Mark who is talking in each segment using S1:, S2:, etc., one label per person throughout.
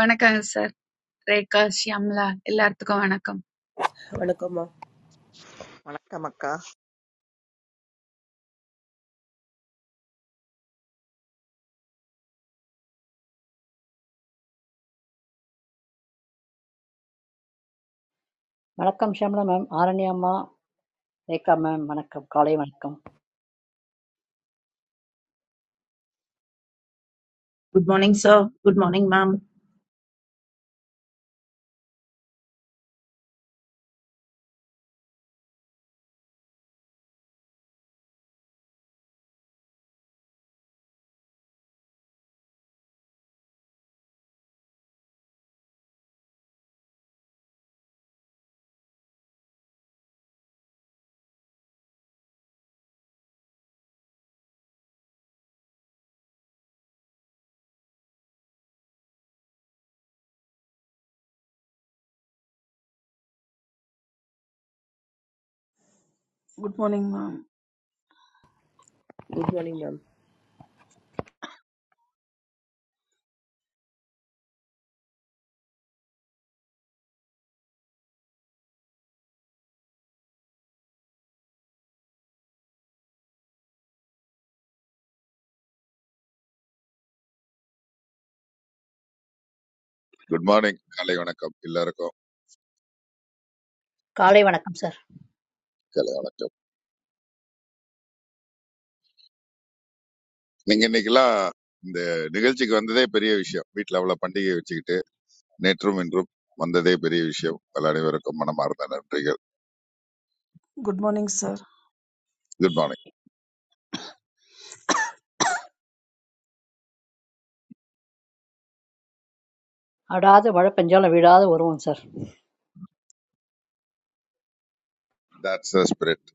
S1: வணக்கங்க சார். ரேகா, ஷியாம்லா எல்லாத்துக்கும் வணக்கம்.
S2: Good
S3: வணக்கம் அக்கா
S4: வணக்கம் ஷியாமளா மேம் ஆரண்யா அம்மா ரேகா மேம் வணக்கம் காலை வணக்கம்
S5: Good morning, sir. Good morning, ma'am.
S6: Good morning, ma'am.
S2: morning, Yam.
S7: Good morning காலை வணக்கம் எல்லாருக்கும்
S4: காலை வணக்கம் சார்
S7: காலை வணக்கம் நீங்க இன்னைக்கெல்லாம் இந்த நிகழ்ச்சிக்கு வந்ததே பெரிய விஷயம் வீட்ல அவ்வளவு பண்டிகை வச்சுக்கிட்டு நேற்றும் இன்றும் வந்ததே பெரிய விஷயம் எல்லா அனைவருக்கும் மனமார்ந்த நன்றிகள்
S6: Good morning, sir.
S7: Good morning
S4: அடாது மழை பெஞ்சாலும் விடாது வருவோம் sir
S7: that's the spirit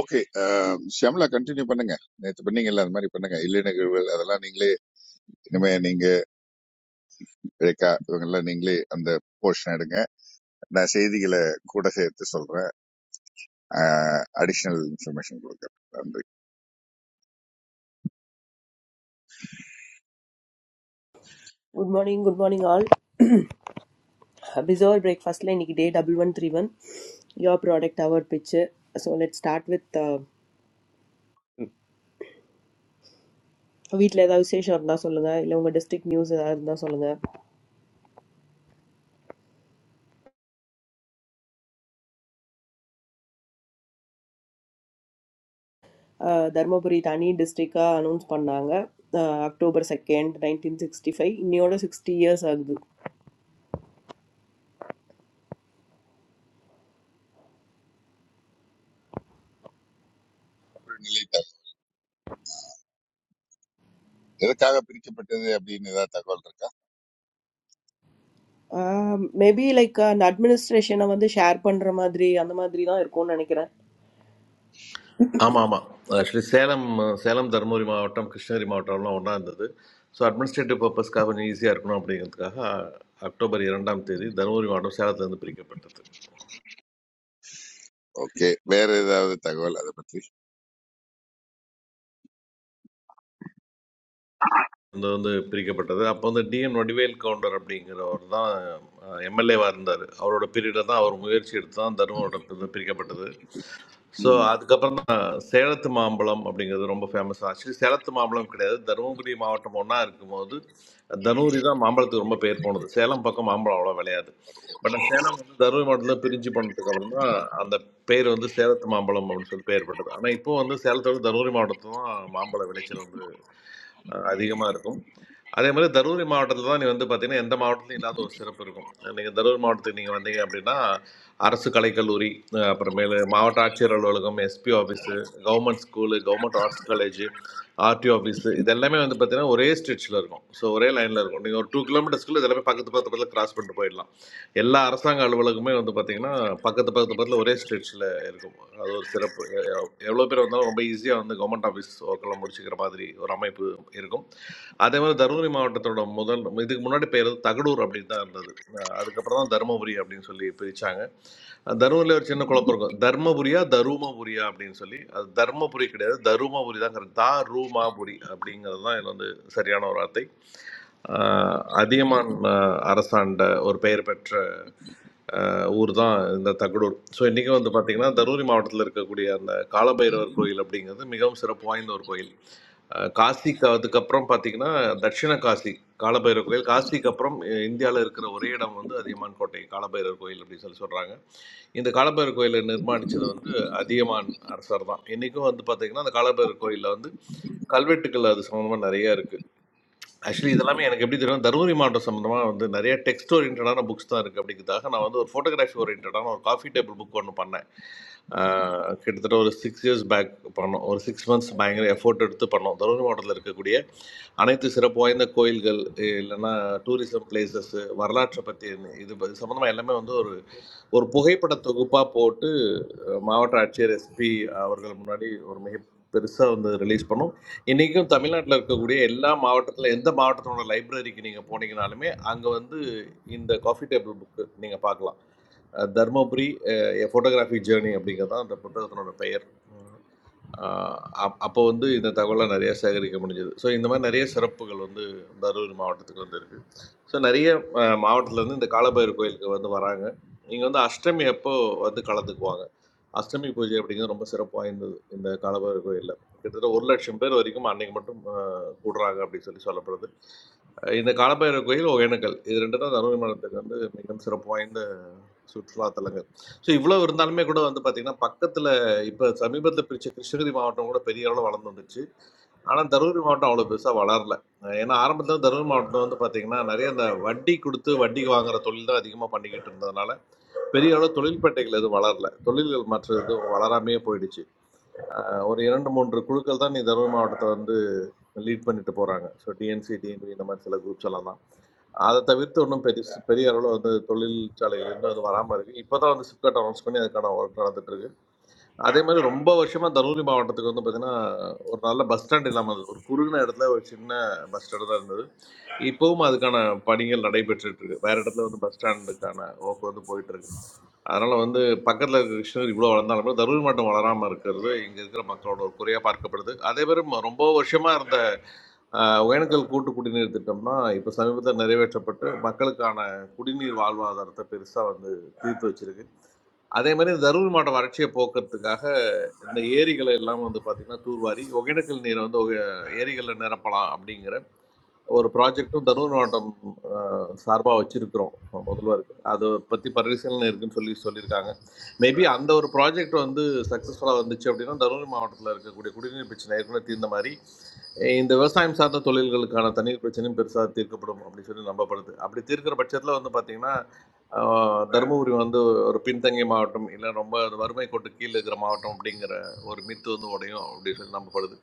S7: okay Shyamala continue பண்ணுங்க நேற்று பண்ணீங்கல்ல அது மாதிரி பண்ணுங்க இல்லை நிகழ்வுகள் அதெல்லாம் நீங்களே இனிமே நீங்க ரேகா இவங்க எல்லாம் நீங்களே அந்த போர்ஷன் எடுங்க நான் செய்திகளை கூட சேர்த்து சொல்றேன் அடிஷனல் இன்ஃபர்மேஷன் கொடுக்குறேன் நன்றி
S2: Good morning, Good morning, all. Besure breakfast line. Nikday, double one, three one. Your product hour picture. So let's start with. Weat letha usse shor na solanga. Ilamga district news letha na solanga. Dharma puri tani district ka announce pannaanga. October second, nineteen sixty five. Niyo da sixty years agdu.
S7: நிலை எதுக்காக பிரிக்கப்பட்டது அப்படின்னு ஏதாவது தகவல் இருக்கா
S2: Maybe like an administration na wande share panna madri. Anamadri thoda erko na nikera.
S8: ஆமாம் ஆமாம் actually Salem Salem Dharmapuri மாவட்டம் கிருஷ்ணகிரி மாவட்டம்லாம் ஒன்றா இருந்தது ஸோ அட்மினிஸ்ட்ரேட்டிவ் பர்பஸ்க்காக கொஞ்சம் ஈஸியாக இருக்கணும் அப்படிங்கிறதுக்காக அக்டோபர் இரண்டாம் தேதி தருமபுரி மாவட்டம் சேலத்திலிருந்து பிரிக்கப்பட்டது
S7: ஓகே வேற ஏதாவது தகவல் அதை பற்றி
S8: வந்து வந்து பிரிக்கப்பட்டது. அப்ப வந்து டி.என். வடிவேல் கவுண்டர் அப்படிங்கிறவர் தான் அ எம்.எல்.ஏவா இருந்தாரு. அவரோட பீரியட்ல தான் அவர் முயற்சி எடுத்து தான் தருமபுரம் வந்து பிரிக்கப்பட்டது. ஸோ,
S7: ம்.
S8: அதுக்கப்புறம் தான் சேலத்து மாம்பழம் அப்படிங்கிறது ரொம்ப ஃபேமஸ். ஆக்சுவலி சேலத்து மாம்பழம் கிடையாது. தருமபுரி மாவட்டம் ஒண்ணா இருக்கும்போது, தருமபுரி தான் மாம்பழத்துக்கு ரொம்ப பேர் போனது. சேலம் பக்கம் மாம்பழம் அவ்வளவா விளையாது. பட் சேலம் வந்து தருமபுரி மாவட்டத்தில் பிரிஞ்சு பண்ணதுக்கு அப்புறம் தான் அந்த பேர் வந்து சேலத்து மாம்பழம் அப்படின்னு சொல்லி பேர் பட்டது ஆனால் இப்போ வந்து சேலத்தோட தருமபுரி மாவட்டத்தில் தான் மாம்பழ விளைச்சல் வந்து அதிகமாக இருக்கும் அதே மாதிரி தருமபுரி மாவட்டத்தில் தான் நீ வந்து பார்த்தீங்கன்னா எந்த மாவட்டத்திலும் இல்லாத ஒரு சிறப்பு இருக்கும் நீங்கள் தருமபுரி மாவட்டத்துக்கு நீங்கள் வந்தீங்க அப்படின்னா அரசு கலைக்கல்லூரி அஹ் அப்புறமேலு மாவட்ட ஆட்சியர் அலுவலகம் SP office government school government arts college RD office இது எல்லாமே வந்து பார்த்தீங்கன்னா ஒரே ஸ்ட்ரெச்சில் இருக்கும் ஸோ ஒரே லைனில் இருக்கும் நீங்கள் ஒரு டூ கிலோமீட்டர்ஸ்க்குள்ளே இதெல்லாமே பக்கத்து பக்கத்து பக்கத்தில் கிராஸ் பண்ணிட்டு போயிடலாம் எல்லா அரசாங்க அலுவலகமே வந்து பார்த்தீங்கன்னா பக்கத்து பக்கத்து பக்கத்தில் ஒரே ஸ்ட்ரெச்சில் இருக்கும் அது ஒரு சிறப்பு எவ்வளோ பேர் வந்தாலும் ரொம்ப ஈஸியாக வந்து கவர்மெண்ட் ஆஃபீஸ் ஒர்க்கெல்லாம் முடிச்சுக்கிற மாதிரி ஒரு அமைப்பு இருக்கும் அதே மாதிரி தருமபுரி மாவட்டத்தோட முதல் இதுக்கு முன்னாடி பேர் வந்து தகடூர் அப்படின்னு தான் இருந்தது அஹ் அதுக்கப்புறம் தான் தருமபுரி அப்படின்னு சொல்லி பிரித்தாங்க தருமபுரியில் ஒரு சின்ன குழப்பம் இருக்கும் தர்மபுரியா தருமபுரியா அப்படின்னு சொல்லி அது தர்மபுரி கிடையாது தருமபுரி தான் correct. தா ரூமாபுரி அப்படிங்கிறது தான் இது வந்து சரியான ஒரு வார்த்தை அஹ் அதியமான் அஹ் அரசாண்ட ஒரு பெயர் பெற்ற ஊர் தான் இந்த தகடூர் ஸோ இன்றைக்கும் வந்து பார்த்திங்கன்னா தருமபுரி மாவட்டத்தில் இருக்கக்கூடிய அந்த காலபைரவர் கோயில் அப்படிங்கிறது மிகவும் சிறப்பு வாய்ந்த ஒரு கோயில் அஹ் காசிக்கு அதுக்கப்புறம் பார்த்தீங்கன்னா தட்சிண காசி காலபைரவர் கோயில் காசிக்கு அப்புறம் இந்தியாவில் இருக்கிற ஒரே இடம் வந்து அதியமான் கோட்டை காலபைரவர் கோயில் அப்படின்னு சொல்லி சொல்கிறாங்க இந்த காலபைரவர் கோயிலை நிர்மாணித்தது வந்து அதியமான் அரசர் தான் இன்றைக்கும் வந்து பார்த்திங்கன்னா அந்த காலபைரவர் கோயிலில் வந்து கல்வெட்டுக்கள் அது சம்மந்தமாக நிறைய இருக்குது ஆக்சுவலி இதெல்லாமே எனக்கு எப்படி தெரியும் தருமபுரி மாவட்டம் சம்மந்தமாக வந்து நிறைய டெக்ஸ்ட் ஓரியன்டான புக்ஸ் தான் இருக்குது அப்படிங்கிறதாக நான் வந்து ஒரு ஃபோட்டோகிராஃபி ஓரியன்டான ஒரு காஃபி டேபிள் புக் ஒன்று பண்ணேன் ஆஹ் கிட்டத்தட்ட ஒரு சிக்ஸ் இயர்ஸ் பேக் பண்ணோம் ஒரு சிக்ஸ் மந்த்ஸ் பயங்கர எஃபோர்ட் எடுத்து பண்ணோம் தருமபுரி மாவட்டத்தில் இருக்கக்கூடிய அனைத்து சிறப்பு வாய்ந்த கோயில்கள் இ- இல்லைன்னா டூரிசம் பிளேசஸ்ஸு வரலாற்றை பற்றி இது சம்மந்தமாக எல்லாமே வந்து ஒரு ஒரு புகைப்பட தொகுப்பாக போட்டு அஹ், மாவட்ட ஆட்சியர் எஸ்பி அவர்கள் முன்னாடி ஒரு மிக பெருசாக வந்து ரிலீஸ் பண்ணோம் இன்றைக்கும் தமிழ்நாட்டில் இருக்கக்கூடிய எல்லா மாவட்டத்தில் எந்த மாவட்டத்தோட லைப்ரரிக்கு நீங்கள் போனீங்கனாலுமே அங்கே வந்து இந்த காஃபி டேபிள் புக்கு நீங்கள் பார்க்கலாம் அஹ் தர்மபுரி ஃபோட்டோகிராஃபிக் ஜேர்னி அப்படிங்கிறது தான் அந்த புத்தகத்தினோட பெயர் அப்போ வந்து இந்த தகவலாம் நிறைய சேகரிக்க முடிஞ்சது ஸோ இந்த மாதிரி நிறைய சிறப்புகள் வந்து தருமபுரி மாவட்டத்துக்கு வந்து இருக்குது ஸோ நிறைய அஹ், மாவட்டத்துலேருந்து இந்த காலபைரவர் கோயிலுக்கு வந்து வராங்க இங்கே வந்து அஷ்டமி அப்போ வந்து கலந்துக்குவாங்க அஷ்டமி பூஜை அப்படிங்கிறது ரொம்ப சிறப்பு வாய்ந்தது இந்த காலபைரவர் கோயிலில் கிட்டத்தட்ட ஒரு லட்சம் பேர் வரைக்கும் அன்னைக்கு மட்டும் அஹ், கூடுறாங்க அப்படின்னு சொல்லி சொல்லப்படுது அஹ் இந்த காலபைரவர் கோயில் ஒகேனக்கல் இது ரெண்டு தான் தருமபுரி மாவட்டத்துக்கு வந்து மிகவும் சிறப்பு வாய்ந்த சுற்றுலாத்தலங்கள். ஸோ இவ்வளவு இருந்தாலுமே கூட வந்து பார்த்தீங்கன்னா, பக்கத்துல இப்ப சமீபத்துல பிரிச்ச கிருஷ்ணகிரி மாவட்டம் கூட பெரிய அளவுல வளர்ந்து வந்துச்சு. ஆனா தருமபுரி மாவட்டம் அவ்வளோ பெருசா வளரல. ஏன்னா ஆரம்பத்துல தருமபுரி மாவட்டம் வந்து பார்த்தீங்கன்னா, நெறைய இந்த வட்டி குடுத்து வட்டிக்கு வாங்குற தொழில் தான் அதிகமா பண்ணிக்கிட்டு இருந்ததுனால, பெரிய அளவு தொழில்பேட்டைகள் எதுவும் வளரல. தொழில்கள் மற்ற எதுவும் வளராமயே போயிடுச்சு. அ ஒரு 2, 3 குழுக்கள் தான் நீ தருமபுரி மாவட்டத்த வந்து லீட் பண்ணிட்டு போகிறாங்க ஸோ டிஎன்சி டிஎன்வி இந்த மாதிரி சில குரூப்ஸ் எல்லாம் தான் அதை தவிர்த்து ஒன்றும் பெரிய பெரிய அளவில் வந்து தொழிற்சாலைகள் இன்னும் அது வராமல் இருக்குது இப்போ தான் வந்து சிப்காட் அனௌன்ஸ் பண்ணி அதுக்கான ஒர்க் நடந்துட்டு இருக்கு அதே மாதிரி ரொம்ப வருஷமாக தருமபுரி மாவட்டத்துக்கு வந்து பார்த்தீங்கன்னா ஒரு நல்ல பஸ் ஸ்டாண்ட் இல்லாமல் இருந்தது. ஒரு குறுகின இடத்துல ஒரு சின்ன பஸ் ஸ்டாண்டு தான் இருந்தது இப்போவும் அதுக்கான பணிகள் நடைபெற்றுட்டு இருக்கு வேற இடத்துல வந்து பஸ் ஸ்டாண்டுக்கான ஒர்க் வந்து போயிட்டு இருக்கு அதனால வந்து பக்கத்தில் இருக்கிற கிருஷ்ணகிரி இவ்வளோ வளர்ந்தாலும் கூட தருமபுரி மாவட்டம் வளராமல் இருக்கிறது இங்கே இருக்கிற மக்களோட ஒரு குறையாக பார்க்கப்படுது அதே மாதிரி ரொம்ப வருஷமாக இருந்த ஆஹ் ஒகேனக்கல் கூட்டு குடிநீர் திட்டம்னா இப்போ சமீபத்தில் நிறைவேற்றப்பட்டு மக்களுக்கான குடிநீர் வாழ்வாதாரத்தை பெருசாக வந்து தீர்த்து வச்சிருக்கு அதே மாதிரி தருமபுரி மாவட்ட வறட்சியை போக்குறதுக்காக இந்த ஏரிகளை எல்லாம் வந்து பார்த்திங்கன்னா தூர்வாரி ஒகேனக்கல் நீரை வந்து ஒகே- ஏரிகளில் நிரப்பலாம் அப்படிங்கிற ஒரு ப்ராஜெக்ட்டும் தருமபுரி மாவட்டம் சார்பாக வச்சுருக்கிறோம் முதல்வருக்கு அதை பற்றி பரிசீலனை இருக்குன்னு சொல்லி சொல்லியிருக்காங்க மேபி அந்த ஒரு ப்ராஜெக்ட் வந்து சக்ஸஸ்ஃபுல்லாக வந்துச்சு அப்படின்னா தருமபுரி மாவட்டத்தில் இருக்கக்கூடிய குடிநீர் பிரச்சனை ஏற்கனவே தீர்ந்த மாதிரி அஹ் இந்த விவசாயம் சார்ந்த தொழில்களுக்கான தண்ணீர் பிரச்சனையும் பெருசாக தீர்க்கப்படும் அப்படின்னு சொல்லி நம்பப்படுது அப்படி தீர்க்கிற பட்சத்தில் வந்து பார்த்திங்கன்னா ஆஹ் தருமபுரி வந்து ஒரு பின்தங்கிய மாவட்டம் இல்லை ரொம்ப வறுமை கோட்டு கீழே இருக்கிற மாவட்டம் அப்படிங்கிற ஒரு மித்து வந்து உடையும் அப்படின்னு சொல்லி நம்பப்படுது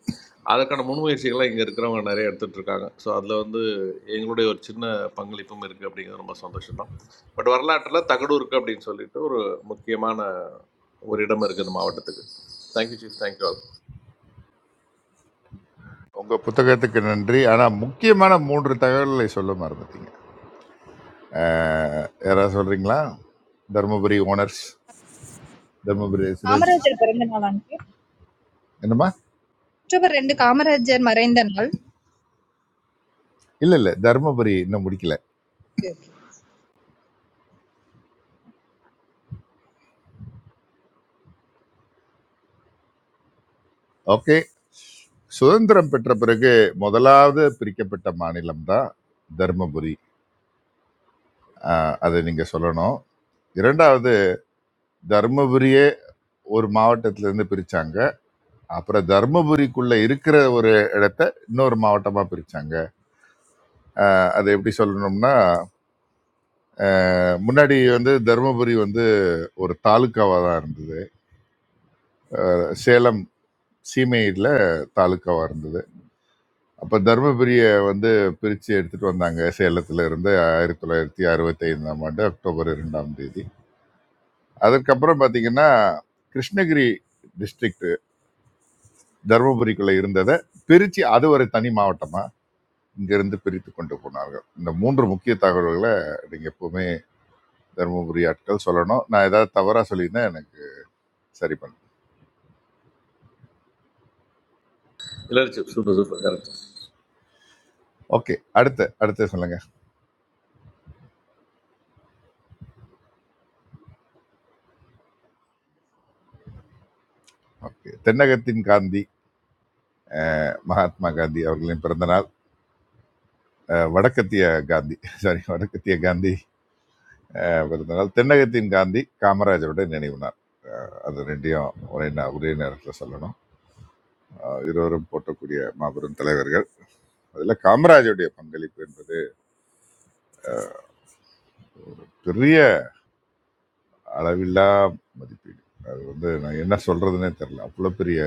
S8: அதற்கான முன்முயற்சிகள்லாம் இங்கே இருக்கிறவங்க நிறைய எடுத்துட்டு இருக்காங்க ஸோ அதில் வந்து எங்களுடைய ஒரு சின்ன பங்களிப்பும் இருக்குது அப்படிங்கிறது ரொம்ப சந்தோஷம் தான் பட் வரலாற்றில் தகடு இருக்குது அப்படின்னு சொல்லிட்டு ஒரு முக்கியமான ஒரு இடம் இருக்குது இந்த மாவட்டத்துக்கு தேங்க்யூ சீஃப் தேங்க்யூ ஆல்
S7: உங்க புத்தகத்துக்கு நன்றி ஆனா முக்கியமான மூன்று தகவல்களை சொல்ல மறந்துட்டீங்க அஹ், யாராவது சொல்றீங்களா தருமபுரி ஓனர்ஸ் தருமபுரி ரெசிடென்ட்ஸ்
S9: காமராஜர் பிறந்த நாள் அன்னைக்கு
S7: என்னம்மா
S9: அக்டோபர் ரெண்டு காமராஜர் மறைந்த நாள்.
S7: இல்ல இல்ல தருமபுரி இன்னும் முடிக்கல ஓகே சுதந்திரம் பெற்ற பிறகு முதலாவது பிரிக்கப்பட்ட மாநிலம் தான் தருமபுரி அஹ், அதை நீங்க சொல்லணும் இரண்டாவது தருமபுரியே ஒரு மாவட்டத்திலிருந்து பிரிச்சாங்க அப்புறம் தர்மபுரிக்குள்ள இருக்கிற ஒரு இடத்த இன்னொரு மாவட்டமா பிரிச்சாங்க அது எப்படி சொல்லணும்னா அஹ், முன்னாடி வந்து தர்மபுரி வந்து ஒரு தாலுக்காவா தான் இருந்தது சேலம் சீமையில தாலுக்காவா இருந்தது அப்ப தர்மபுரிய வந்து பிரிச்சு எடுத்துட்டு வந்தாங்க சேலத்துல இருந்து ஆயிரத்தி தொள்ளாயிரத்தி அறுபத்தி ஐந்தாம் ஆண்டு அக்டோபர் இரண்டாம் தேதி அதுக்கப்புறம் பாத்தீங்கன்னா கிருஷ்ணகிரி டிஸ்ட்ரிக்ட் தர்மபுரிக்குள்ள இருந்ததை பிரிச்சு அது ஒரு தனி மாவட்டமா இங்கிருந்து பிரித்து கொண்டு போனார்கள் இந்த மூன்று முக்கிய தகவல்களை நீங்க எப்பவுமே தருமபுரி ஆட்கள் சொல்லணும் நான் ஏதாவது தவறா சொல்லியிருந்தா எனக்கு சரி பண்ணு
S8: இல்லை chief super super correct
S7: okay அடுத்து அடுத்து சொல்லுங்க ஓகே தென்னகத்தின் காந்தி மகாத்மா காந்தி அவர்களின் பிறந்தநாள் அஹ், வடக்கத்திய காந்தி சாரி வடக்கத்திய காந்தி அஹ், பிறந்தநாள் தென்னகத்தின் காந்தி காமராஜருடைய நினைவு நாள் அஹ், அது ரெண்டையும் ஒரே நா- ஒரே நேரத்தில் சொல்லணும் அஹ், இருவரும் போட்டக்கூடிய மாபெரும் தலைவர்கள் அதில் காமராஜருடைய பங்களிப்பு என்பது பெரிய அளவில்லா மதிப்பீடு அது வந்து நான் என்ன சொல்றதுனே தெரியல அவ்வளோ பெரிய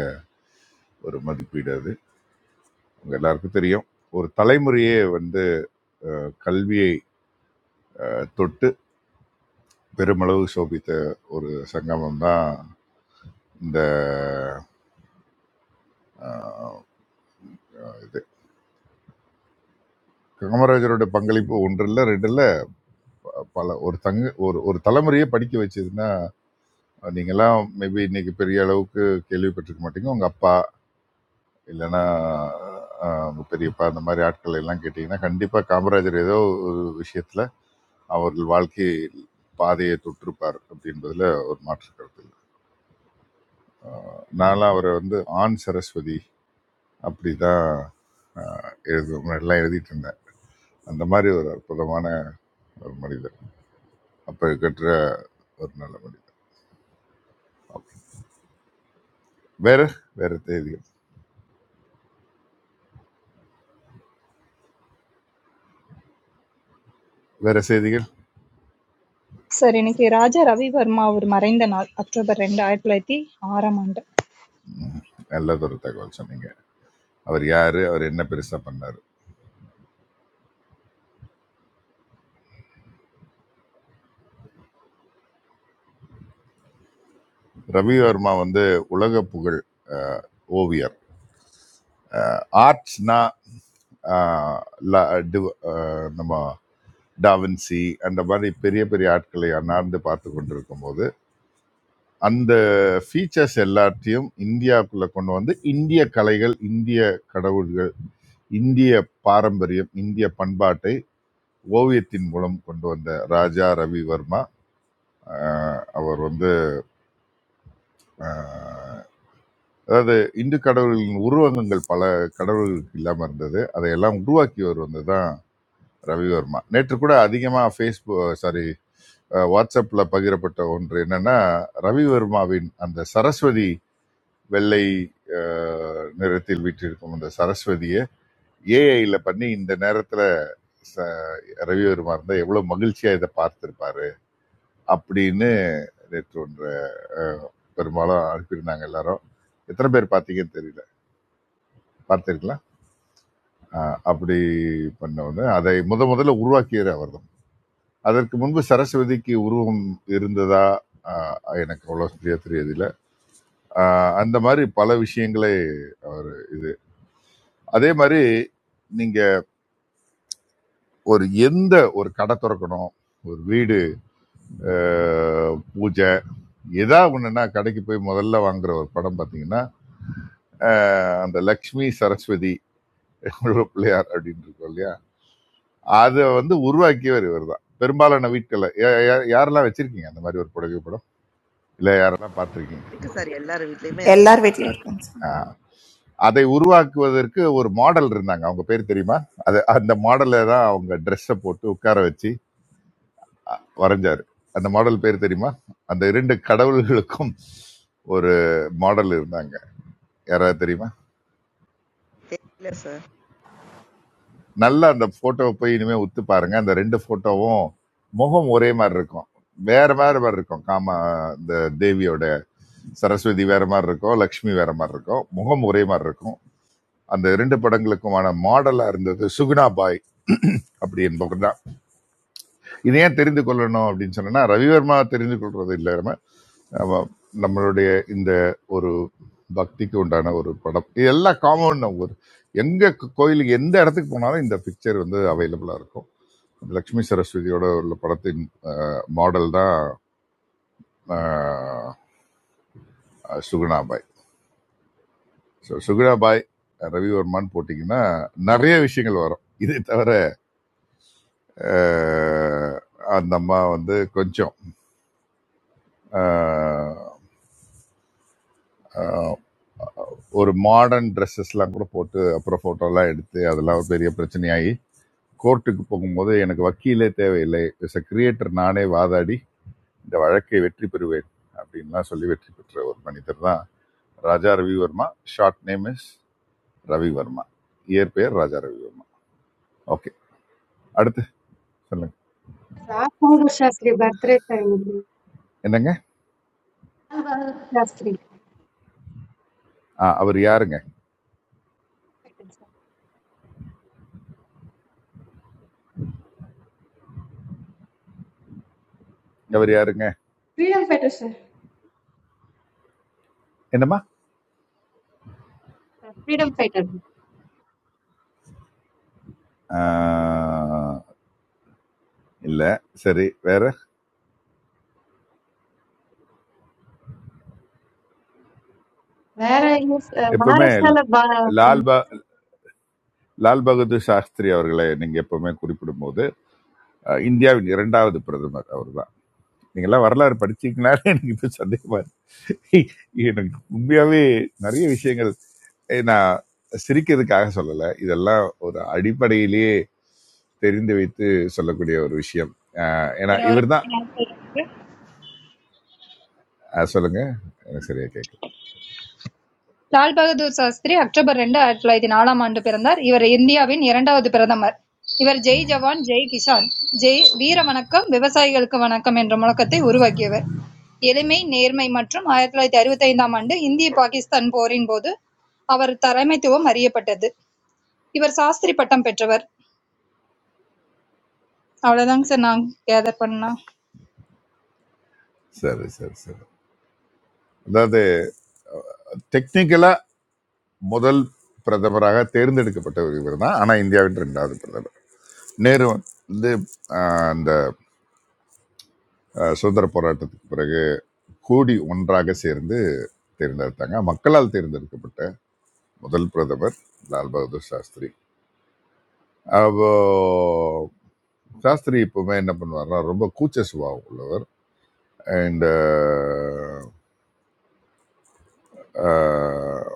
S7: ஒரு மதிப்பீடு அது உங்க எல்லாருக்கும் தெரியும் ஒரு தலைமுறையே வந்து கல்வியை அஹ், தொட்டு பெருமளவு சோபித்த ஒரு சங்கமம் தான் இந்த அஹ், இது காமராஜரோட பங்களிப்பு ஒன்றில் ரெண்டுல பல ஒரு தங்க ஒரு ஒரு தலைமுறையே படிக்க வச்சதுன்னா நீங்கெல்லாம் மேபி இன்னைக்கு பெரிய அளவுக்கு கேள்விப்பட்டிருக்க மாட்டீங்க உங்க அப்பா இல்லைன்னா அஹ், உங்க பெரியப்பா அந்த மாதிரி ஆட்கள் எல்லாம் கேட்டீங்கன்னா கண்டிப்பா காமராஜர் ஏதோ ஒரு விஷயத்துல அவர்கள் வாழ்க்கை பாதையை தொட்டிருப்பார் அப்படின்றதுல ஒரு மாற்று கருத்து இல்லை ஆஹ் நான்லாம் அவரை வந்து ஆண் சரஸ்வதி அப்படி தான் எழுது எல்லாம் எழுதிட்டு இருந்தேன் அந்த மாதிரி ஒரு அற்புதமான ஒரு மனிதர் அப்போ கட்டுற ஒரு நல்ல மனிதர் Okay. வேற வேற செய்திகள் வேற செய்திகள்
S9: சார் இன்னைக்கு ராஜா ரவிவர்மா அவர் மறைந்த நாள் அக்டோபர் ரெண்டு ஆயிரத்தி தொள்ளாயிரத்தி ஆறாம் ஆண்டு.
S7: ம், நல்லதொரு தகவல் சொன்னீங்க அவர் யாரு அவர் என்ன பெருசா பண்ணாரு ரவி வர்மா வந்து உலக புகழ் ஆஹ், ஓவியர் ஆர்ட்ஸ்னா நம்ம டாவின்சி அந்த மாதிரி பெரிய பெரிய ஆட்களை அண்ணாந்து பார்த்து கொண்டிருக்கும் போது அந்த ஃபீச்சர்ஸ் எல்லாத்தையும் இந்தியாவுக்குள்ள கொண்டு வந்து இந்திய கலைகள் இந்திய கடவுள்கள் இந்திய பாரம்பரியம் இந்திய பண்பாட்டை ஓவியத்தின் மூலம் கொண்டு வந்த ராஜா ரவிவர்மா ஆஹ் அவர் வந்து ஆஹ் அதாவது இந்து கடவுள்களின் உருவகங்கள் பல கடவுள்களுக்கு இல்லாமல் இருந்தது அதையெல்லாம் உருவாக்கியவர் வந்து தான் ரவிவர்மா நேற்று கூட அதிகமாக ஃபேஸ்புக் சாரி வாட்ஸ்அப்பில் பகிரப்பட்ட ஒன்று என்னன்னா ரவிவர்மாவின் அந்த சரஸ்வதி வெள்ளை அஹ், நிறத்தில் வீற்றிருக்கும் அந்த சரஸ்வதியை ஏஐல பண்ணி இந்த நேரத்துல ச- ரவிவர்மா இருந்தா எவ்வளவு மகிழ்ச்சியா இதை பார்த்திருப்பாரு அப்படின்னு நேற்று ஒன்று அஹ், பெரும்பாலும் அனுப்பியிருந்தாங்க எல்லாரும் எத்தனை பேர் பார்த்தீங்கன்னு தெரியல பார்த்திருக்கலாம் அஹ், அப்படி பண்ண உடனே அதை முத முதல்ல உருவாக்கியது அவர் அதற்கு முன்பு சரஸ்வதிக்கு உருவம் இருந்ததா ஆஹ் எனக்கு அவ்வளோ சரியா தெரியதில்ல ஆஹ் அந்த மாதிரி பல விஷயங்களை அவர் இது அதே மாதிரி நீங்க ஒரு எந்த ஒரு கடை திறக்கணும் ஒரு வீடு ஆஹ் பூஜை எதா ஒண்ணுன்னா கடைக்கு போய் முதல்ல வாங்குற ஒரு படம் பாத்தீங்கன்னா ஆஹ் அந்த லக்ஷ்மி சரஸ்வதி உருவ பிள்ளையார் அப்படின்னு இருக்கும் இல்லையா அதை வந்து உருவாக்கியவர் இவர் தான். பெரும்பாலான வீட்கள்ல யா- யா- யாரெல்லாம் வச்சிருக்கீங்க அந்த மாதிரி ஒரு புடவை படம் இல்ல யாரெல்லாம் பார்த்திருக்கீங்க
S3: இருக்கு சார் எல்லார் வீட்லயுமே இருக்கும்
S10: LR vector concept.
S7: அதை உருவாக்குவதற்கு ஒரு மாடல் இருந்தாங்க அவங்க பேர் தெரியுமா அது அந்த மாடல்ல தான் அவங்க ட்ரெஸ்ஸை போட்டு உட்கார வச்சு வரைஞ்சாரு அந்த மாடல் பேர் தெரியுமா அந்த இரண்டு கடவுள்களுக்கும் ஒரு மாடல் இருந்தாங்க யாராவது தெரியுமா
S3: தெரியல சார்
S7: நல்லா அந்த போட்டோவை போய் இனிமே உத்து பாருங்க அந்த ரெண்டு போட்டோவும் முகம் ஒரே மாதிரி இருக்கும் வேற வேற மாதிரி இருக்கும் காம இந்த தேவியோட சரஸ்வதி வேற மாதிரி இருக்கும் லக்ஷ்மி வேற மாதிரி இருக்கும் முகம் ஒரே மாதிரி இருக்கும் அந்த இரண்டு படங்களுக்குமான மாடலா இருந்தது சுகுணா பாய் அப்படி என்பவர் இது ஏன் தெரிந்து கொள்ளணும் அப்படின்னு சொன்னா ரவிவர்மா தெரிந்து கொள்றது இல்லாம நம்ம நம்மளுடைய இந்த ஒரு பக்திக்கு உண்டான ஒரு படம் இது எல்லாம் காமன் ஒரு எங்க கு- கோயிலுக்கு எந்த இடத்துக்கு போனாலும் இந்த பிக்சர் வந்து அவைலபிளா இருக்கும் லக்ஷ்மி சரஸ்வதியோட உள்ள படத்தின் மாடல் தான் ஆஹ், சுகுணாபாய் ஸோ சுகுணாபாய் ரவிவர்மான்னு போட்டிங்கன்னா நிறைய விஷயங்கள் வரும் இதை தவிர ஆஹ், அந்த அம்மா வந்து கொஞ்சம் ஆஹ் ஒரு மாடர்ன் ட்ரெஸ்ஸஸ்லாம் கூட போட்டு அப்புறம் ஃபோட்டோலாம் எடுத்து அதெல்லாம் ஒரு பெரிய பிரச்சனையாகி கோர்ட்டுக்கு போகும்போது எனக்கு வக்கீலே தேவையில்லை எஸ் a கிரியேட்டர் நானே வாதாடி இந்த வழக்கை வெற்றி பெறுவேன் அப்படின்லாம் சொல்லி வெற்றி பெற்ற ஒரு மனிதர் தான் Raja Ravi Varma short name is Ravi Varma இயற்பெயர் ராஜா ரவிவர்மா ஓகே அடுத்து சொல்லுங்க
S11: రామ్మోహన్ శాస్త్రి బర్త్డే అయింది.
S7: என்னங்க
S11: శాస్త్రి
S7: ஆ, அவர் யாருங்க அவர் யாருங்க என்னம்மா
S11: Freedom fighter.
S7: ஆ, இல்ல சரி வேற
S11: Where I use uh,
S7: எப்பவுமே
S11: Maharashtra
S7: லால் லால் பகதூர் சாஸ்திரி அவர்களை நீங்க எப்பவுமே குறிப்பிடும்போது அஹ், இந்தியாவின் இரண்டாவது பிரதமர் அவர்தான் நீங்க எல்லாம் வரலாறு படிச்சீங்களான்னு எனக்கு இப்போ சந்தேகமா இருக்கு எனக்கு உண்மையாவே நிறைய விஷயங்கள் ஏய், நான் சிரிக்கிறதுக்காக சொல்லல இதெல்லாம் ஒரு அடிப்படையிலேயே தெரிந்து வைத்து சொல்லக்கூடிய ஒரு விஷயம் அஹ், ஏன்னா இவர்தான் அஹ், சொல்லுங்க எனக்கு சரியா கேட்கல
S9: லால் பகதூர் சாஸ்திரி அக்டோபர் ரெண்டு ஆயிரத்தி தொள்ளாயிரத்தி நாலாம் ஆண்டு பிறந்தார். இவர் இந்தியாவின் இரண்டாவது பிரதமர். இவர் ஜெய்
S7: ம்,
S9: ஜவான் ஜெய் கிஷான் ஜெய் வீர வணக்கம் விவசாயிகளுக்கு வணக்கம் என்ற முழக்கத்தை உருவாக்கியவர். எளிமை நேர்மை மற்றும் ஆயிரத்தி தொள்ளாயிரத்தி அறுபத்தி ஐந்தாம் ஆண்டு இந்திய பாகிஸ்தான் போரின் போது அவர் தலைமைத்துவம் அறியப்பட்டது. இவர் சாஸ்திரி பட்டம் பெற்றவர். அவ்வளவுதாங்க சார் நான் கேதர் பண்ணா
S7: சரி சரி சரி அதாவது டெக்னிக்கலா முதல் பிரதமராக தேர்ந்தெடுக்கப்பட்ட இவர் தான் ஆனா இந்தியாவின் இரண்டாவது பிரதமர் நேரு வந்து ஆஹ், அந்த ஆஹ், சுதந்திர போராட்டத்துக்கு பிறகு கூடி ஒன்றாக சேர்ந்து தேர்ந்தெடுத்தாங்க மக்களால் தேர்ந்தெடுக்கப்பட்ட முதல் பிரதமர் லால் பகதூர் சாஸ்திரி அப்போ சாஸ்திரி இப்பவுமே என்ன பண்ணுவார்னா ரொம்ப கூச்ச சுபாவம் உள்ளவர் இந்த ஆஹ்,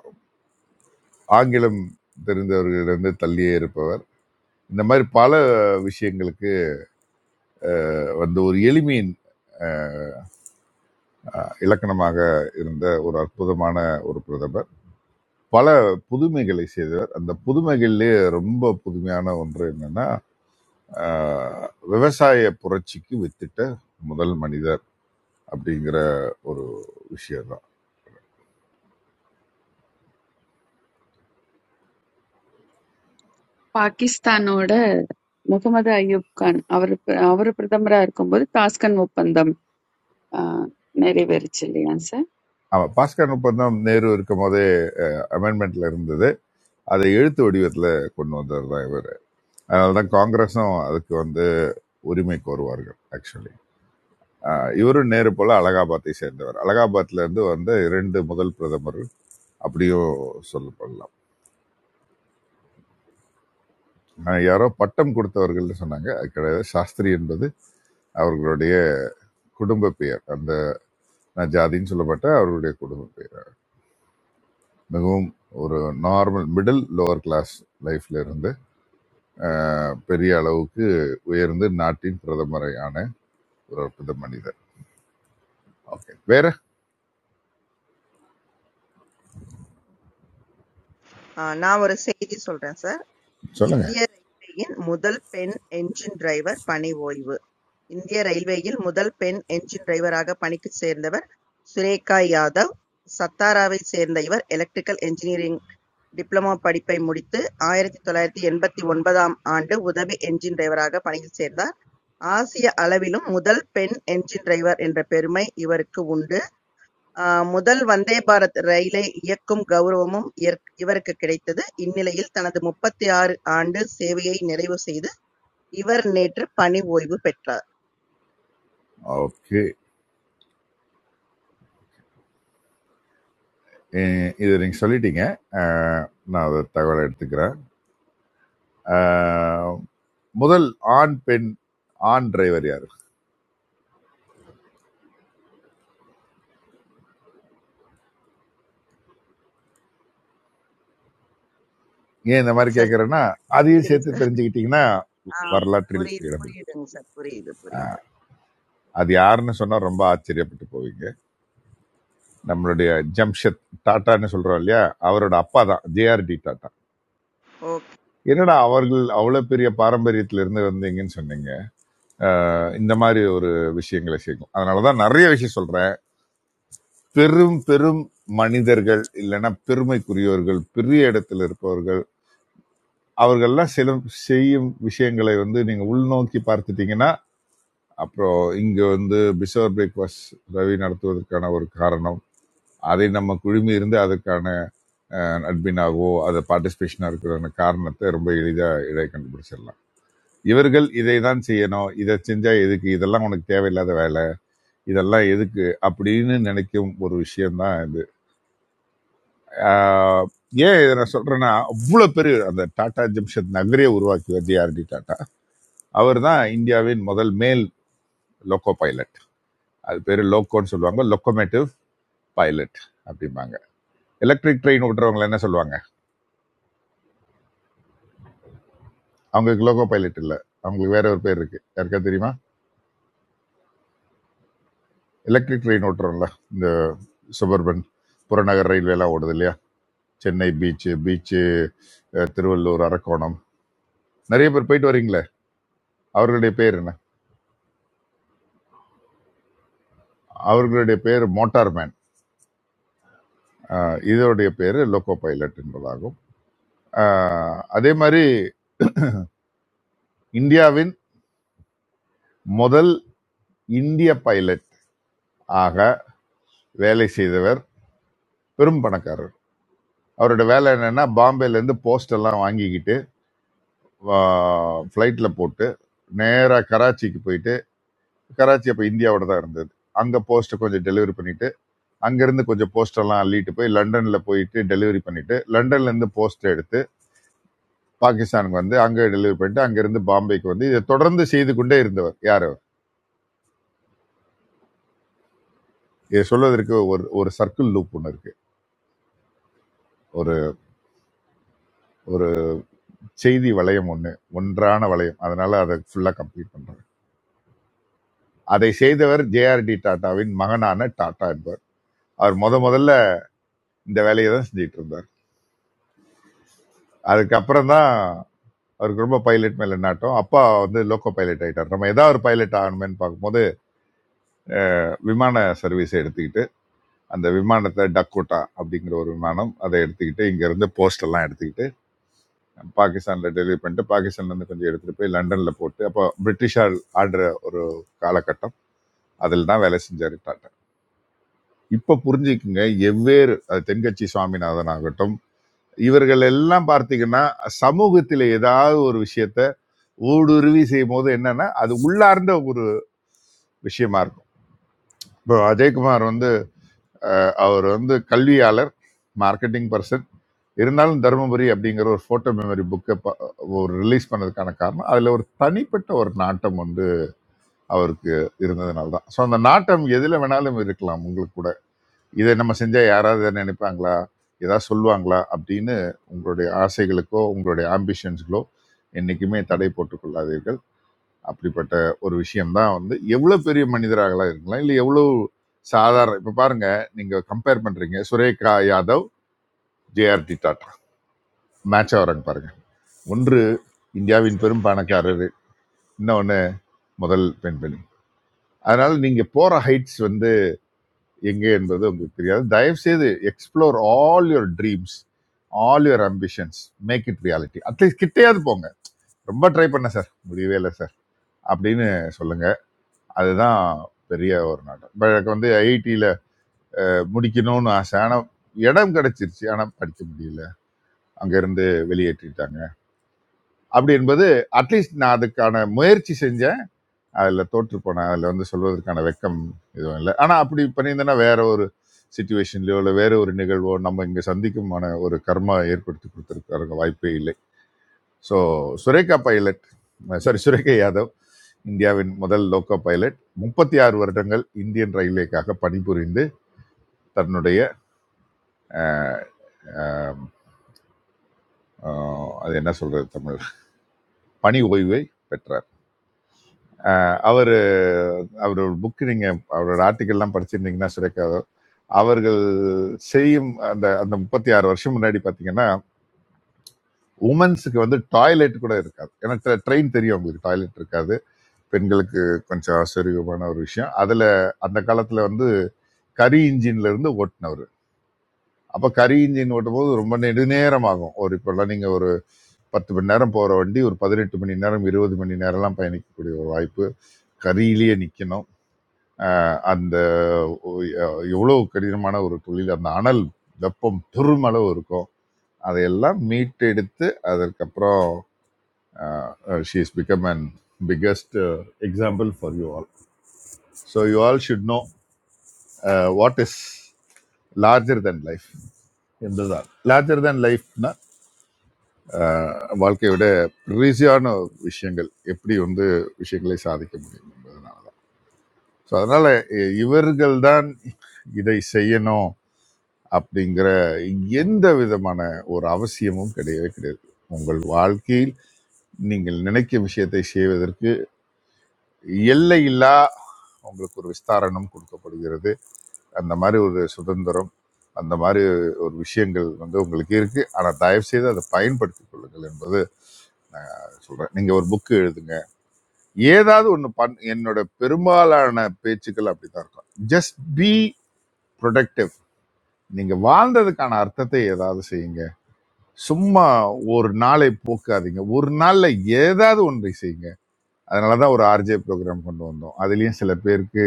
S7: ஆங்கிலம் தெரிந்தவர்களிடந்து தள்ளியே இருப்பவர் இந்த மாதிரி பல விஷயங்களுக்கு ஆஹ், வந்து ஒரு எளிமையின் ஆஹ், இலக்கணமாக இருந்த ஒரு அற்புதமான ஒரு பிரதமர் பல புதுமைகளை செய்தவர் அந்த புதுமைகளிலே ரொம்ப புதுமையான ஒன்று என்னன்னா ஆஹ், விவசாய புரட்சிக்கு வித்திட்ட முதல் மனிதர் அப்படிங்கிற ஒரு விஷயம் தான்
S1: பாகிஸ்தானோட முகமது அய்யூப் கான் அவர் அவர் பிரதமரா இருக்கும்போது தாஸ்கன் ஒப்பந்தம் ஆ, நிறைவேறுச்சு இல்லையா சார்?
S7: ஆமா பாஸ்கர் ஒப்பந்தம் நேரு இருக்கும் போதே அமெண்ட்மெண்ட்ல இருந்தது அதை எழுத்து வடிவத்துல கொண்டு வந்தவர் தான் இவர் அதனாலதான் காங்கிரஸும் அதுக்கு வந்து உரிமை கோருவார்கள் ஆக்சுவலி இவரும் நேரு போல அலகாபாத்தை சேர்ந்தவர் அலகாபாத்ல இருந்து வந்த இரண்டு முதல் பிரதமர் அப்படியும் சொல்லப்படலாம் அஹ் யாரோ பட்டம் கொடுத்தவர்கள்னு சொன்னாங்க அது கிடையாது சாஸ்திரி என்பது அவர்களுடைய குடும்ப பெயர் அந்த நான் ஜாதின்னு சொல்லப்பட்ட அவர்களுடைய குடும்ப பெயர் மிகவும் ஒரு நார்மல் மிடில் லோவர் கிளாஸ் லைஃப்ல இருந்து அஹ், பெரிய அளவுக்கு உயர்ந்து நாட்டின் பிரதமரை ஆன ஒரு அற்புத மனிதர் ஓகே வேற
S3: ஆ, நான் ஒரு செய்தி சொல்றேன் சார்
S7: சொல்லுங்க
S3: இந்திய ரயில்வேயின் முதல் பெண் என்ஜின் டிரைவர் பணி ஓய்வு இந்திய ரயில்வேயில் முதல் பெண் என்ஜின் டிரைவராக பணிக்கு சேர்ந்தவர் சுரேகா யாதவ் சத்தாராவை சேர்ந்த இவர் எலக்ட்ரிக்கல் என்ஜினியரிங் டிப்ளமோ படிப்பை முடித்து ஆயிரத்தி தொள்ளாயிரத்தி எண்பத்தி ஒன்பதாம் ஆண்டு உதவி என்ஜின் டிரைவராக பணியில் சேர்ந்தார் ஆசிய அளவிலும் முதல் பெண் என்ஜின் டிரைவர் என்ற பெருமை இவருக்கு உண்டு ஆஹ் முதல் வந்தே பாரத் ரயிலை இயக்கும் கெளரவமும் இவருக்குக் கிடைத்தது. இந்நிலையில் தனது முப்பத்து ஆறு ஆண்டு சேவையை நிறைவு செய்து இவர் நேற்று பணி ஓய்வு பெற்றார்.
S7: ஓகே இதை நீங்க சொல்லிட்டீங்க அஹ், நான் அதை தகவலை எடுத்துக்கிறேன் அஹ், முதல் ஆண் பெண் ஆண் டிரைவர் யாரு ஏன் இந்த மாதிரி
S3: சார்
S7: கேட்குறேன்னா அதையும்
S3: சொல்லிடுங்க
S7: சேர்த்து
S3: சார்.
S7: தெரிஞ்சுக்கிட்டீங்கன்னா
S3: ஆ,
S7: வரலாற்றில்
S3: புரியுது
S7: இடம்பெறும்
S3: புரியுதுங்க சார். புரியுது புரியுது.
S7: அது யாருன்னு சொன்னா ரொம்ப ஆச்சரியப்பட்டு போவீங்க நம்மளுடைய ஜம்ஷெத் டாட்டான்னு சொல்றோம் இல்லையா அவரோட அப்பா தான் ஜேஆர்டி டாட்டா
S3: ஓகே
S7: என்னடா அவர்கள் அவ்வளவு பெரிய பாரம்பரியத்துல இருந்து வந்தீங்கன்னு சொன்னீங்க அஹ் இந்த மாதிரி ஒரு விஷயங்களை செய்யும் அதனாலதான் நிறைய விஷயம் சொல்றேன் பெரும் பெரும் மனிதர்கள் இல்லைன்னா பெருமைக்குரியவர்கள் பெரிய இடத்துல இருப்பவர்கள் அவர்கள்லாம் சில செய்யும் விஷயங்களை வந்து நீங்க உள்நோக்கி பார்த்துட்டீங்கன்னா அப்புறம் இங்க வந்து பிசோர் பிரேக்ஃபாஸ்ட் ரவி நடத்துவதற்கான ஒரு காரணம் அதை நம்ம குழுமி இருந்து அதற்கான அட்மினாகவோ அது பார்ட்டிசிபேஷனா இருக்கிற காரணத்தை ரொம்ப எளிதா இதை கண்டுபிடிச்சிடலாம் இவர்கள் இதை தான் செய்யணும் இதை செஞ்சா எதுக்கு இதெல்லாம் உனக்கு தேவையில்லாத வேலை இதெல்லாம் எதுக்கு அப்படின்னு நினைக்கும் ஒரு விஷயம்தான் இது ஆஹ் ஏன் இதை நான் சொல்றேன்னா அவ்வளவு பெரிய அந்த டாடா ஜம்ஷெட் நகரே உருவாக்கியவர் ஜேஆர்டி டாடா அவர் தான் இந்தியாவின் முதல் மேல் லோக்கோ பைலட் அது பேரு லோக்கோன்னு சொல்லுவாங்க லொக்கோமேட்டிவ் பைலட் அப்படிம்பாங்க எலக்ட்ரிக் ட்ரெயின் ஓட்டுறவங்களை என்ன சொல்லுவாங்க அவங்களுக்கு லோகோ பைலட் இல்லை அவங்களுக்கு வேற ஒரு பேர் இருக்கு யாருக்கா தெரியுமா எலக்ட்ரிக் ட்ரெயின் ஓட்டுறோம்ல இந்த சுபர்பன் புறநகர் ரயில்வே எல்லாம் ஓடுது இல்லையா சென்னை பீச் பீச் திருவள்ளூர் அரக்கோணம் நிறைய பேர் போயிட்டு வரீங்களே அவர்களுடைய பேர் என்ன அவர்களுடைய பேர் மோட்டார் மேன் அஹ் இதோடைய பேர் லோகோ பைலட் என்பதாகும் அஹ் அதே மாதிரி இந்தியாவின் முதல் இந்திய பைலட் ஆக வேலை செய்தவர் பெரும் பணக்காரர் அவரோட வேலை என்னன்னா பாம்பேலேருந்து போஸ்ட் எல்லாம் வாங்கிக்கிட்டு ஃப்ளைட்டில் போட்டு நேராக கராச்சிக்கு போயிட்டு கராச்சி அப்போ இந்தியாவோட தான் இருந்தது அங்கே போஸ்ட்டை கொஞ்சம் டெலிவரி பண்ணிட்டு அங்கேருந்து கொஞ்சம் போஸ்டெல்லாம் அள்ளிட்டு போய் லண்டனில் போயிட்டு டெலிவரி பண்ணிட்டு லண்டன்லேருந்து போஸ்ட் எடுத்து பாகிஸ்தானுக்கு வந்து அங்கே டெலிவரி பண்ணிட்டு அங்கேருந்து பாம்பேக்கு வந்து இதை தொடர்ந்து செய்து கொண்டே இருந்தவர் யார் அவர் இதை சொல்வதற்கு ஒரு ஒரு சர்க்கிள் லூப் ஒன்று இருக்கு ஒரு ஒரு செய்தி வளையம் ஒன்று ஒன்றான வளையம் அதனால அதை ஃபுல்லாக கம்ப்ளீட் பண்ணுறேன் அதை செய்தவர் ஜேஆர்டி டாட்டாவின் மகனான டாட்டா என்பவர் அவர் முத முதல்ல இந்த வேலையை தான் செஞ்சுட்டு இருந்தார் அதுக்கப்புறம் தான் அவருக்கு ரொம்ப பைலட் மேல நாட்டம் அப்பா வந்து லோக்கோ பைலட் ஆயிட்டார் நம்ம ஏதாவது ஒரு பைலட் ஆகணும்னு பார்க்கும்போது விமான சர்வீஸை எடுத்துக்கிட்டு அந்த விமானத்தை டக்கோட்டா அப்படிங்கிற ஒரு விமானம் அதை எடுத்துக்கிட்டு இங்க இருந்து போஸ்ட் எல்லாம் எடுத்துக்கிட்டு பாகிஸ்தான்ல டெலிவரி பண்ணிட்டு பாகிஸ்தான்ல இருந்து கொஞ்சம் எடுத்துட்டு போய் லண்டன்ல போட்டு அப்போ பிரிட்டிஷால் ஆடுற ஒரு காலகட்டம் அதில் தான் வேலை செஞ்சாரு டாட்டா இப்ப புரிஞ்சுக்குங்க எவ்வேறு அது தென்கட்சி சுவாமிநாதன் ஆகட்டும் இவர்கள் எல்லாம் பார்த்தீங்கன்னா சமூகத்தில் ஏதாவது ஒரு விஷயத்த ஊடுருவி செய்யும் போது என்னன்னா அது உள்ளார்ந்த ஒரு விஷயமா இருக்கும் இப்போ அஜயகுமார் வந்து அவர் வந்து கல்வியாளர் மார்க்கெட்டிங் பர்சன் இருந்தாலும் தருமபுரி அப்படிங்கிற ஒரு ஃபோட்டோ மெமரி புக்கை ஒரு ரிலீஸ் பண்ணதுக்கான காரணம் அதில் ஒரு தனிப்பட்ட ஒரு நாட்டம் வந்து அவருக்கு இருந்ததுனால தான் ஸோ அந்த நாட்டம் எதில் வேணாலும் இருக்கலாம் உங்களுக்கு கூட இதை நம்ம செஞ்சால் யாராவது இதை நினைப்பாங்களா ஏதாவது சொல்லுவாங்களா அப்படின்னு உங்களுடைய ஆசைகளுக்கோ உங்களுடைய ஆம்பிஷன்ஸ்களோ என்றைக்குமே தடை போட்டுக் கொள்ளாதீர்கள் அப்படிப்பட்ட ஒரு விஷயம்தான் வந்து எவ்வளோ பெரிய மனிதராகலாம் இருக்கலாம் இல்லை எவ்வளோ சாதாரண இப்போ பாருங்க நீங்கள் கம்பேர் பண்ணுறீங்க சுரேகா யாதவ் ஜேஆர்டி டாட்டா மேட்ச் ஆகிறாங்க பாருங்க ஒன்று இந்தியாவின்
S3: சார்.
S7: பெரும் பணக்காரர் இன்னொன்று முதல் பெண்மணி அதனால நீங்கள் போகிற ஹைட்ஸ் வந்து எங்கே என்பது உங்களுக்கு தெரியாது தயவு செய்து explore all your dreams all your ambitions make it reality at least கிட்டேயாவது போங்க ரொம்ப ட்ரை பண்ண சார் முடியவே இல்லை சார் அப்படின்னு சொல்லுங்க அதுதான் பெரிய ஒரு நாட்டம் இப்போ எனக்கு வந்து ஐஐடியில் முடிக்கணும்னு ஆசை ஆனால் இடம் கிடைச்சிருச்சு ஆனால் படிக்க முடியல அங்கேருந்து வெளியேற்றிட்டாங்க அப்படி என்பது அட்லீஸ்ட் நான் அதுக்கான முயற்சி செஞ்சேன் அதில் தோற்று போனேன் அதில் வந்து சொல்வதற்கான வெக்கம் எதுவும் இல்லை ஆனால் அப்படி பண்ணியிருந்தேன்னா வேற ஒரு சுச்சுவேஷன்லையோ இல்லை வேற ஒரு நிகழ்வோ நம்ம இங்கே சந்திக்குமான ஒரு கர்மா ஏற்படுத்தி கொடுத்துருக்காருங்க வாய்ப்பே இல்லை so Surekha pilot sorry Surekha Yadav இந்தியாவின் முதல் லோக்கோ பைலட் முப்பத்தி ஆறு வருடங்கள் இந்தியன் ரயில்வேக்காக பணிபுரிந்து தன்னுடைய அஹ், அது என்ன சொல்றது தமிழ் பணி ஓய்வை பெற்றார் அவர் அவரோட புக்கு நீங்கள் அவரோட ஆர்டிக்கல்லாம் படிச்சிருந்தீங்கன்னா சுரேகாதோ அவர்கள் செய்யும் அந்த அந்த முப்பத்தி ஆறு வருஷம் முன்னாடி பார்த்தீங்கன்னா உமன்ஸுக்கு வந்து டாய்லெட் கூட இருக்காது ஏன்னா ட்ரெயின் தெரியும் அவங்களுக்கு டாய்லெட் இருக்காது பெண்களுக்கு கொஞ்சம் ஆச்சரியமான ஒரு விஷயம் அதில் அந்த காலத்தில் வந்து கரி இன்ஜின்ல இருந்து ஓட்டினவர் அப்போ கரி இன்ஜின் ஓட்டும் போது ரொம்ப நெடுநேரம் ஆகும் ஒரு இப்போல்லாம் நீங்கள் ஒரு பத்து மணி நேரம் போகிற வண்டி ஒரு பதினெட்டு மணி நேரம் இருபது மணி நேரம்லாம் பயணிக்கக்கூடிய ஒரு வாய்ப்பு கரியிலேயே நிற்கணும் அஹ் அந்த ஒ- அஹ் எவ்வளவு கடினமான ஒரு தொழில் அந்த அனல் வெப்பம் பெருமளவு இருக்கும் அதையெல்லாம் மீட்டெடுத்து அதற்கப்புறம் she is become and biggest example for you all so you all should know what is larger than life என்றுதான் லார்ஜர் தென் லைஃப்னா வாழ்க்கையை விட ரீஸியான விஷயங்கள் எப்படி வந்து விஷயங்களை சாதிக்க முடியும் என்பதனால தான் ஸோ அதனால இ- இவர்கள்தான் இதை செய்யணும் அப்படிங்கிற எந்த விதமான ஒரு அவசியமும் கிடையவே கிடையாது உங்கள் வாழ்க்கையில் நீங்கள் நினைக்கும் விஷயத்தை செய்வதற்கு எல்லையில்லா உங்களுக்கு ஒரு விஸ்தாரணம் கொடுக்கப்படுகிறது அந்த மாதிரி ஒரு சுதந்திரம் அந்த மாதிரி ஒரு விஷயங்கள் வந்து உங்களுக்கு இருக்கு ஆனால் தயவு செய்து அதை பயன்படுத்திக் கொள்ளுங்கள் என்பது நான் சொல்றேன் நீங்க ஒரு புக்கு எழுதுங்க ஏதாவது ஒன்று பண் என்னோட பெரும்பாலான பேச்சுக்கள் அப்படித்தான் இருக்கும் ஜஸ்ட் பி ப்ரொடக்டிவ் நீங்க வாழ்ந்ததுக்கான அர்த்தத்தை ஏதாவது செய்யுங்க சும்மா ஒரு நாளை போக்காதீங்க ஒரு நாள்ல ஏதாவது ஒன்றை செய்யுங்க அதனாலதான் ஒரு ஆர்ஜே ப்ரோக்ராம் கொண்டு வந்தோம் அதுலயும் சில பேருக்கு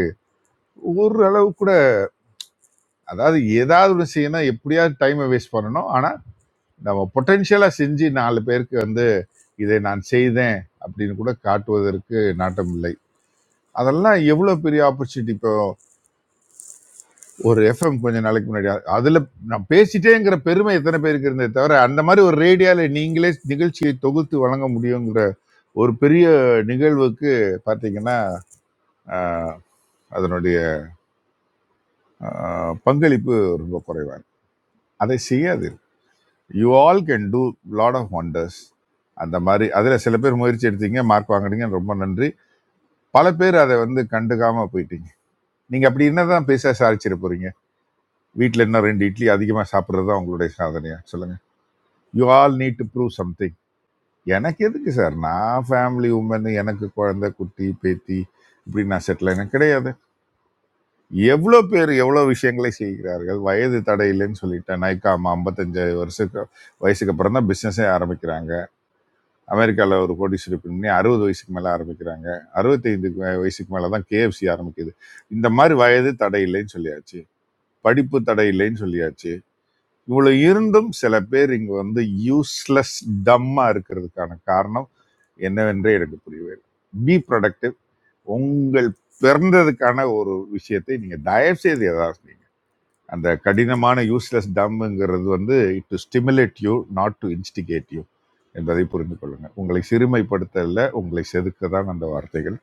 S7: ஒரு அளவு கூட அதாவது ஏதாவது ஒன்று செய்யணும் எப்படியாவது டைமை வேஸ்ட் பண்ணணும் ஆனா நம்ம பொட்டென்ஷியலா செஞ்சு நாலு பேருக்கு வந்து இதை நான் செய்தேன் அப்படின்னு கூட காட்டுவதற்கு நாட்டம் இல்லை அதெல்லாம் எவ்வளவு பெரிய ஆப்பர்ச்சுனிட்டி இப்போ ஒரு எஃப்எம் கொஞ்ச நாளைக்கு முன்னாடி அ- அதுல நான் பேசிட்டேங்கிற பெருமை எத்தனை பேருக்கு இருந்தே தவிர அந்த மாதிரி ஒரு ரேடியோல நீங்களே நிகழ்ச்சியை தொகுத்து வழங்க முடியுங்கிற ஒரு பெரிய நிகழ்வுக்கு பார்த்தீங்கன்னா ஆஹ், அதனுடைய ஆஹ், பங்களிப்பு ரொம்ப குறைவாக அதை செய்யாது you all can do lot of wonders அந்த மாதிரி அதில் சில பேர் முயற்சி எடுத்தீங்க மார்க் வாங்குனீங்க ரொம்ப நன்றி பல பேர் அதை வந்து கண்டுக்காம போயிட்டீங்க நீங்கள் அப்படி என்ன தான் பேச சாதிச்சிட போறீங்க வீட்டில் இன்னும் ரெண்டு இட்லி அதிகமாக சாப்பிட்றது தான் உங்களுடைய சாதனையா சொல்லுங்க you all need to prove something எனக்கு எதுக்கு சார் நான் ஃபேமிலி உமன் எனக்கு குழந்தை குட்டி பேத்தி இப்படி நான் செட்டில் எனக்கு கிடையாது எவ்வளோ பேர் எவ்வளோ விஷயங்களை செய்கிறார்கள் வயது தடையில்லைன்னு சொல்லிட்டேன் நைக்காம ஐம்பத்தஞ்சு வருஷத்துக்கு வயசுக்கு அப்புறம் தான் பிஸ்னஸே ஆரம்பிக்கிறாங்க அமெரிக்காவில் ஒரு கோடீஸ்வரி பண்ணி அறுபது வயசுக்கு மேலே ஆரம்பிக்கிறாங்க அறுபத்தைந்து வயசுக்கு மேலே தான் கேஎஃப்சி ஆரம்பிக்குது இந்த மாதிரி வயது தடையில்லைன்னு சொல்லியாச்சு படிப்பு தடையில்லைன்னு சொல்லியாச்சு இவ்வளோ இருந்தும் சில பேர் இங்கே வந்து யூஸ்லெஸ் டம்மாக இருக்கிறதுக்கான காரணம் என்னவென்றே எனக்கு புரியவே இல்லை. பி ப்ரொடக்டிவ் உங்கள் பிறந்ததுக்கான ஒரு விஷயத்தை நீங்கள் தயவு செய்து எதாவது செய்யுங்க. அந்த கடினமான யூஸ்லெஸ் டம்ங்கிறது வந்து it to stimulate you not to instigate you என்பதை புரிந்து கொள்ளுங்கள் உங்களை சிறுமைப்படுத்தல உங்களை செதுக்க தான் அந்த வார்த்தைகள்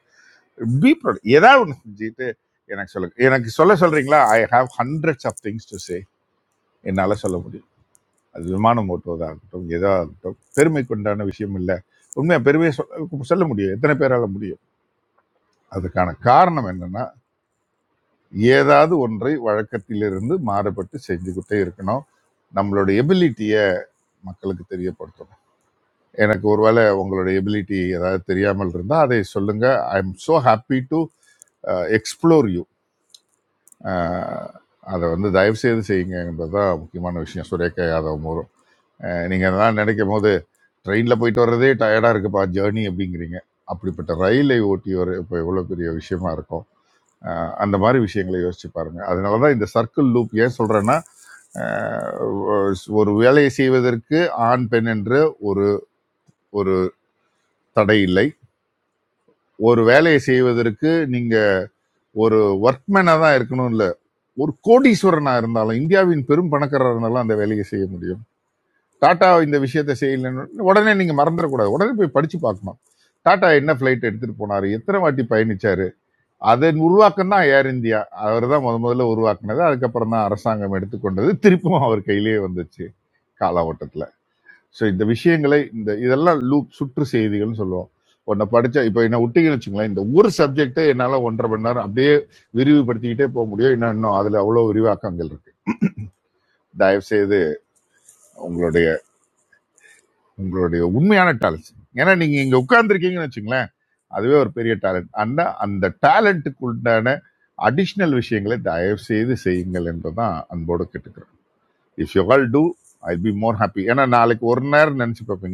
S7: பி ப்ராடக்ட் ஏதாவது ஒன்று செஞ்சுட்டு எனக்கு சொல்லுங்க எனக்கு சொல்ல சொல்றீங்களா I have hundreds of things to say என்னால் சொல்ல முடியும் அது விமானம் ஓட்டுவதாக ஆகட்டும் எதாக ஆகட்டும் பெருமைக்கு உண்டான விஷயம் இல்லை உண்மையாக பெருமையை சொல்ல சொல்ல முடியும் எத்தனை பேரால முடியும் அதுக்கான காரணம் என்னன்னா ஏதாவது ஒன்றை வழக்கத்திலிருந்து மாறுபட்டு செஞ்சுக்கிட்டே இருக்கணும் நம்மளோட எபிலிட்டியை மக்களுக்கு தெரியப்படுத்தணும் எனக்கு ஒருவேளை உங்களுடைய எபிலிட்டி ஏதாவது தெரியாமல் இருந்தால் அதை சொல்லுங்க I am so happy to explore you அதை வந்து தயவு செய்து செய்யுங்க என்பதுதான் முக்கியமான விஷயம் சுரேகா யாதவ் மூலம் நீங்கள் அதெல்லாம் நினைக்கும் போது ட்ரெயினில் போயிட்டு வர்றதே டயர்டாக இருக்குப்பா ஜேர்னி அப்படிங்கிறீங்க அப்படிப்பட்ட ரயிலை ஓட்டி வர இப்போ எவ்வளோ பெரிய விஷயமா இருக்கும் அஹ் அந்த மாதிரி விஷயங்களை யோசிச்சு பாருங்க அதனால தான் இந்த சர்க்கிள் லூப் ஏன் சொல்றேன்னா அஹ் ஒரு வேலையை செய்வதற்கு ஆண் பெண் என்று ஒரு தடை இல்லை ஒரு வேலையை செய்வதற்கு நீங்க ஒரு ஒர்க்மேனா தான் இருக்கணும் இல்ல ஒரு கோடீஸ்வரனா இருந்தாலும் இந்தியாவின் பெரும் பணக்காரராக இருந்தாலும் அந்த வேலையை செய்ய முடியும் டாடா இந்த விஷயத்தை செய்யலைன்னு உடனே நீங்க மறந்துடக்கூடாது உடனே போய் படிச்சு பார்க்கணும் டாடா என்ன ஃபிளைட் எடுத்துட்டு போனாரு எத்தனை வாட்டி பயணிச்சாரு அதன் உருவாக்கம் தான் ஏர் இந்தியா அவர் தான் முத முதல்ல உருவாக்குனது அதுக்கப்புறம் தான் அரசாங்கம் எடுத்துக்கொண்டது திருப்பும் அவர் கையிலேயே வந்துச்சு காலாவட்டத்தில் ஸோ இந்த விஷயங்களை இந்த இதெல்லாம் லூப் சுற்று செய்திகள்னு சொல்லுவோம் உன்னை படிச்சா இப்போ என்ன விட்டீங்கன்னு வச்சுங்களேன் இந்த ஒரு சப்ஜெக்ட்டை என்னால் ஒன்றரை மணி நேரம் அப்படியே விரிவுபடுத்திக்கிட்டே போக முடியும் இன்னும் இன்னும் அதில் அவ்வளோ விரிவாக்கங்கள் இருக்கு தயவு செய்து உங்களுடைய உங்களுடைய உண்மையான டேலண்ட்ஸ் ஏன்னா நீங்க இங்க உட்கார்ந்துருக்கீங்கன்னு வச்சுங்களேன் அதுவே ஒரு பெரிய டேலண்ட் அந்த அந்த டேலண்ட்டுக்குண்டான அடிஷ்னல் விஷயங்களை தயவு செய்து செய்யுங்கள் என்றுதான் அன்போடு கேட்டுக்கிறேன் if you all do I be more happy ஏன்னா நாளைக்கு ஒரு நேரம் நினைச்சு பார்ப்பீங்க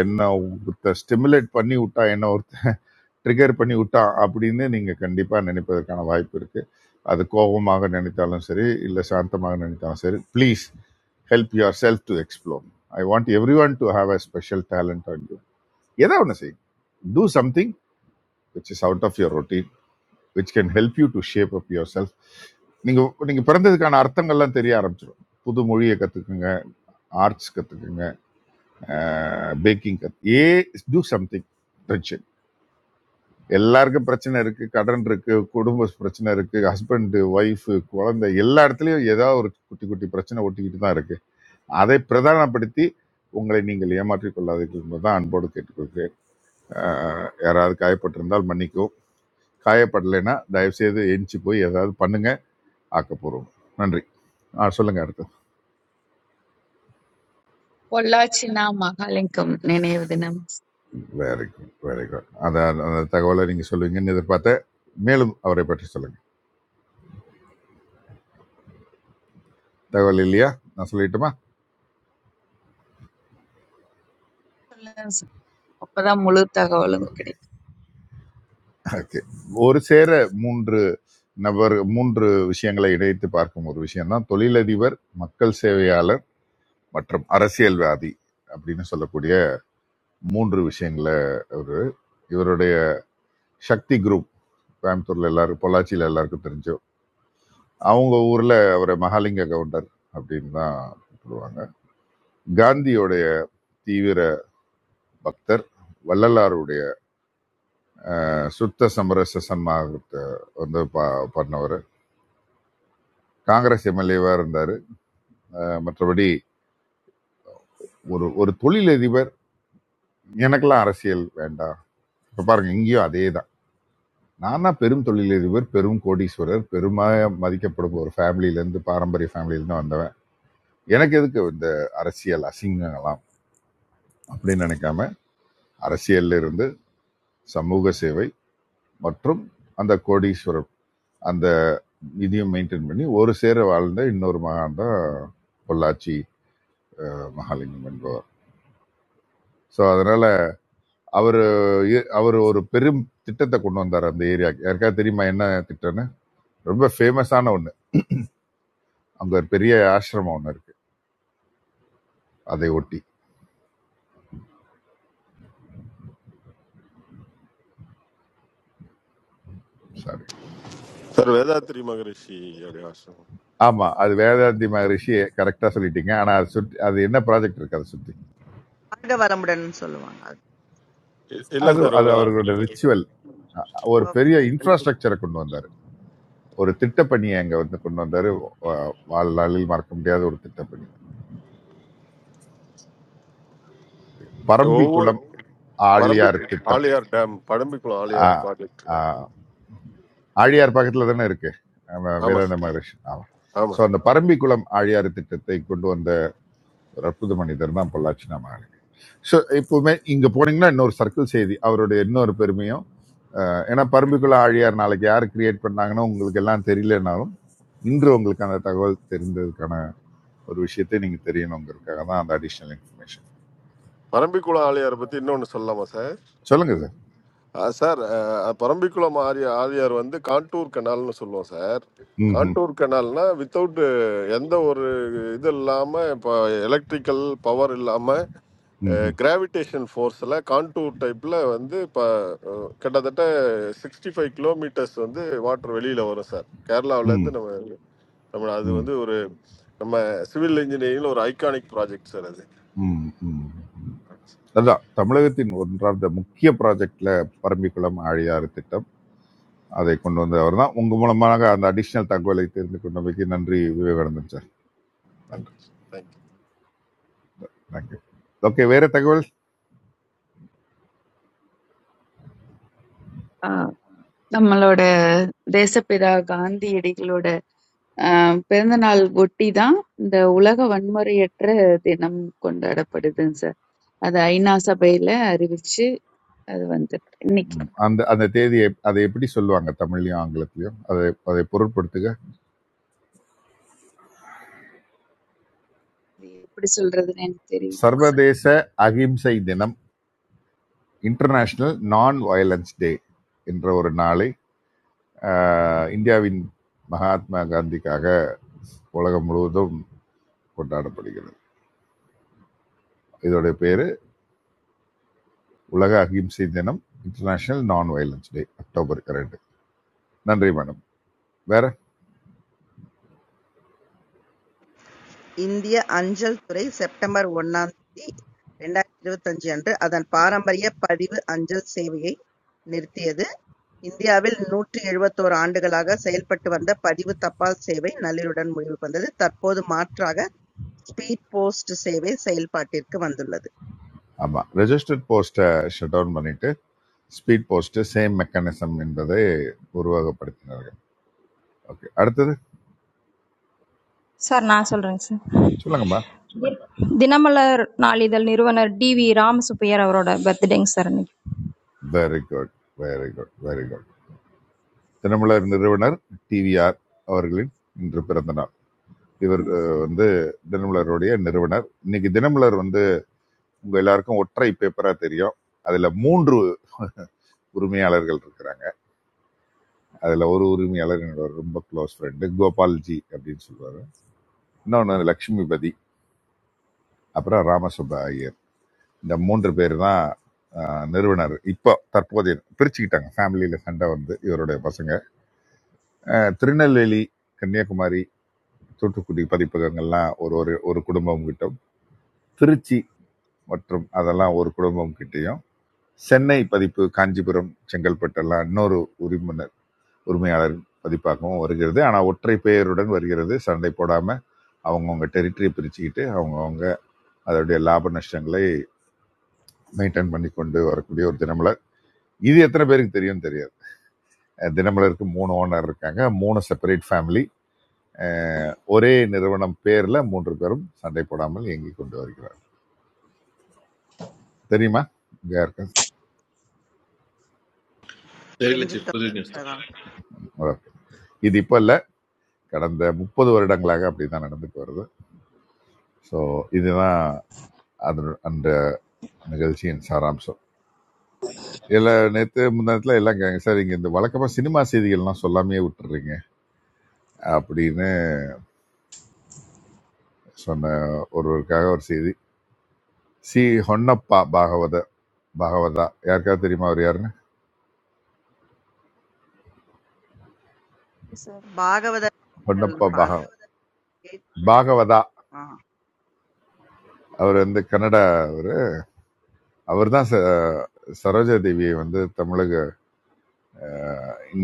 S7: என்ன ஒருத்த ஸ்டிமுலேட் பண்ணி விட்டா என்ன ஒருத்த ட்ரிகர் பண்ணி விட்டா அப்படின்னு நீங்கள் கண்டிப்பாக நினைப்பதற்கான வாய்ப்பு இருக்குது அது கோபமாக நினைத்தாலும் சரி இல்லை சாந்தமாக நினைத்தாலும் சரி please help yourself to explore I want everyone to have a special talent on you ஏதோ ஒன்று செய்யும் do something which is out of your routine which can help you to shape up yourself நீங்கள் நீங்கள் பிறந்ததுக்கான அர்த்தங்கள்லாம் தெரிய ஆரம்பிச்சிடும் புது மொழியை கற்றுக்குங்க arts கற்றுக்குங்க packing கற்று ஏ டூ சம்திங் எல்லாருக்கும் பிரச்சனை இருக்கு கடன் இருக்கு குடும்ப பிரச்சனை இருக்கு ஹஸ்பண்ட் ஒய்ஃப் குழந்தை எல்லா இடத்துலயும் ஏதாவது ஒரு குட்டி குட்டி பிரச்சனை ஒட்டிக்கிட்டு தான் இருக்கு அதை பிரதானப்படுத்தி உங்களை நீங்கள் ஏமாற்றிக் கொள்ளாதீர்கள் என்பதுதான் அன்போடு கேட்டுக்கொள்கிறேன் ஆஹ் யாராவது காயப்பட்டிருந்தால் மன்னிக்கவும் காயப்படலைன்னா தயவு செய்து எஞ்சி போய் ஏதாவது பண்ணுங்க ஆக்கப்பூர்வம் நன்றி ஆ சொல்லுங்க அடுத்து
S1: பொள்ளாச்சினா மகாலிங்கம் நினைவு தினம்
S7: வெரி குட் வெரி குட் அந்த அந்த தகவலை நீங்க சொல்லுவீங்கன்னு எதிர்பார்த்தேன் மேலும் அவரை பற்றி சொல்லுங்க தகவல் இல்லையா நான் சொல்லிட்டுமா
S1: சொல்லுங்க சார். அப்பதான் முழு தகவலும்
S7: ஓகே ஒரு சேர மூன்று நபர் மூன்று விஷயங்களை இணைத்து பார்க்கும் ஒரு விஷயம்தான் தொழிலதிபர் மக்கள் சேவையாளர் மற்றும் அரசியல்வாதி அப்படின்னு சொல்லக்கூடிய மூன்று விஷயங்களை ஒரு இவருடைய சக்தி குரூப் கோயம்புத்தூர்ல எல்லாரும் பொள்ளாச்சியில எல்லாருக்கும் தெரிஞ்சோம் அவங்க ஊர்ல அவரை மகாலிங்க கவுண்டர் அப்படின்னு தான் சொல்லுவாங்க காந்தியோடைய தீவிர பக்தர் வள்ளலாருடைய சுத்த சமரச சன்மார்க்கத்தை வந்து ப- பண்ணவர் காங்கிரஸ் எம்எல்ஏவா இருந்தாரு அஹ் மற்றபடி ஒரு ஒரு தொழிலதிபர் எனக்கெல்லாம் அரசியல் வேண்டாம் இப்போ பாருங்க இங்கேயும் அதே தான் நானா பெரும் தொழிலதிபர் பெரும் கோடீஸ்வரர் பெருமாக மதிக்கப்படும் ஒரு ஃபேமிலியிலேருந்து பாரம்பரிய ஃபேமிலியிலேருந்து வந்தவன் எனக்கு எதுக்கு இந்த அரசியல் அசிங்கங்களாம் அப்படின்னு நினைக்காம அரசியல்ல இருந்து சமூக சேவை மற்றும் அந்த கோடீஸ்வரர் அந்த இதையும் மெயின்டைன் பண்ணி ஒரு சேர வாழ்ந்த இன்னொரு மகான் தான் பொள்ளாச்சி மகாலிங்கம் என்பவர் ஸோ அதனால அவர் அவர் ஒரு பெரும் திட்டத்தை கொண்டு வந்தார் அந்த ஏரியாக்கு யாருக்காவது தெரியுமா என்ன திட்டம்னு ரொம்ப ஃபேமஸான ஒன்று அங்க ஒரு பெரிய ஆசிரமம் ஒன்று இருக்கு அதை ஒட்டி சாரி
S12: சார் வேதாத்ரி மகரிஷி அப்படியாசம்
S7: ஆமா அது வேதாந்தி மகரிஷி கரெக்டா சொல்லிட்டீங்க ஆனா அது சுற்றி அது என்ன ப்ராஜெக்ட் இருக்கு அதை சுற்றி
S3: வாழ்க வளமுடன் சொல்லுவாங்க.
S12: இல்லை
S7: அது
S12: சார்
S7: அது அவர்களோட ரிச்சுவல் ஒரு பெரிய
S3: ஓகே.
S7: இன்ஃப்ராஸ்ட்ரக்சரை கொண்டு வந்தார் ஒரு திட்டப்பணியை அங்க வந்து கொண்டு வந்தாரு வா- வாழ்நாளில் மறக்க முடியாத ஒரு திட்டப்பணி
S12: ஒவ்வொரு
S7: பரம்பிக்குளம் ஆழியார்
S12: பரம்பிக்கு
S7: திட்டம்
S12: ஆலியார் டேம் படம்பிக்குளம் ஆலியார்
S7: ஆஹ்
S12: ப்ராஜெக்ட்
S7: ஆஹ் ஆழியார் பக்கத்துல தானே இருக்கு ஆமா,
S12: ஆமாம்
S7: வேதாந்த
S12: சார்
S7: மகரிஷி ஆமா ஸோ
S12: ஆமாம்
S7: அந்த
S12: சார்
S7: பரம்பிக்குளம் ஆழியார் திட்டத்தை கொண்டு வந்த ஒரு அற்புத மனிதர் தான் பொள்ளாச்சி நாம ஸோ இப்போவுமே இங்க போனீங்கன்னா இன்னொரு சர்க்கிள் செய்தி அவருடைய இன்னொரு பெருமையும் அஹ், ஏன்னா பரம்பிக்குள ஆழியார் நாளைக்கு யார் கிரியேட் பண்ணாங்கன்னு உங்களுக்கு எல்லாம் தெரியலனாலும் இன்று உங்களுக்கு அந்த தகவல் தெரிந்ததுக்கான ஒரு விஷயத்தை நீங்க தெரியணுங்கிறதுக்காக தான் அந்த அடிஷ்னல் இன்ஃபர்மேஷன்
S12: பரம்பிக்குளம் ஆலியாரை பற்றி இன்னொன்று சொல்லலாமா சார்
S7: சொல்லுங்க சார்
S12: ஆ, சார் அஹ், பரம்பிக்குளம் ஆரிய ஆரியார் வந்து கான்டூர் கெனால்னு சொல்லுவோம் சார்
S7: ம்
S12: கான்டூர் கெனால்னா வித்தவுட் எந்த ஒரு இது இல்லாமல் இப்போ எலக்ட்ரிக்கல் பவர் இல்லாமல்
S7: ம் ம்
S12: கிராவிடேஷன் ஃபோர்ஸில் கான்டூர் டைப்பில் வந்து இப்போ கிட்டத்தட்ட சிக்ஸ்டி ஃபைவ் கிலோமீட்டர்ஸ் வந்து வாட்டர் வெளியில் வரும் சார் கேரளாவிலேருந்து
S7: ம்
S12: நம்ம நம்ம அது வந்து ஒரு நம்ம சிவில் இன்ஜினியரிங்கில் ஒரு ஐகானிக் ப்ராஜெக்ட் சார் அது
S7: ம் ம் ம் அதான் தமிழகத்தின் ஒன்றார்ந்த முக்கிய ப்ராஜெக்ட்ல பரம்பிக்குளம் ஆழியாறு திட்டம் அதை கொண்டு வந்தவர் தான் உங்க மூலமாக அந்த அடிஷனல் தகவலை தெரிந்து கொண்டமைக்கு நன்றி விவேகானந்தன் சார் நன்றி
S12: தேங்க்யூ தேங்க்யூ
S7: தேங்க்யூ ஓகே வேற தகவல்
S1: கிடைக்கும். நம்மளோட தேசப்பிதா காந்தியடிகளோட ஆஹ், பிறந்த நாள் ஒட்டி தான் இந்த உலக வன்முறையற்ற தினம் கொண்டாடப்படுதுங்க சார் அது ஐநா சபையில அறிவிச்சு அது வந்து இன்னைக்கு
S7: அந்த அந்த தேதியை அதை எப்படி சொல்லுவாங்க தமிழ்லயும் ஆங்கிலத்திலயும் அதை அதை பொருட்படுத்துக
S1: இது எப்படி சொல்றதுன்னு எனக்கு தெரியல
S7: சர்வதேச அகிம்சை தினம் இன்டர்நேஷனல் நான் வயலன்ஸ் டே என்ற ஒரு நாளை ஆஹ், இந்தியாவின் மகாத்மா காந்திக்காக உலகம் முழுவதும் கொண்டாடப்படுகிறது இதோட பேர் உலக அகிம்சை தினம் international non violence day October ரெண்டு நன்றி மேடம் வேற
S3: இந்திய அஞ்சல் துறை செப்டம்பர் ஒன்னாம் தேதி இரண்டாயிரத்து இருபத்தஞ்சு அன்று அதன் பாரம்பரிய பதிவு அஞ்சல் சேவையை நிறுத்தியது. இந்தியாவில் நூற்றி எழுபத்தோரு ஆண்டுகளாக செயல்பட்டு வந்த பதிவு தபால் சேவை நள்ளிருடன் முடிவுக்கு வந்தது. தற்போது மாற்றாக ஸ்பீட் போஸ்ட் சேவை செயல்பாட்டிற்கு வந்துள்ளது.
S7: ஆமா ரெஜிஸ்டர்ட் போஸ்ட்டை ஷட் டவுன் பண்ணிட்டு ஸ்பீட் போஸ்ட் சேம் மெக்கானிசம் என்பதை உருவகப்படுத்தினார்கள் ஓகே அடுத்தது
S13: Sir, no, I'm sorry. Sir,
S7: சொல்லுங்கம்மா
S13: the name of our 4th Nirvaner, DV Ram, superior of our.
S7: Very good very good very good Dinamalar நிறுவனர் டிவிஆர் அவர்களின் இன்று பிறந்த நாள் இவர் அஹ், வந்து தினமலருடைய நிறுவனர் இன்னைக்கு தினமலர் வந்து உங்க எல்லாருக்கும் ஒற்றை பேப்பரா தெரியும் அதுல மூன்று உரிமையாளர்கள் இருக்கிறாங்க அதில் ஒரு உரிமையாளர் என்னோட ரொம்ப க்ளோஸ் ஃப்ரெண்டு கோபால்ஜி அப்படின்னு சொல்லுவார் இன்னொன்று லக்ஷ்மிபதி அப்புறம் ராமசுப்ப ஐயர் இந்த மூன்று பேர் தான் ஆஹ், நிறுவனர் இப்போ தற்போதைய பிரிச்சுக்கிட்டாங்க ஃபேமிலியில் சண்டை வந்து இவருடைய பசங்க ஆஹ், திருநெல்வேலி கன்னியாகுமரி தூத்துக்குடி பதிப்பகங்கள்லாம் ஒரு ஒரு ஒரு குடும்பம் கிட்டும் திருச்சி மற்றும் அதெல்லாம் ஒரு குடும்பம் கிட்டேயும் சென்னை பதிப்பு காஞ்சிபுரம் செங்கல்பட்டெல்லாம் இன்னொரு உரிமையினர் உரிமையாளர் பதிப்பாகவும் வருகிறது ஆனால் ஒற்றை பெயருடன் வருகிறது சண்டை போடாம அவங்கவுங்க டெரிட்டரியை பிரிச்சுக்கிட்டு அவங்கவுங்க அதோடைய லாப நஷ்டங்களை மெயின்டைன் பண்ணி கொண்டு வரக்கூடிய ஒரு தினமலர் இது எத்தனை பேருக்கு தெரியும் தெரியாது அஹ் தினமலருக்கு மூணு ஓனர் இருக்காங்க மூணு செப்பரேட் ஃபேமிலி ஒரே நிறுவனம் பேர்ல மூன்று பேரும் சண்டை போடாமல் இயங்கி கொண்டு வருகிறார் தெரியுமா இங்க இருக்க
S8: தெரியல சீஃப்
S3: தெரிஞ்சுக்கிட்டோம்
S8: புது நியூஸ்
S3: இப்பதான்.
S7: சம்பவம். இது இப்ப இல்ல கடந்த முப்பது வருடங்களாக அப்படிதான் நடந்துட்டு வருது ஸோ இதுதான் அது அந்த நிகழ்ச்சியின் சாராம்சம் இல்ல நேத்து முந்தானத்துல எல்லாம் கேங்க சார் இங்க இந்த வழக்கமா சினிமா செய்திகள்லாம் சொல்லாமே விட்டுறீங்க அப்படின்னு சொன்ன ஒருவருக்காக ஒரு செய்தி சி ஹொன்னப்பா பாகவத பாகவதா யாருக்காவது தெரியுமா அவர் யாருன்னு
S14: சார்.
S3: பாகவத
S7: ஹொன்னப்பா பாக பாகவதா அவர் வந்து கன்னடா அவர் அவர் தான் சரோஜா தேவியை வந்து தமிழக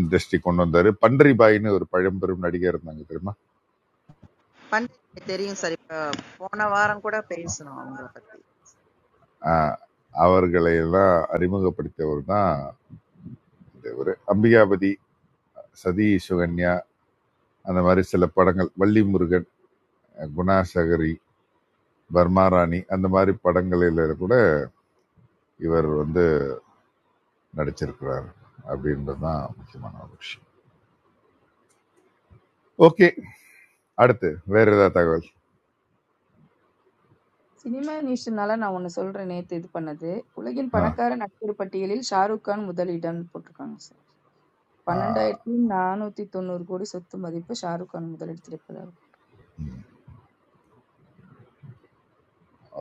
S7: இண்டஸ்ட்ரி கொண்டு வந்தாரு பன்றிபாயின்னு ஒரு பழம்பெரும் நடிகர் இருந்தாங்க தெரியுமா
S3: பாட்டு
S14: சரி
S3: தெரியும்
S14: பாய்
S3: சார். இப்ப போன வாரம் கூட பேசினோம் அவங்கள பத்தி.
S7: ஆஹ் அவர்களை எல்லாம் அறிமுகப்படுத்தியவர் தான் இவர் அம்பிகாபதி சதி சுகன்யா அந்த மாதிரி சில படங்கள் வள்ளி முருகன் குணாசகரி பர்மா ராணி அந்த மாதிரி படங்களில கூட இவர் நடிச்சிருக்கிறார் அப்படின்றது தான் முக்கியமான ஒரு விஷயம் ஓகே அடுத்து வேற ஏதாவது தகவல்
S14: சினிமேனேஷனால நான் ஒண்ணு சொல்றேன் நேத்து இது பண்ணது. உலகின்
S7: ஆ
S14: பணக்கார நடிகர் பட்டியலில் ஷாருக் கான் முதலிடம் போட்டிருக்காங்க சார். 12,490 கோடி சொத்து மதிப்பு ஷாருக் கான் முதலிடத்தில் இருப்பதாகும்.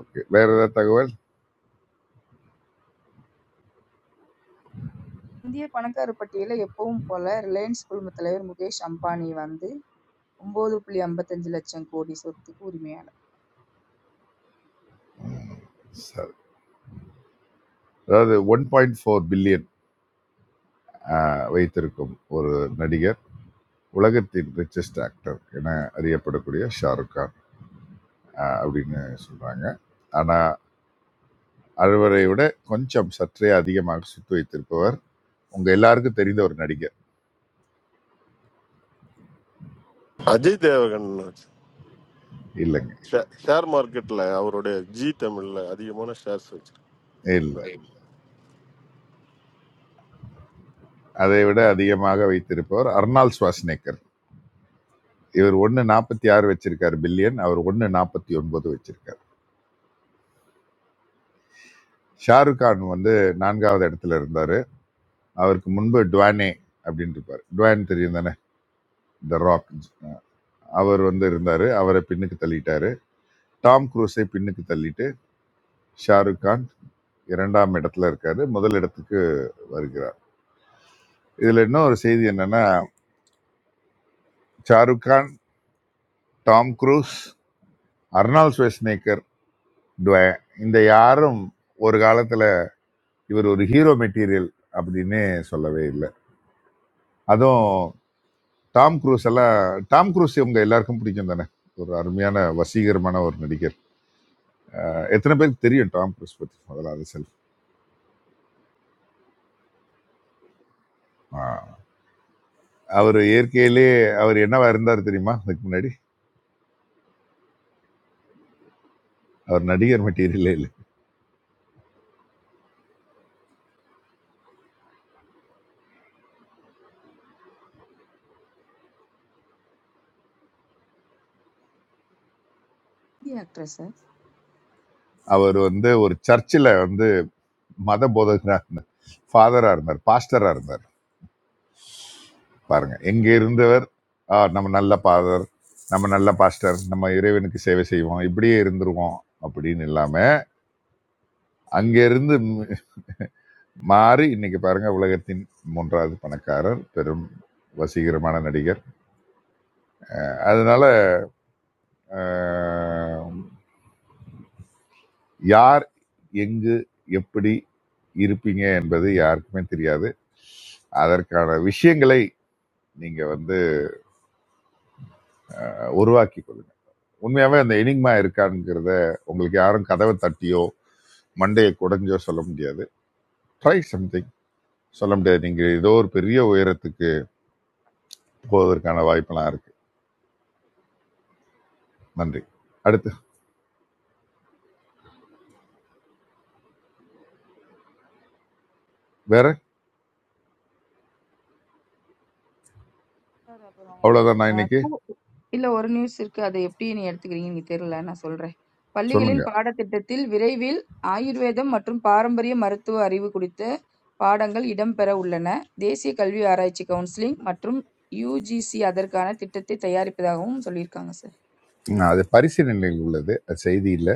S7: ஓகே வேற ஏதாவது தகவல்
S14: இந்திய பணக்காரர் பட்டியல எப்பவும் போல ரிலையன்ஸ் குழும தலைவர் முகேஷ் அம்பானி வந்து 9.55 லட்சம் கோடி சொத்துக்கு உரிமையாளர்.
S7: ம், சரி அதாவது ஒன் பாயிண்ட் ஃபோர் பில்லியன் வைத்திருக்கும் ஒரு நடிகர் உலகத்தின் ரிச்சஸ்ட் ஆக்டர் என அறியப்படக்கூடிய ஷாருக் கான் ஆ, அப்படின்னு சொல்றாங்க ஆனா அறுவரை விட கொஞ்சம் சற்றே அதிகமாக சொத்து வைத்திருப்பவர் உங்க எல்லாருக்கும் தெரிந்த ஒரு நடிகர்
S12: அஜய் தேவகன்
S7: இல்லைங்க
S12: ஷே- ஷேர் மார்க்கெட்ல அவருடைய ஜி தமிழ்ல அதிகமான ஷேர்ஸ் வச்சு
S7: இல்ல அதை விட அதிகமாக வைத்திருப்பவர் அர்னால் சுவாஸ்நேக்கர் இவர் ஒன்று நாற்பத்தி ஆறு வச்சிருக்காரு பில்லியன் அவர் ஒன்று நாற்பத்தி ஒன்பது வச்சிருக்காரு ஷாருக் கான் வந்து நான்காவது இடத்துல இருந்தார் அவருக்கு முன்பு டுவானே அப்படின்னு இருப்பார் டுவான் தெரியும் தானே த ராக் அவர் வந்து இருந்தார் அவரை பின்னுக்கு தள்ளிட்டாரு டாம் குரூஸை பின்னுக்கு தள்ளிட்டு ஷாருக் கான் இரண்டாம் இடத்துல இருக்காரு முதல் இடத்துக்கு வருகிறார் இதில் இன்னும் ஒரு செய்தி என்னன்னா Shahrukh Khan Tom Cruise Arnold Schwarzenegger டுவே இந்த யாரும் ஒரு காலத்தில் இவர் ஒரு ஹீரோ மெட்டீரியல் அப்படின்னு சொல்லவே இல்லை அதுவும் டாம் குரூஸ் எல்லாம் டாம் குரூஸ் இவங்க எல்லாருக்கும் பிடிக்கும் தானே ஒரு அருமையான வசீகரமான ஒரு நடிகர் அஹ் எத்தனை பேருக்கு தெரியும் டாம் குரூஸ் பற்றி முதல்ல அது செல்ஃப் அவர் இயற்கையிலே அவர் என்னவா இருந்தார் தெரியுமா அதுக்கு முன்னாடி அவர் நடிகர் மெட்டீரியலே இல்லை
S14: இந்திய ஆக்ட்ரஸ் சார்.
S7: அவர் வந்து ஒரு சர்ச்சில் வந்து மத போதகராக இருந்தார் ஃபாதராக இருந்தார் பாஸ்டராக இருந்தார் பாருங்க எங்கே இருந்தவர் "ஆ, நம்ம நல்ல ஃபாதர் நம்ம நல்ல பாஸ்டர் நம்ம இறைவனுக்கு சேவை செய்வோம் இப்படியே இருந்துருவோம் அப்படின்னு இல்லாம அங்க இருந்து மாறி இன்னைக்கு பாருங்க உலகத்தின் மூன்றாவது பணக்காரர் பெரும் வசீகரமான நடிகர் அதனால ஆஹ், யார் எங்கு எப்படி இருப்பீங்க என்பது யாருக்குமே தெரியாது அதற்கான விஷயங்களை நீங்க வந்து உருவாக்கி கொள்ளுங்க உண்மையாவே அந்த எனிக்மா இருக்காங்கிறத உங்களுக்கு யாரும் கதவை தட்டியோ மண்டையை குடைஞ்சோ சொல்ல முடியாது ட்ரை சம்திங் சொல்ல முடியாது நீங்க ஏதோ ஒரு பெரிய உயரத்துக்கு போவதற்கான வாய்ப்பெல்லாம் இருக்கு நன்றி அடுத்து வேற
S14: சார்
S7: அவ்வளவுதான் நான் இன்னைக்கு
S14: அப்புறம் இல்ல ஒரு நியூஸ் இருக்கு. அதை எப்படி நீ எடுத்துக்கிறீங்கன்னு தெரியல. நான் சொல்றேன். பள்ளிகளின்
S7: சொல்லுங்க
S14: பாடத்திட்டத்தில் விரைவில் ஆயுர்வேதம் மற்றும் பாரம்பரிய மருத்துவ அறிவு குறித்த பாடங்கள் இடம்பெற உள்ளன. தேசிய கல்வி ஆராய்ச்சி கவுன்சிலிங் மற்றும் யுஜிசி அதற்கான திட்டத்தை தயாரிப்பதாகவும் சொல்லியிருக்காங்க
S7: நான் அது பரிசீலனையில் உள்ளது அது செய்தியில்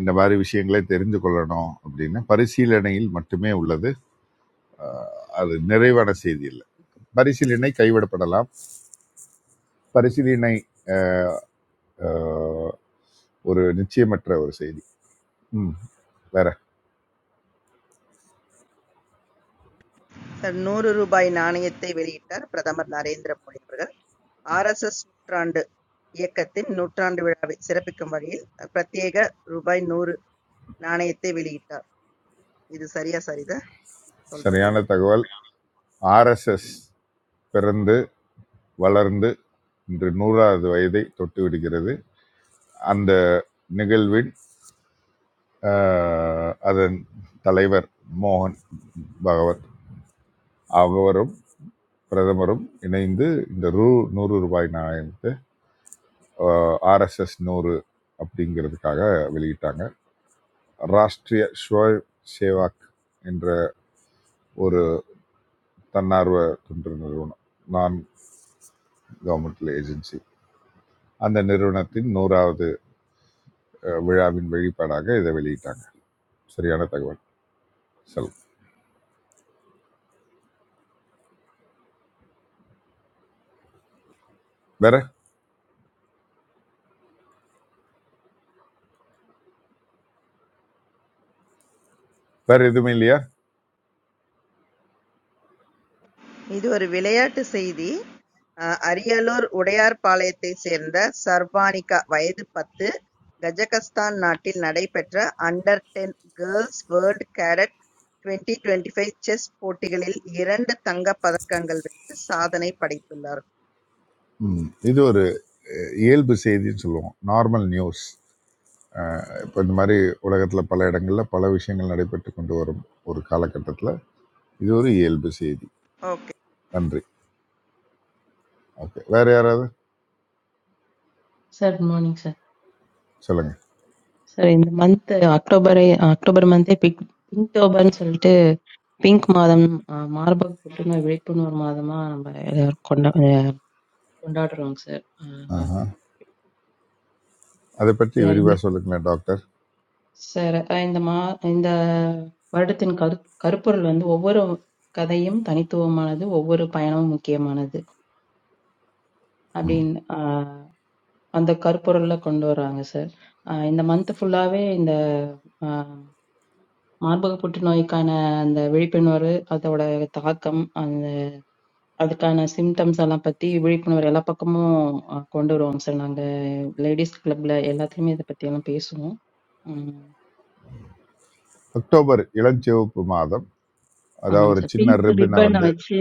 S7: இந்த மாதிரி விஷயங்களை தெரிந்து கொள்ளணும் அப்படின்னு பரிசீலனையில் மட்டுமே உள்ளது அஹ், அது நிறைவான செய்தி இல்லை
S14: சார்.
S7: பரிசீலனை கைவிடப்படலாம் பரிசீலனை அஹ், ஒரு நிச்சயமற்ற ஒரு செய்தி ம் வேற
S3: தன் நூறு ரூபாய் நாணயத்தை வெளியிட்டார் பிரதமர் நரேந்திர மோடி அவர்கள். ஆர்.எஸ்.எஸ் நூற்றாண்டு இயக்கத்தின் நூற்றாண்டு விழாவை சிறப்பிக்கும் வகையில் பிரத்யேக ரூபாய் நூறு நாணயத்தை வெளியிட்டார். இது சரியா சரிதா சொல்றது
S7: சரியான
S3: இது.
S7: தகவல் ஆர்எஸ்எஸ் பிறந்து வளர்ந்து இன்று நூறாவது வயதை தொட்டு விடுகிறது அந்த நிகழ்வின் அஹ், அதன் தலைவர் மோகன் பகவத் அவரும் பிரதமரும் இணைந்து இந்த ரூ நூறு ரூபாய் நாணயத்தை ஆர்எஸ்எஸ் நூறு அப்படிங்கிறதுக்காக வெளியிட்டாங்க ராஷ்ட்ரிய ஸ்வயம் சேவாக் என்ற ஒரு தன்னார்வ தொண்டு நிறுவனம் நான் கவர்மெண்டல் ஏஜென்சி அந்த நிறுவனத்தின் நூறாவது அஹ், விழாவின் வெளிப்பாடாக இதை வெளியிட்டாங்க சரியான தகவல் செல்வம் வேற வேற எதுவுமே இல்லையா
S3: இது ஒரு விளையாட்டு செய்தி. அஹ், அரியலூர் உடையார்பாளையத்தை சேர்ந்த சர்வானிகா வயது பத்து கஜகஸ்தான் நாட்டில் நடைபெற்ற under ten girls world cadet 2025 chess போட்டிகளில் இரண்டு தங்கப் பதக்கங்கள் வென்று சாதனை படைத்துள்ளார்.
S7: ம், இது ஒரு அஹ், இயல்பு செய்தின்னு சொல்லுவோம் நார்மல் நியூஸ் இப்போ இந்த மாதிரி உலகத்தில் பல இடங்களில் பல விஷயங்கள் நடைபெற்று கொண்டு வரும் ஒரு காலகட்டத்தில் இது ஒரு இயல்பு செய்தி
S3: Okay.
S7: நன்றி ஓகே வேற யாராவது
S15: சார் குட் மார்னிங் சார்
S7: சொல்லுங்க
S15: சார் இந்த மந்த் அக்டோபரே அக்டோபர் மந்தே பிங்க் பிங்க்டோபர்னு சொல்லிட்டு பிங்க் மாதம் அஹ், மார்பக புற்றுநோய் விழிப்புணர்வு மாதமா நம்ம எல்லாரும் கொண்டா அஹ், கொண்டாடுறோங்க சார் அஹ், அஹ்,
S7: ஆஹா. அதை பற்றி
S15: இந்த
S7: விரிவாக சொல்லுங்களேன் டாக்டர்
S15: சார் அஹ், இந்த மா இந்த வருடத்தின் கரு கருப்பொருள் வந்து ஒவ்வொரு கதையும் தனித்துவமானது ஒவ்வொரு பயணமும் முக்கியமானது
S7: ம்
S15: அப்படின்னு அஹ், அந்த கருப்பொருள்ல கொண்டு வர்றாங்க சார் அஹ், இந்த மந்த் ஃபுல்லாவே இந்த மார்பக புற்றுநோய்க்கான அந்த விழிப்புணர்வு, அதோட தாக்கம், அந்த அதுக்கான சிம்டம்ஸ் எல்லாம் பத்தி விழிப்புணர்வு எல்லா பக்கமும் அஹ், கொண்டு வருவோம் சார். நாங்க லேடிஸ் கிளப்ல எல்லாத்துலயுமே இதை பத்தி எல்லாம் பேசுவோம். ம்,
S7: அக்டோபர் இளஞ்சிவப்பு மாதம் அதாவது
S15: ஆமாங்க
S7: ஒரு
S15: சார்.
S7: சின்ன
S15: பிங்க்
S7: ரிப்பினை
S15: ரிப்பனை
S7: வந்து
S15: வச்சு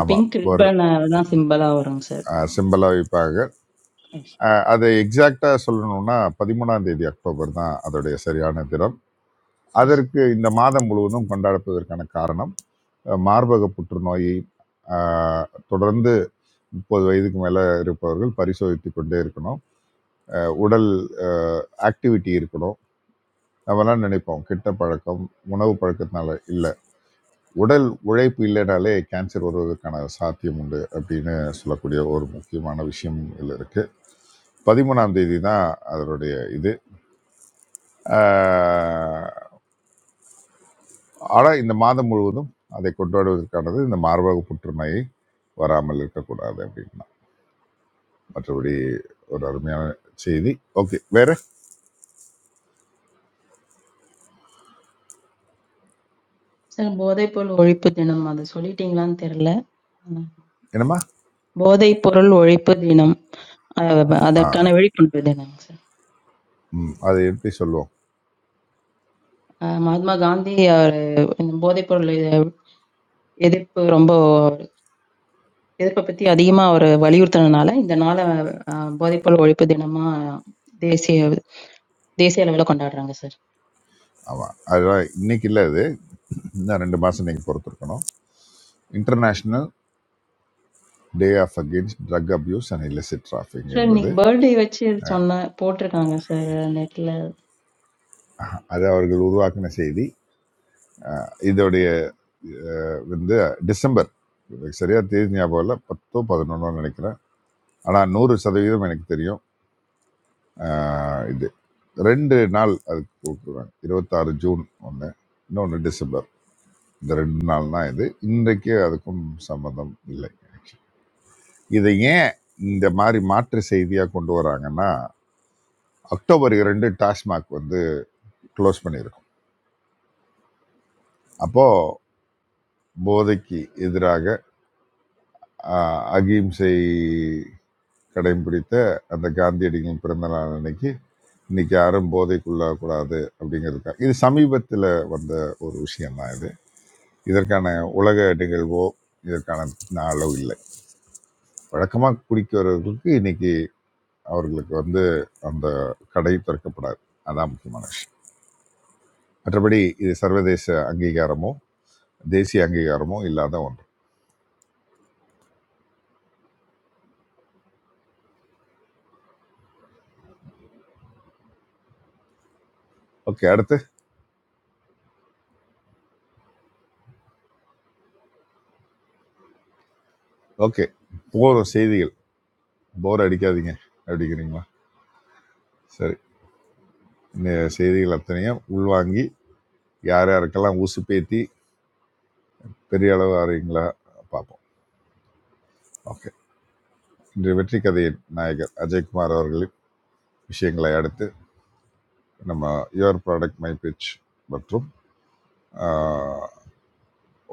S7: ஆமாம்
S15: பிங்க்
S7: ஒரு
S15: ரிப்பன் தான் சிம்பிளா வரும் சார்.
S7: சிம்பிளா வைப்பாங்க
S15: எஸ்
S7: அஹ், அதை எக்ஸாக்டா சொல்லணும்னா பதிமூணாம் தேதி அக்டோபர் தான் அதோடைய சரியான தினம்
S15: எஸ்
S7: அதற்கு இந்த மாதம் முழுவதும் கொண்டாடப்பதற்கான காரணம் அஹ், மார்பக புற்றுநோயை அஹ், தொடர்ந்து முப்பது வயதுக்கு மேலே இருப்பவர்கள் பரிசோதித்து கொண்டே இருக்கணும் உடல் ஆக்டிவிட்டி இருக்கணும் நம்மலாம் நினைப்போம் கெட்ட பழக்கம் உணவு பழக்கத்தினால இல்லை உடல் உழைப்பு இல்லைனாலே கேன்சர் வருவதற்கான சாத்தியம் உண்டு அப்படின்னு சொல்லக்கூடிய ஒரு முக்கியமான விஷயம் இதில் இருக்கு பதிமூணாம் தேதி தான் அதனுடைய இது ஆனால் இந்த மாதம் முழுவதும் அதை கொண்டாடுவதற்கானது இந்த மார்பக புற்றுநோயை வராமல் இருக்கக்கூடாது அப்படின்னா மற்றபடி ஒரு அருமையான செய்தி ஓகே வேற
S15: சார் போதைப்பொருள் ஒழிப்பு தினம் அது சொல்லிட்டீங்களான்னு தெரியல. உம்,
S7: என்னம்மா
S15: போதைப்பொருள் ஒழிப்பு தினம் அஹ்,
S7: ஆ
S15: அதற்கான விழிப்புணர்வு தினம் சார்.
S7: ம் அது எப்படி சொல்லுவோம்
S15: அஹ், மகாத்மா காந்தி அவர் இந்த போதைப்பொருள் எதிர்ப்பு ரொம்ப எதிர்ப்பை பத்தி அதிகமா அவர் வலியுறுத்தினனால இந்த நாளை அஹ், போதைப்பொருள் ஒழிப்பு தினமா தேசிய தேசிய அளவுல கொண்டாடுறாங்க சார்
S7: ஆமாம் அதெல்லாம் இன்னைக்கு இல்லை அது இன்னும் ரெண்டு மாதம் நீங்கள் பொறுத்திருக்கணும் international day of against drug abuse and illicit trafficking
S15: sir
S7: என்பது
S15: இன்னைக்கு பர்த்டே வச்சு சொன்ன போட்டிருக்காங்க சார் நெட்ல
S7: அது அவர்கள் உருவாக்கின செய்தி இதோடைய அஹ், வந்து டிசம்பர் எனக்கு சரியா தேதி ஞாபகம் இல்லை பத்தோ பதினொன்னோ நினைக்கிறேன் ஆனால் நூறு சதவீதம் எனக்கு தெரியும் அஹ், இது ரெண்டு நாள் அதுக்கு கொடுக்குறாங்க இருபத்தாறு ஜூன் ஒன்று இன்னொன்று டிசம்பர் இந்த ரெண்டு நாள் தான் இது இன்றைக்கு அதுக்கும் சம்மந்தம் இல்லை இதை ஏன் இந்த மாதிரி மாற்று செய்தியாக கொண்டு வராங்கன்னா அக்டோபர் இரண்டு டாஸ்மாக் வந்து க்ளோஸ் பண்ணியிருக்கோம் அப்போ போதைக்கு எதிராக ஆஹ், அகிம்சை கடைபிடித்த அந்த காந்தியடிகளின் பிறந்த நாள் அன்னைக்கு இன்னைக்கு யாரும் போதைக்குள்ளாகக்கூடாது அப்படிங்கிறதுக்காக இது சமீபத்தில் வந்த ஒரு விஷயம்தான் இது இதற்கான உலக நிகழ்வோ இதற்கான அளவு இல்லை வழக்கமாக குடிக்கிறவர்களுக்கு இன்னைக்கு அவர்களுக்கு வந்து அந்த கடை திறக்கப்படாது அதான் முக்கியமான விஷயம் மற்றபடி இது சர்வதேச அங்கீகாரமோ தேசிய அங்கீகாரமோ இல்லாத ஒன்று ஓகே அடுத்து ஓகே போகிற செய்திகள் போர் அடிக்காதீங்க அப்படிங்கிறீங்களா சரி இந்த செய்திகள் அத்தனையும் உள்வாங்கி யார் யாருக்கெல்லாம் ஊசி பேத்தி பெரிய அளவு ஆறீங்களா பார்ப்போம் ஓகே இன்று வெற்றி கதையின் நாயகர் அஜய்குமார் அவர்களின் விஷயங்களை அடுத்து நம்ம யுவர் ப்ராடக்ட் மை பிச் மற்றும் ஆஹ்,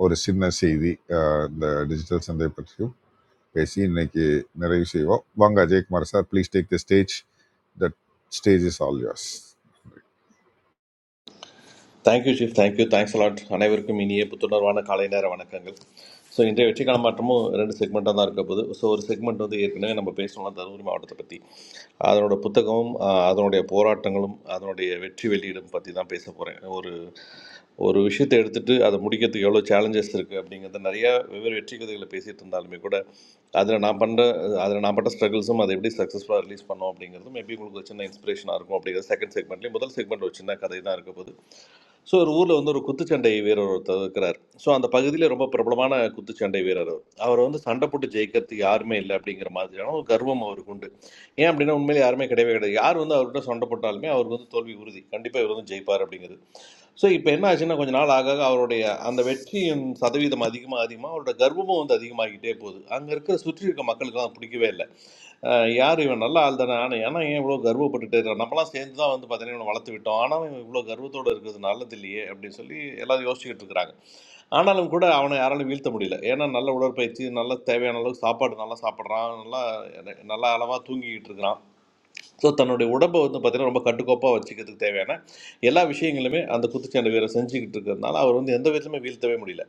S7: ஒரு சின்ன செய்தி ஆஹ், இந்த டிஜிட்டல் சந்தை பற்றியும் பேசி இன்னைக்கு நிறைவு செய்வோம் வாங்க Ajayakumar sir please take the stage that stage is all yours
S8: thank you chief thank you thanks a lot அனைவருக்கும் இனிய புத்துணர்வான காலை நேர வணக்கங்கள் ஸோ இன்றைய வெற்றிக்கான மாற்றமும் ரெண்டு செக்மெண்ட்டாக தான் இருக்க போகுது ஸோ ஒரு செக்மெண்ட் வந்து ஏற்கனவே நம்ம பேசணும்னா தருமபுரி மாவட்டத்தை பற்றி அதனோட புத்தகமும் ஆஹ், அதனுடைய போராட்டங்களும் அதனுடைய வெற்றி வெளியீடும் பற்றி தான் பேச போகிறேன் ஒரு ஒரு விஷயத்தை எடுத்துகிட்டு அதை முடிக்கிறதுக்கு எவ்வளோ சேலஞ்சஸ் இருக்குது அப்படிங்கிறத நிறையா வெவ்வேறு வெற்றி கதைகளை பேசிகிட்டு இருந்தாலுமே கூட அதில் நான் பண்ணுற அதில் நான் பட்ட ஸ்ட்ரகிள்ஸும் அதை எப்படி சக்ஸஸ்ஃபுல்லாக ரிலீஸ் பண்ணோம் அப்படிங்கிறதும் மேபி உங்களுக்கு ஒரு சின்ன இன்ஸ்பிரேஷனாக இருக்கும் அப்படிங்கிறது செகண்ட் செக்மெண்ட்லேயும் முதல் செக்மெண்ட் ஒரு சின்ன கதை தான் இருக்க போகுது ஸோ ஒரு ஊரில் வந்து ஒரு குத்துச்சண்டை வீரர் ஒருத்தர் இருக்கிறார் ஸோ அந்த பகுதியில் ரொம்ப பிரபலமான குத்துச்சண்டை வீரர் அவர் அவர் வந்து சண்டை போட்டு ஜெயிக்கிறதுக்கு யாருமே இல்லை அப்படிங்கிற மாதிரியான ஒரு கர்வம் அவருக்கு உண்டு ஏன் அப்படின்னா உண்மையிலே யாருமே கிடையவே கிடையாது யார் வந்து அவர்கிட்ட சண்டை போட்டாலுமே அவருக்கு வந்து தோல்வி உறுதி கண்டிப்பாக இவர் வந்து ஜெயிப்பார் அப்படிங்கிறது ஸோ இப்போ என்ன ஆச்சுன்னா கொஞ்ச நாள் ஆக ஆக அவருடைய அந்த வெற்றியின் சதவீதம் அதிகமாக அதிகமாக அவரோட கர்வமும் வந்து அதிகமாகிட்டே போகுது அங்கே இருக்கிற சுற்றி இருக்க மக்களுக்கு அது பிடிக்கவே இல்லை யார் இவன் நல்ல ஆள் தானே ஆனால் ஏன்னா ஏன் இவ்வளோ கர்வப்பட்டுட்டே இருக்கான் நம்மலாம் சேர்ந்து தான் வந்து பார்த்தீங்கன்னா இவனை வளர்த்து விட்டோம் ஆனால் இவன் இவ்வளோ கர்வத்தோடு இருக்கிறது நல்லது இல்லையே அப்படின்னு சொல்லி எல்லாரும் யோசிச்சுக்கிட்டு இருக்கிறாங்க ஆனாலும் கூட அவனை யாராலும் வீழ்த்த முடியல ஏன்னா நல்ல உடற்பயிற்சி நல்ல தேவையான அளவுக்கு சாப்பாடு நல்லா சாப்பிட்றான் நல்லா நல்லா அளவாக தூங்கிக்கிட்டு இருக்கிறான் ஸோ தன்னுடைய உடம்பை வந்து பார்த்தீங்கன்னா ரொம்ப கட்டுக்கோப்பாக வச்சுக்கிறதுக்கு தேவையான எல்லா விஷயங்களுமே அந்த குத்துச்சண்டை வீரர் செஞ்சுக்கிட்டு இருக்கிறதுனால அவர் வந்து எந்த விதத்துலையுமே வீழ்த்தவே முடியல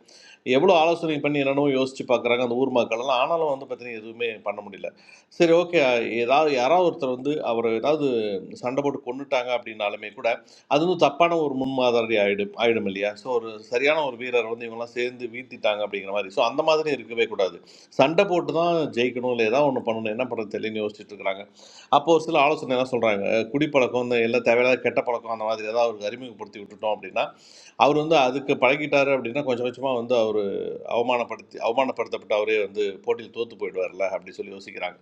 S8: எவ்வளோ ஆலோசனை பண்ணி என்னென்னோ யோசிச்சு பார்க்குறாங்க அந்த ஊர் மக்கள் எல்லாம் ஆனாலும் வந்து பார்த்தீங்கன்னா எதுவுமே பண்ண முடியல சரி ஓகே ஏதாவது யாராவது ஒருத்தர் வந்து அவர் ஏதாவது சண்டை போட்டு கொண்டுட்டாங்க அப்படின்னாலுமே கூட அது வந்து தப்பான ஒரு முன்மாதிரி ஆயிடும் ஆயிடும் இல்லையா ஸோ ஒரு சரியான ஒரு வீரர் வந்து இவங்கெல்லாம் சேர்ந்து வீழ்த்திட்டாங்க அப்படிங்கிற மாதிரி ஸோ அந்த மாதிரி இருக்கவே கூடாது சண்டை போட்டு தான் ஜெயிக்கணும் இல்லை ஏதாவது ஒன்று பண்ணணும் என்ன பண்ணுறது தெரியலன்னு யோசிச்சுட்டு இருக்கிறாங்க அப்போ ஒரு சில ஆலோசனை என்ன சொல்கிறாங்க குடிப்பழக்கம் இந்த எல்லாம் தேவையில்லாத கெட்ட பழக்கம் அந்த மாதிரி ஏதாவது அவருக்கு அறிமுகப்படுத்தி விட்டுட்டோம் அப்படின்னா அவர் வந்து அதுக்கு பழகிட்டாரு அப்படின்னா கொஞ்சம் கொஞ்சமாக வந்து அவர் அவமானப்படுத்தி அவமானப்படுத்தப்பட்டு அவரே வந்து போட்டியில் தோற்று போயிடுவார்ல அப்படி சொல்லி யோசிக்கிறாங்க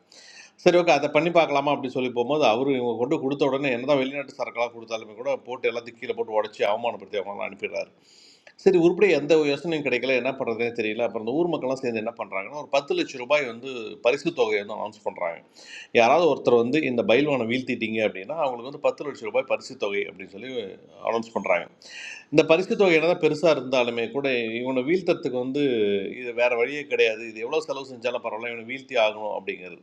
S8: சரி ஓகே அதை பண்ணி பார்க்கலாமா அப்படி சொல்லி போகும்போது அவரு இவங்க கொண்டு கொடுத்த உடனே என்னதான் வெளிநாட்டு சரக்கெல்லாம் கொடுத்தாலுமே கூட போட்டு எல்லாத்தையும் கீழே போட்டு உடச்சி அவமானப்படுத்தி அவங்களாம் அனுப்பிடுறாரு சரி உருப்படியாக எந்த யோசனையும் கிடைக்கல என்ன பண்ணுறதுனே தெரியல அப்புறம் இந்த ஊர் மக்கள்லாம் சேர்ந்து என்ன பண்ணுறாங்கன்னா ஒரு பத்து லட்சம் ரூபாய் வந்து பரிசு தொகையை வந்து அனௌன்ஸ் பண்ணுறாங்க யாராவது ஒருத்தர் வந்து இந்த பயில்வானை வீழ்த்திட்டீங்க அப்படின்னா அவங்களுக்கு வந்து பத்து லட்சம் ரூபாய் பரிசு தொகை அப்படின்னு சொல்லி அனௌன்ஸ் பண்ணுறாங்க இந்த பரிசு தொகை என்னதான் பெருசாக இருந்தாலுமே கூட இவனை வீழ்த்தறதுக்கு வந்து இது வேற வழியே கிடையாது இது எவ்வளோ செலவு செஞ்சாலும் பரவாயில்ல இவனை வீழ்த்தி ஆகணும் அப்படிங்கிறது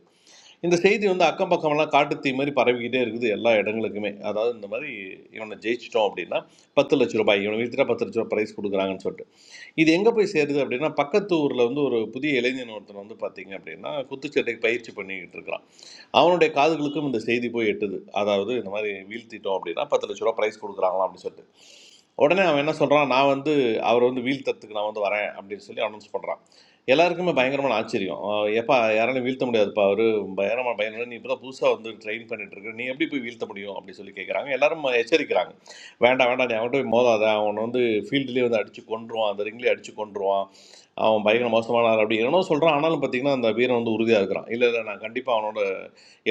S8: இந்த செய்தி வந்து அக்கம் பக்கமெல்லாம் காட்டுத்தீ மாதிரி பரவிக்கிட்டே இருக்குது எல்லா இடங்களுக்குமே அதாவது இந்த மாதிரி இவனை ஜெயிச்சிட்டோம் அப்படின்னா பத்து லட்ச ரூபாய் இவனை வீழ்த்திட்டா பத்து லட்ச ரூபாய் ப்ரைஸ் கொடுக்குறாங்கன்னு சொல்லிட்டு இது எங்கே போய் சேருது அப்படின்னா பக்கத்து ஊரில் வந்து ஒரு புதிய இளைஞன் ஒருத்தன் வந்து பார்த்தீங்க அப்படின்னா குத்துச்சண்டைக்கு பயிற்சி பண்ணிக்கிட்டு இருக்கிறான் அவனுடைய காதுகளுக்கும் இந்த செய்தி போய் எட்டுது அதாவது இந்த மாதிரி வீழ்த்திட்டோம் அப்படின்னா பத்து லட்ச ரூபா ப்ரைஸ் கொடுக்குறாங்களாம் அப்படின்னு சொல்லிட்டு உடனே அவன் என்ன சொல்கிறான் நான் வந்து அவரை வந்து வீழ்த்தத்துக்கு நான் வந்து வரேன் அப்படின்னு சொல்லி அனௌன்ஸ் பண்ணுறான் எல்லாருக்குமே பயங்கரமான ஆச்சரியம் எப்போ யாராலையும் வீழ்த்த முடியாதுப்பா அவர் பயணமா பயணம் நீ இப்போ தான் புதுசாக வந்து ட்ரெயின் பண்ணிட்டு இருக்க நீ எப்படி போய் வீழ்த்த முடியும் அப்படி சொல்லி கேட்குறாங்க எல்லாரும் எச்சரிக்கிறாங்க வேண்டாம் வேண்டாம் நீ அவன் போய் மோதாத அவன் வந்து ஃபீல்டுலேயே வந்து அடிச்சு கொன்றுவான் அந்த ரிங்லேயே அடிச்சு கொன்றுவான் அவன் பயங்கர மோசமான ஆள் அப்படி என்னென்னோ சொல்கிறான் ஆனாலும் பார்த்தீங்கன்னா அந்த வீரன் வந்து உறுதியாக இருக்கிறான் இல்லை இல்லை நான் கண்டிப்பாக அவனோட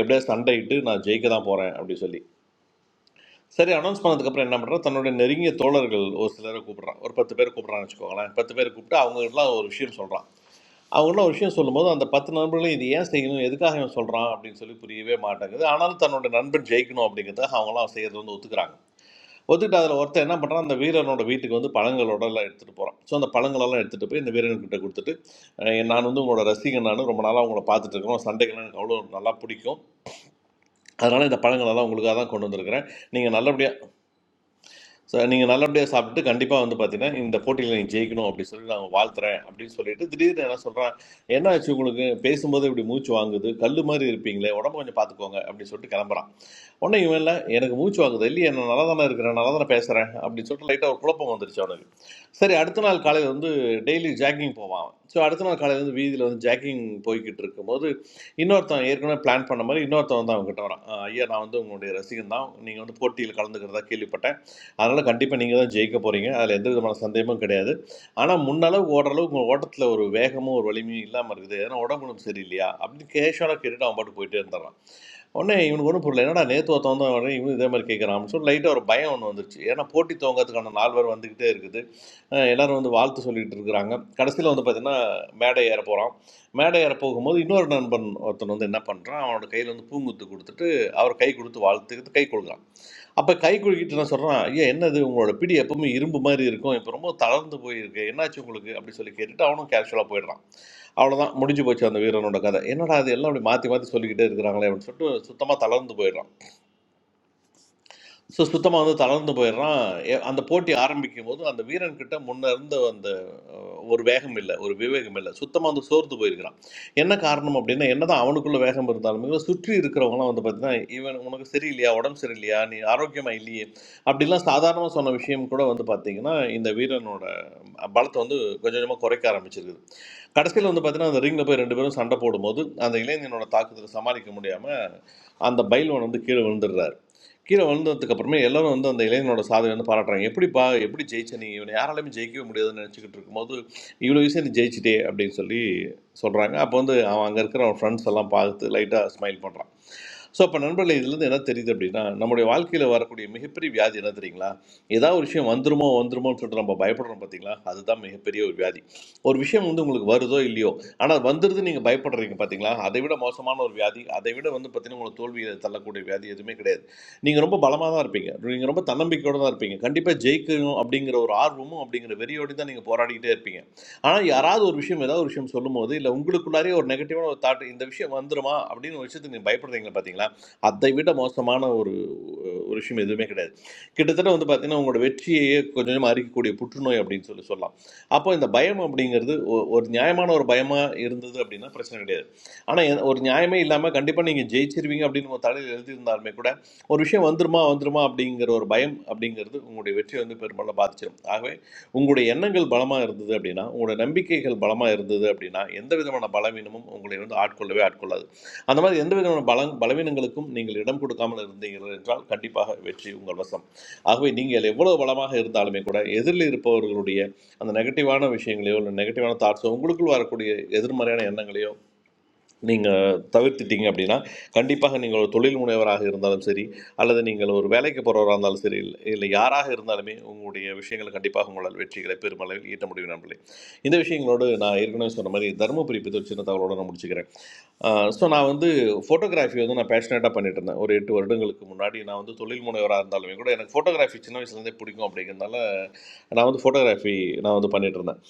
S8: எப்படியா சண்டையிட்டு நான் ஜெயிக்க தான் போகிறேன் அப்படி சொல்லி சரி அனௌன்ஸ் பண்ணதுக்கப்புறம் என்ன பண்ணுறான் தன்னுடைய நெருங்கிய தோழர்கள் ஒரு சிலரை கூப்பிட்றான் ஒரு பத்து பேர் கூப்பிட்றான்னு வச்சுக்கோங்களேன் பத்து பேர் கூப்பிட்டு அவங்க எல்லாம் ஒரு விஷயம் சொல்கிறான் அவங்களும் ஒரு விஷயம் சொல்லும்போது அந்த பத்து நண்பர்களும் இது ஏன் செய்யணும் எதுக்காக இவன் சொல்கிறான் அப்படின்னு சொல்லி புரியவே மாட்டேங்குது ஆனாலும் தன்னோட நண்பன் ஜெயிக்கணும் அப்படிங்கிறதுக்காக அவங்களாம் செய்யறது வந்து ஒத்துக்கிறாங்க ஒத்துக்கிட்டு அதில் ஒருத்தன் என்ன பண்ணுறான் அந்த வீரனோட வீட்டுக்கு வந்து பழங்களோட எல்லாம் எடுத்துகிட்டு போகிறான் ஸோ அந்த பழங்களெல்லாம் எடுத்துகிட்டு போய் இந்த வீரன்கிட்ட கொடுத்துட்டு அஹ் நான் வந்து உங்களோட ரசிகன் நான் ரொம்ப நாளாக உங்களை பார்த்துட்டு இருக்கிறோம் சண்டைகள்லாம் எனக்கு அவ்வளோ நல்லா பிடிக்கும் அதனால் இந்த பழங்களெல்லாம் உங்களுக்காக தான் கொண்டு வந்திருக்கிறேன் நீங்கள் நல்லபடியாக ஸோ நீங்கள் நல்லபடியாக சாப்பிட்டு கண்டிப்பாக வந்து பார்த்தீங்கன்னா இந்த போட்டியில் நீ ஜெயிக்கணும் அப்படின்னு சொல்லி நாங்கள் வாழ்த்துறேன் அப்படின்னு சொல்லிட்டு திடீர்னு என்ன சொல்கிறேன் என்ன ஆச்சு உங்களுக்கு பேசும்போது இப்படி மூச்சு வாங்குது கல் மாதிரி இருப்பீங்களே உடம்பு கொஞ்சம் பார்த்துக்கோங்க அப்படின்னு சொல்லிட்டு கிளம்புறான் உடனே இவன் இல்லை எனக்கு மூச்சு வாங்குது இல்லையே நான் நல்லா தானே இருக்கிறேன் நல்லா தானே பேசுகிறேன் அப்படின்னு சொல்லிட்டு லைட்டாக ஒரு குழப்பம் வந்துருச்சு அவனுக்கு சரி அடுத்த நாள் காலையில் வந்து டெய்லி ஜாக்கிங் போவான் ஸோ அடுத்த நாள் காலையில் வந்து வீதியில் வந்து ஜாக்கிங் போய்கிட்டு இருக்கும்போது இன்னொருத்தன் ஏற்கனவே பிளான் பண்ண மாதிரி இன்னொருத்தன் வந்து அவங்ககிட்ட வரான் "அஹ் ஐயா நான் வந்து உங்களுடைய ரசிகன் தான் நீங்கள் வந்து போட்டியில் கலந்துக்கிறதா கேள்விப்பட்டேன் அதனால் கண்டிப்பாக நீங்கள் தான் ஜெயிக்க போகிறீங்க அதில் எந்த விதமான சந்தேகமும் கிடையாது ஆனால் முன்னளவுக்கு ஓடுற அளவுக்கு உங்கள் ஓட்டத்தில் ஒரு வேகமும் ஒரு வலிமையும் இல்லாமல் இருக்குது ஏன்னா உடம்பு ஒண்ணும் சரியில்லையா அப்படின்னு கேஷுவலாக கேட்டுட்டு அவன் பாட்டு போயிட்டே இருந்தான் உடனே இவனுக்கு ஒன்றும் புரியல என்னடா நேற்று ஒருத்தவன் தான் வரேன் இவனும் இதே மாதிரி கேட்குறான் சொல்லி லைட்டாக ஒரு பயம் ஒன்று வந்துருச்சு ஏன்னா போட்டி துவங்கறதுக்கான நால்வர் வந்துக்கிட்டே இருக்குது அஹ் எல்லாரும் வந்து வாழ்த்து சொல்லிட்டு இருக்கிறாங்க கடைசியில் வந்து பார்த்தீங்கன்னா மேடை ஏற போகிறான் மேடை ஏற போகும்போது இன்னொரு நண்பன் ஒருத்தன் வந்து என்ன பண்ணுறான் அவனோட கையில் வந்து பூங்குத்து கொடுத்துட்டு அவர் கை கொடுத்து வாழ்த்துக்கு கை கொடுக்குறான் அப்போ கை குலுக்கிட்டு நான் சொல்கிறேன் ஐயா என்னது உங்களோட பிடி எப்பவுமே இரும்பு மாதிரி இருக்கும் இப்போ ரொம்ப தளர்ந்து போயிருக்கு என்னாச்சு உங்களுக்கு அப்படி சொல்லி கேட்டுட்டு அவனும் கேஷுவலாக போயிடுறான் அவ்வளோதான் முடிஞ்சு போச்சு அந்த வீரனோட கதை என்னடா அது எல்லாம் அப்படி மாற்றி மாற்றி சொல்லிக்கிட்டே இருக்கிறாங்களே அப்படின்னு சொல்லிட்டு சுத்தமாக தளர்ந்து போயிடுறான் ஸோ சுத்தமாக வந்து தளர்ந்து போயிடுறான் எ- அந்த போட்டி ஆரம்பிக்கும் போது அந்த வீரன் கிட்ட முன்ன இருந்த அந்த அஹ், ஒரு வேகம் இல்லை ஒரு விவேகம் இல்லை சுத்தமாக வந்து சோர்ந்து போயிருக்கிறான் என்ன காரணம் அப்படின்னா என்னதான் அவனுக்குள்ள வேகம் இருந்தாலுமே சுற்றி இருக்கிறவங்களாம் வந்து பார்த்தீங்கன்னா இவன் உனக்கு சரியில்லையா உடம்பு சரியில்லையா நீ ஆரோக்கியமா இல்லையே அப்படிலாம் சாதாரணமாக சொன்ன விஷயம் கூட வந்து பார்த்தீங்கன்னா இந்த வீரனோட பலத்தை வந்து கொஞ்சம் கொஞ்சமாக குறைக்க ஆரம்பிச்சிருக்குது கடைசியில் வந்து பார்த்தீங்கன்னா அந்த ரிங்கில் போய் ரெண்டு பேரும் சண்டை போடும்போது அந்த இளைஞனோட தாக்குதலை சமாளிக்க முடியாமல் அந்த பைல்வான் வந்து கீழே விழுந்துடுறாரு கீழே விழுந்ததுக்கு அப்புறமே எல்லாரும் வந்து அந்த இளைஞனோட சாதனை வந்து பாராட்டுறாங்க எப்படிப்பா எப்படி ஜெயிச்ச நீ இவனை யாராலையுமே ஜெயிக்கவே முடியாதுன்னு நினச்சிக்கிட்டு இருக்கும்போது இவ்வளோ விஷயம் நீ ஜெயிச்சிட்டே அப்படின்னு சொல்லி சொல்கிறாங்க அப்போ வந்து அவன் அங்கே இருக்கிற அவன் ஃப்ரெண்ட்ஸ் எல்லாம் பார்த்து லைட்டாக ஸ்மைல் பண்ணுறான் ஸோ அப்போ நண்பர்களே இதுலேருந்து என்ன தெரியுது அப்படின்னா நம்முடைய வாழ்க்கையில் வரக்கூடிய மிகப்பெரிய வியாதி என்ன தெரியுங்களா ஏதாவது ஒரு விஷயம் வந்துருமோ வந்துருமோன்னு சொல்லிட்டு நம்ம பயப்படுறோம் பார்த்தீங்களா அதுதான் மிகப்பெரிய ஒரு வியாதி ஒரு விஷயம் வந்து உங்களுக்கு வருதோ இல்லையோ ஆனா அது வந்துடுது நீங்க பயப்படுறீங்க பாத்தீங்களா? அதை விட மோசமான ஒரு வியாதி, அதை விட வந்து பாத்தீங்கன்னா, உங்கள தோல்விய தள்ளக்கூடிய வியாதி எதுவுமே கிடையாது. நீங்க ரொம்ப பலமா தான் இருப்பீங்க. நீங்க ரொம்ப தன்னம்பிக்கையோட தான் இருப்பீங்க. கண்டிப்பா ஜெயிக்கணும் அப்படிங்கிற ஒரு ஆர்வமும், அப்படிங்கிற வெறியோடயும் தான் நீங்க போராடிக்கிட்டே இருப்பீங்க. ஆனா யாராவது ஒரு விஷயம், ஏதாவது ஒரு விஷயம் சொல்லும்போது, இல்ல உங்களுக்குள்ளாரயே ஒரு நெகட்டிவான ஒரு தாட், இந்த விஷயம் வந்துருமா அப்படின்னு ஒரு விஷயத்துக்கு நீங்க பயப்படுறீங்க பாத்தீங்களா? அதை விட மோசமான ஒரு ஒரு விஷயம் எதுவுமே கிடையாது. கிட்டத்தட்ட வந்து பாத்தீங்கன்னா, உங்களோட வெற்றியையே கொஞ்சம் கொஞ்சமா அரிக்கக்கூடிய புற்றுநோய் அப்படின்னு சொல்லி சொல்லலாம். அப்போ இந்த பயம் அப்படிங்கிறது ஒரு நியாயமான ஒரு பயமா இருந்தது அப்படின்னா பிரச்சனை கிடையாது ஆனா எ- ஒரு நியாயமே இல்லாம கண்டிப்பா நீங்க ஜெயிச்சிருவீங்க அப்படின்னு உங்க தலையில் எழுதியிருந்தாலுமே கூட ஒரு விஷயம் வந்துருமா வந்துருமா அப்படிங்கிற ஒரு பயம் அப்படிங்கிறது உங்களுடைய வெற்றியை வந்து பெரும்பாலும் பாதிச்சிடும் ஆகவே உங்களுடைய எண்ணங்கள் பலமா இருந்தது அப்படின்னா உங்களுடைய நம்பிக்கைகள் பலமா இருந்தது அப்படின்னா எந்த விதமான பலவீனமும் உங்களை வந்து ஆட்கொள்ளவே ஆட்கொள்ளாது அந்த மாதிரி எந்த விதமான பல பலவீனங்களுக்கும் நீங்கள் இடம் கொடுக்காமல் இருந்தீர்கள் என்றால் கண்டிப்பாக வெற்றி உங்கள் வசம் ஆகவே நீங்கள் எவ்வளவு பலமாக இருந்தாலுமே கூட எதிரில் இருப்பவர்களுடைய அந்த நெகட்டிவான விஷயங்களையோ இல்லை நெகட்டிவான தாட்ஸோ உங்களுக்குள் வரக்கூடிய எதிர்மறையான எண்ணங்களையோ நீங்கள் தவிர்த்துட்டீங்க அப்படின்னா கண்டிப்பாக நீங்கள் ஒரு தொழில் முனைவராக இருந்தாலும் சரி அல்லது நீங்கள் ஒரு வேலைக்கு போகிறவராக இருந்தாலும் சரி இல்லை இல்லை யாராக இருந்தாலுமே உங்களுடைய விஷயங்களை கண்டிப்பாக உங்களால் வெற்றிகளை பெருமளவில் ஈட்ட முடியும் நம்பளே இந்த விஷயங்களோடு நான் ஏற்கனவே சொன்ன மாதிரி தருமபுரி பற்றி ஒரு சின்ன தகவலோடு நான் முடிச்சுக்கிறேன் ஸோ நான் வந்து ஃபோட்டோகிராஃபி வந்து நான் பேஷனேட்டாக பண்ணிட்டு இருந்தேன் ஒரு எட்டு வருடங்களுக்கு முன்னாடி நான் வந்து தொழில் முனைவராக இருந்தாலுமே கூட எனக்கு ஃபோட்டோகிராஃபி சின்ன வயசுலேருந்தே பிடிக்கும் அப்படிங்கிறதுனால நான் வந்து ஃபோட்டோகிராஃபி நான் வந்து பண்ணிட்டு இருந்தேன்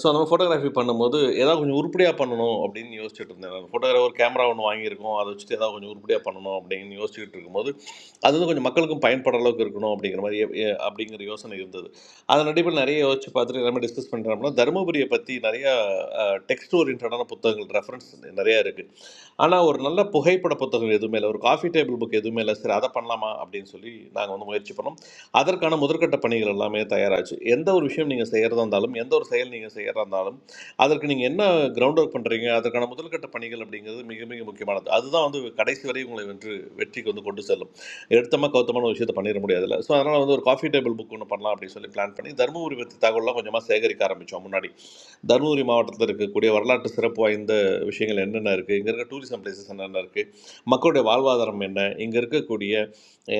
S8: ஸோ அந்த மாதிரி ஃபோட்டோகிராஃபி பண்ணும்போது ஏதாவது கொஞ்சம் உருப்படியாக பண்ணணும் அப்படின்னு யோசிச்சுட்டு இருந்தேன் நான் ஃபோட்டோகிராஃபர் கேமரா ஒன்று வாங்கியிருக்கோம் அதை வச்சுட்டு ஏதாவது கொஞ்சம் உருப்படியாக பண்ணணும் அப்படின்னு யோசிச்சுட்டு இருக்கும்போது அது வந்து கொஞ்சம் மக்களுக்கும் பயன்படுற அளவுக்கு இருக்கணும் அப்படிங்கிற மாதிரி எ- எ- அப்படிங்கிற யோசனை இருந்தது அதன் அடிப்படையில் நிறைய யோசிச்சு பார்த்துட்டு நம்ம டிஸ்கஸ் பண்ணுறோம்னா தருமபுரியை பற்றி நிறைய டெக்ஸ்ட் ஓரியன்டான புத்தகங்கள் ரெஃபரன்ஸ் நிறையா இருக்குது ஆனால் ஒரு நல்ல புகைப்பட புத்தகம் எதுவுமே இல்லை ஒரு காஃபி டேபிள் புக் எதுவுமே இல்லை சரி அதை பண்ணலாமா அப்படின்னு சொல்லி நாங்கள் வந்து முயற்சி பண்ணோம் அதற்கான முதற்கட்ட பணிகள் எல்லாமே தயாராச்சு எந்த ஒரு விஷயம் நீங்கள் செய்கிறதா இருந்தாலும் எந்த ஒரு செயல் நீங்கள் செய்கிறதா இருந்தாலும் அதற்கு நீங்கள் என்ன கிரவுண்ட் ஒர்க் பண்ணுறீங்க அதற்கான முதல்கட்ட பணிகள் அப்படிங்கிறது மிக மிக முக்கியமானது அதுதான் வந்து கடைசி வரை உங்களை வென்று வெற்றிக்கு வந்து கொண்டு செல்லும் எடுத்தமாக கௌத்தமான ஒரு விஷயத்தை பண்ணிட முடியாதுல்ல ஸோ அதனால் வந்து ஒரு காஃபி டேபிள் புக் ஒன்று பண்ணலாம் அப்படின்னு சொல்லி பிளான் பண்ணி தருமபுரி பற்றி தகவலாம் கொஞ்சமாக சேகரிக்க ஆரம்பித்தோம் முன்னாடி தருமபுரி மாவட்டத்தில் இருக்கக்கூடிய வரலாற்று சிறப்பு வாய்ந்த விஷயங்கள் என்னென்ன இருக்குது இங்கே இருக்க டூரிசம் பிளேசஸ் என்னென்ன இருக்குது மக்களுடைய வாழ்வாதாரம் என்ன இங்கே இருக்கக்கூடிய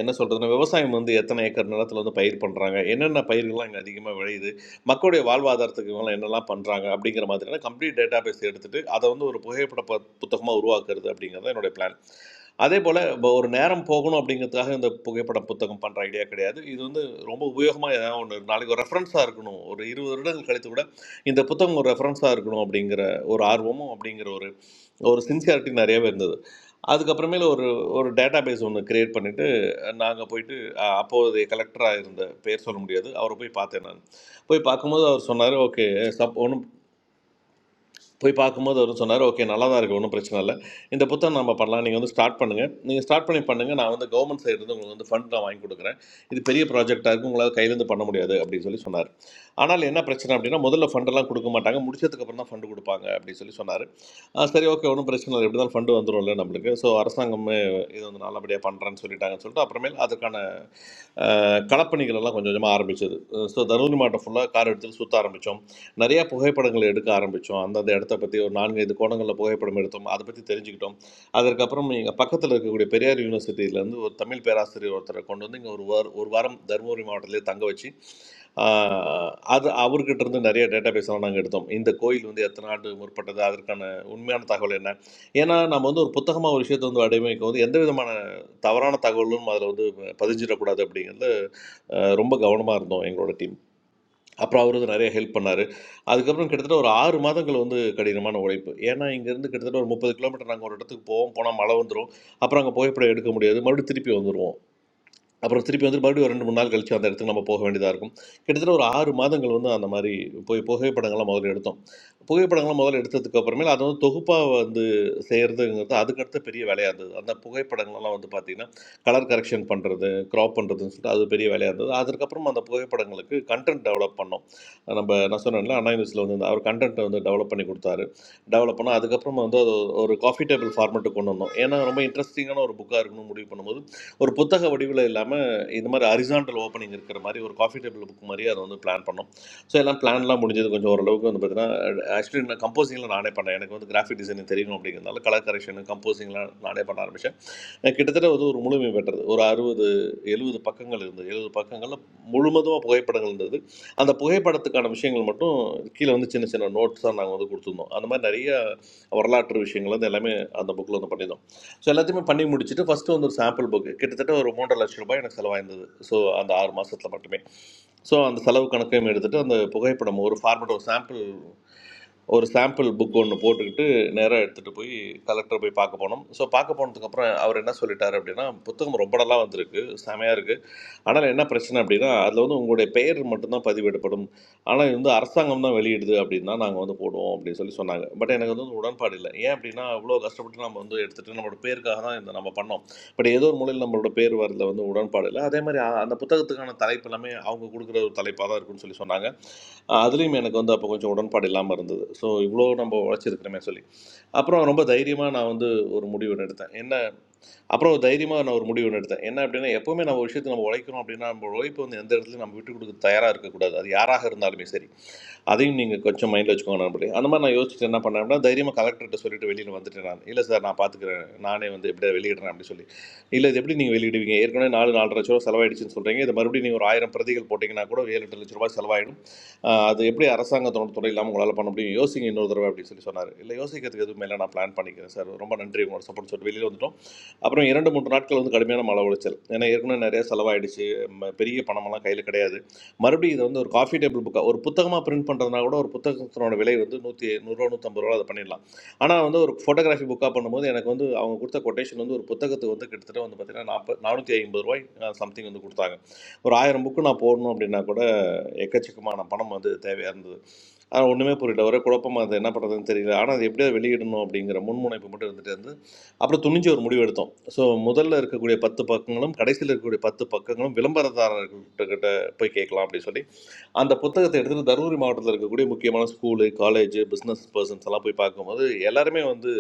S8: என்ன சொல்கிறதுன்னா விவசாயம் வந்து எத்தனை ஏக்கர் நிலத்தில் வந்து பயிர் பண்ணுறாங்க என்னென்ன பயிர்கள்லாம் இங்கே அதிகமாக விளையுது மக்களுடைய வாழ்வாதாரத்துக்கு இவங்களாம் என்னெல்லாம் பண்ணுறாங்க அப்படிங்கிற மாதிரியான கம்ப்ளீட் டேட்டா பேஸ் எடுத்துகிட்டு அதை வந்து ஒரு புகைப்பட ப புத்தகமாக உருவாக்குறது அப்படிங்கிறது தான் என்னுடைய பிளான் அதே போல் இப்போ ஒரு நேரம் போகணும் அப்படிங்கிறதுக்காக இந்த புகைப்பட புத்தகம் பண்ணுற ஐடியா கிடையாது இது வந்து ரொம்ப உபயோகமாக ஏதாவது ஒன்று நாளைக்கு ஒரு ரெஃபரன்ஸாக இருக்கணும் ஒரு இருபது வருடங்கள் கழித்து கூட இந்த புத்தகம் ஒரு ரெஃபரன்ஸாக இருக்கணும் அப்படிங்கிற ஒரு ஆர்வமும் அப்படிங்கிற ஒரு ஒரு சின்சியாரிட்டி நிறையவே இருந்தது அதுக்கப்புறமேல ஒரு ஒரு டேட்டா பேஸ் ஒன்று கிரியேட் பண்ணிவிட்டு நாங்கள் போயிட்டு அஹ், அப்போதைய கலெக்டராக இருந்த பேர் சொல்ல முடியாது அவரை போய் பார்த்தேன் நான் போய் பார்க்கும்போது அவர் சொன்னார் ஓகே சப் ஒன்றும் போய் பார்க்கும்போது அவர் சொன்னார் ஓகே நல்லா தான் இருக்குது ஒன்றும் பிரச்சனை இல்லை இந்த புத்தகம் நம்ம பண்ணலாம் நீங்கள் வந்து ஸ்டார்ட் பண்ணுங்கள் நீங்கள் ஸ்டார்ட் பண்ணி பண்ணுங்கள் நான் வந்து கவர்மெண்ட் சைடுலேருந்து உங்களுக்கு வந்து ஃபண்ட் நான் வாங்கி கொடுக்குறேன் இது பெரிய ப்ராஜெக்டாக இருக்கும் உங்களால் கையிலேருந்து பண்ண முடியாது அப்படின்னு சொல்லி சொன்னார் ஆனால் என்ன பிரச்சனை அப்படின்னா முதல்ல ஃபண்டெல்லாம் கொடுக்க மாட்டாங்க முடிச்சதுக்கப்புறம் தான் ஃபண்டு கொடுப்பாங்க அப்படின்னு சொல்லி சொன்னார் சரி ஓகே ஒன்றும் பிரச்சனை இல்லை எப்படி தான் ஃபண்டு வந்துடும்ல நம்மளுக்கு ஸோ அரசாங்கமே இது வந்து நல்லபடியாக பண்ணுறேன்னு சொல்லிட்டாங்கன்னு சொல்லிட்டு அப்புறமேல் அதுக்கான அஹ், களப்பணிகள் எல்லாம் கொஞ்சம் கொஞ்சமாக ஆரம்பிச்சது ஸோ தருமபுரி மாவட்டம் ஃபுல்லாக கார் எடுத்து சுற்ற ஆரம்பித்தோம் நிறையா புகைப்படங்கள் எடுக்க ஆரம்பித்தோம் அந்தந்த இடத்த பற்றி ஒரு நான்கு ஐந்து கோணங்களில் புகைப்படம் எடுத்தோம் அதை பற்றி தெரிஞ்சுக்கிட்டோம் அதற்கப்புறம் எங்கள் பக்கத்தில் இருக்கக்கூடிய பெரியார் யூனிவர்சிட்டியிலேருந்து ஒரு தமிழ் பேராசிரியர் ஒருத்தரை கொண்டு வந்து இங்கே ஒரு வார ஒரு வாரம் தருமபுரி மாவட்டத்திலே தங்க வச்சு ஆஹ், அது அவர்கிட்ட இருந்து நிறைய டேட்டா பேஸ்லாம் நாங்கள் எடுத்தோம் இந்த கோயில் வந்து எத்தனை ஆண்டு முற்பட்டது அதற்கான உண்மையான தகவல் என்ன ஏன்னா நம்ம வந்து ஒரு புத்தகமாக ஒரு விஷயத்தை வந்து அடைமைக்கு வந்து எந்த விதமான தவறான தகவலும் அதில் வந்து பதிஞ்சிடக்கூடாது அப்படிங்கிறது ரொம்ப கவனமாக இருந்தோம் எங்களோட டீம் அப்புறம் அவர் வந்து நிறைய ஹெல்ப் பண்ணார் அதுக்கப்புறம் கிட்டத்தட்ட ஒரு ஆறு மாதங்கள் வந்து கடினமான உழைப்பு ஏன்னா இங்கேருந்து கிட்டத்தட்ட ஒரு முப்பது கிலோமீட்டர் நாங்கள் ஒரு இடத்துக்கு போவோம் போனால் மழை வந்துடும் அப்புறம் அங்கே புகைப்படம் எடுக்க முடியாது மறுபடியும் திருப்பி வந்துடுவோம் அப்புறம் திருப்பி வந்து மறுபடியும் ஒரு ரெண்டு மூணு நாள் கழிச்சு அந்த இடத்துக்கு நம்ம போக வேண்டியதாக இருக்கும் கிட்டத்தட்ட ஒரு ஆறு மாதங்கள் வந்து அந்த மாதிரி போய் புகைப்படங்கள்லாம் முதல்ல எடுத்தோம் புகைப்படங்கள்லாம் முதல்ல எடுத்ததுக்கு அப்புறமேல அதை வந்து தொகுப்பாக வந்து செய்கிறதுங்கிறது அதுக்கடுத்த பெரிய வேலையாக இருந்தது அந்த புகைப்படங்கள்லாம் வந்து பார்த்திங்கன்னா கலர் கரெக்ஷன் பண்ணுறது க்ராப் பண்ணுறதுன்னு சொல்லிட்டு அது பெரிய வேலையாக இருந்தது அதுக்கப்புறம் அந்த புகைப்படங்களுக்கு கண்டென்ட் டெவலப் பண்ணோம் நம்ம நான் சொன்னேன்ல அண்ணா யூனிவர்ஸில் வந்து அந்த- அவர் கண்டென்ட்டை வந்து டெவலப் பண்ணி கொடுத்தாரு டெவலப் பண்ணோம் அதுக்கப்புறம் வந்து அது ஒரு காஃபி டேபிள் ஃபார்மெட்டு கொண்டு வந்தோம் ஏன்னா ரொம்ப இன்ட்ரெஸ்டிங்கான ஒரு புக்காக இருக்கணும்னு முடிவு பண்ணும்போது ஒரு புத்தக வடிவில் இல்லாமல் இந்த மாதிரி ஹரிசான்டல் ஓப்பனிங் இருக்கிற மாதிரி ஒரு காஃபி டேபிள் புக் மாதிரி அதை வந்து பிளான் பண்ணோம் ஸோ எல்லாம் பிளான்லாம் முடிஞ்சது கொஞ்சம் ஓரளவுக்கு வந்து பார்த்தீங்கன்னா ஆக்சுவலி நான் கம்போசிங்லாம் நானே பண்ணேன் எனக்கு வந்து கிராஃபிக் டிசைனிங் தெரியணும் அப்படிங்கிறதுனால கலர் கரெக்ஷன் கம்போசிங்லாம் நானே பண்ண ஆரம்பித்தேன் கிட்டத்தட்ட வந்து ஒரு முழுமை பெற்றது ஒரு அறுபது எழுபது பக்கங்கள் இருந்தது எழுபது பக்கங்களில் முழுவதுமாக புகைப்படங்கள் இருந்தது அந்த புகைப்படத்துக்கான விஷயங்கள் மட்டும் கீழே வந்து சின்ன சின்ன நோட்ஸ் தான் நாங்கள் வந்து கொடுத்துருந்தோம் அந்த மாதிரி நிறைய வரலாற்று விஷயங்கள் வந்து எல்லாமே அந்த புக்கில் வந்து பண்ணியிருந்தோம் ஸோ எல்லாத்தையுமே பண்ணி முடிச்சுட்டு ஃபஸ்ட்டு வந்து ஒரு சாம்பிள் புக்கு கிட்டத்தட்ட ஒரு மூன்றரை லட்சம் ரூபாய் எனக்கு செலவாயிருந்தது ஸோ அந்த ஆறு மாதத்தில் மட்டுமே ஸோ அந்த செலவு கணக்கையும் எடுத்துகிட்டு அந்த புகைப்படம் ஒரு ஃபார்மேட் ஒரு சாம்பிள் ஒரு சாம்பிள் புக் ஒன்று போட்டுக்கிட்டு நேராக எடுத்துகிட்டு போய் கலெக்டரை போய் பார்க்க போனோம் ஸோ பார்க்க போனதுக்கப்புறம் அவர் என்ன சொல்லிட்டாரு அப்படின்னா புத்தகம் ரொம்ப நல்லா வந்திருக்கு செமையாக இருக்குது ஆனால் என்ன பிரச்சனை அப்படின்னா அதில் வந்து உங்களுடைய பெயர் மட்டும்தான் பதிவிடப்படும் ஆனால் இது வந்து அரசாங்கம் தான் வெளியிடுது அப்படின்னா நாங்கள் வந்து போடுவோம் அப்படின்னு சொல்லி சொன்னாங்க பட் எனக்கு வந்து ஒரு உடன்பாடு இல்லை ஏன் அப்படின்னா அவ்வளோ கஷ்டப்பட்டு நம்ம வந்து எடுத்துகிட்டு நம்மளோட பேருக்காக தான் இந்த நம்ம பண்ணோம் பட் ஏதோ ஒரு மூலையில் நம்மளோட பேர் வரதுல வந்து உடன்பாடு இல்லை அதே மாதிரி அ- அந்த புத்தகத்துக்கான தலைப்பு எல்லாமே அவங்க கொடுக்குற ஒரு தலைப்பாக தான் இருக்குன்னு சொல்லி சொன்னாங்க அதுலேயும் எனக்கு வந்து அப்போ கொஞ்சம் உடன்பாடு இல்லாமல் இருந்தது ஸோ இவ்வளோ நம்ம உழைச்சிருக்கிறோமே சொல்லி அப்புறம் ரொம்ப தைரியமாக நான் வந்து ஒரு முடிவு எடுத்தேன் என்ன அப்புறம் ஒரு தைரியமாக நான் ஒரு முடிவு ஒன்று எடுத்தேன் என்ன அப்படின்னா எப்போவுமே நம்ம ஒரு விஷயத்தை நம்ம உழைக்கிறோம் அப்படின்னா நம்ம உழைப்பு வந்து எந்த இடத்துலையும் நம்ம விட்டு கொடுக்க தயாராக இருக்கக்கூடாது அது யாராக இருந்தாலுமே சரி அதையும் நீங்கள் கொஞ்சம் மைண்டில் வச்சுக்கோங்க நம்பளே அந்த மாதிரி நான் யோசிச்சுட்டு என்ன பண்ணேன் அப்படின்னா தைரியமாக கலெக்டர்கிட்ட சொல்லிட்டு வெளியில் வந்துட்டேன் நான் இல்லை சார் நான் பார்த்துக்கிறேன் நானே வந்து எப்படியா வெளியிடுறேன் அப்படின்னு சொல்லி இல்லை இது எப்படி நீங்கள் வெளியிடுவீங்க ஏற்கனவே நாலு நாலரை லட்ச ரூபா செலவாயிடுச்சுன்னு சொல்கிறீங்க இது மறுபடியும் நீங்கள் ஒரு ஆயிரம் பிரதிகள் போட்டிங்கன்னா கூட ஒரு ஏழு எட்டு லட்ச ரூபாய் செலவாயிடும் ஆஹ் அது எப்படி அரசாங்கத்தோட துறை இல்லாமல் உங்களால் பண்ண முடியும் யோசிங்க இன்னொரு தடவை அப்படின்னு சொல்லி சொன்னார் இல்லை யோசிக்கிறதுக்கு எதுவும் மேலே நான் பிளான் பண்ணிக்கிறேன் சார் ரொம்ப நன்றி உங்களோட சப்போர்ட் சொல்லிட்டு வெளியில் வந்துட்டோம் அப்புறம் இரண்டு மூன்று நாட்கள் வந்து கடுமையான மன உளைச்சல் ஏன்னா ஏற்கனவே நிறைய செலவாயிடுச்சு ம- பெரிய பணமெல்லாம் கையில் கிடையாது மறுபடியும் இதை வந்து ஒரு காஃபி டேபிள் புக்காக ஒரு புத்தகமாக பிரிண்ட் பண்ணுறதுனா கூட ஒரு புத்தகத்தினோட விலை வந்து நூற்றி நூறுரூவா நூற்றம்பது ரூபா அதை பண்ணிடலாம் ஆனால் வந்து ஒரு ஃபோட்டோகிராஃபி புக்காக பண்ணும்போது எனக்கு வந்து அவங்க கொடுத்த கொட்டேஷன் வந்து ஒரு புத்தகத்துக்கு வந்து கிட்டத்தட்ட வந்து பார்த்தீங்கன்னா நாற்பது நானூற்றி ஐம்பது ரூபாய் சம்திங் வந்து கொடுத்தாங்க ஒரு ஆயிரம் புக்கு நான் போடணும் அப்படின்னா கூட எக்கச்சக்கமான பணம் வந்து தேவையாக இருந்தது ஆனால் ஒன்றுமே புரியல ஒரே குழப்பமாக இருந்தது என்ன பண்ணுறதுன்னு தெரியல ஆனால் அது எப்படியாவது வெளியிடணும் அப்படிங்கிற முன்முனைப்பு மட்டும் இருந்துட்டு இருந்து அப்புறம் துணிஞ்சு ஒரு முடிவு எடுத்தோம் ஸோ முதல்ல இருக்கக்கூடிய பத்து பக்கங்களும் கடைசியில் இருக்கக்கூடிய பத்து பக்கங்களும் விளம்பரதாரர்கள்கிட்ட போய் கேட்கலாம் அப்படின்னு சொல்லி அந்த புத்தகத்தை எடுத்துகிட்டு தருமபுரி மாவட்டத்தில் இருக்கக்கூடிய முக்கியமான ஸ்கூலு காலேஜ் பிஸ்னஸ் பர்சன்ஸ் எல்லாம் போய் பார்க்கும்போது எல்லாருமே வந்து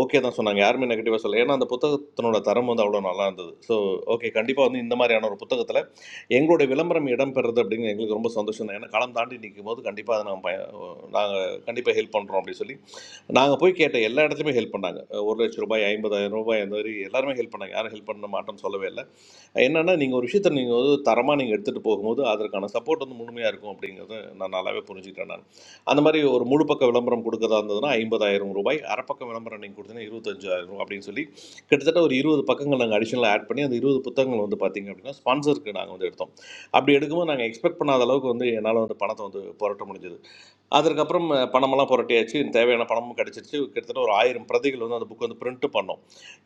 S8: ஓகே தான் சொன்னாங்க யாருமே நெகட்டிவாக சொல்லல ஏன்னா அந்த புத்தகத்தினோட தரம் வந்து அவ்வளோ நல்லா இருந்தது ஸோ ஓகே கண்டிப்பாக வந்து இந்த மாதிரியான ஒரு புத்தகத்தில் எங்களுடைய விளம்பரம் இடம் பெறுறது அப்படின்னு எங்களுக்கு ரொம்ப சந்தோஷம் தான் ஏன்னா காலம் தாண்டி நிற்கும் போது கண்டிப்பாக அதை நம்ம நாங்கள் கண்டிப்பாக ஹெல்ப் பண்ணுறோம் அப்படின்னு சொல்லி நாங்கள் போய் கேட்ட எல்லா இடத்துலையுமே ஹெல்ப் பண்ணாங்க ஒரு லட்ச ரூபாய் ஐம்பதாயிரம் ரூபாய் அந்த மாதிரி எல்லாருமே ஹெல்ப் பண்ணாங்க யாரும் ஹெல்ப் பண்ண மாட்டோம்னு சொல்லவே இல்லை என்னன்னா நீங்கள் ஒரு விஷயத்தை நீங்கள் வந்து தரமாக நீங்கள் எடுத்துகிட்டு போகும்போது அதற்கான சப்போர்ட் வந்து முழுமையாக இருக்கும் அப்படிங்கிறத நான் நல்லாவே புரிஞ்சுக்கிட்டேன் நான் அந்த மாதிரி ஒரு முழு பக்க விளம்பரம் கொடுக்கறதா இருந்ததுன்னா ஐம்பதாயிரம் ரூபாய் அரைப்பக்க விளம்பரம் நீங்கள் கொடுத்தீங்கன்னா இருபத்தஞ்சாயிரம் ரூபாய் அப்படின்னு சொல்லி கிட்டத்தட்ட ஒரு இருபது பக்கங்கள் நாங்கள் அடிஷனலாக ஆட் பண்ணி அந்த இருபது புத்தகங்கள் வந்து பார்த்தீங்க அப்படின்னா ஸ்பான்சருக்கு நாங்கள் வந்து எடுத்தோம் அப்படி எடுக்கும்போது நாங்கள் எக்ஸ்பெக்ட் பண்ணாத அளவுக்கு வந்து என்னால் வந்து பணத்தை வந்து புரட்ட முடிஞ்சது அதற்கப்புறம் அஹ், பணமெல்லாம் புரட்டியாச்சு தேவையான பணமும் கிடச்சிருச்சு கிட்டத்தட்ட ஒரு ஆயிரம் பிரதிகள் வந்து அந்த புக் வந்து பிரிண்ட் பண்ணோம்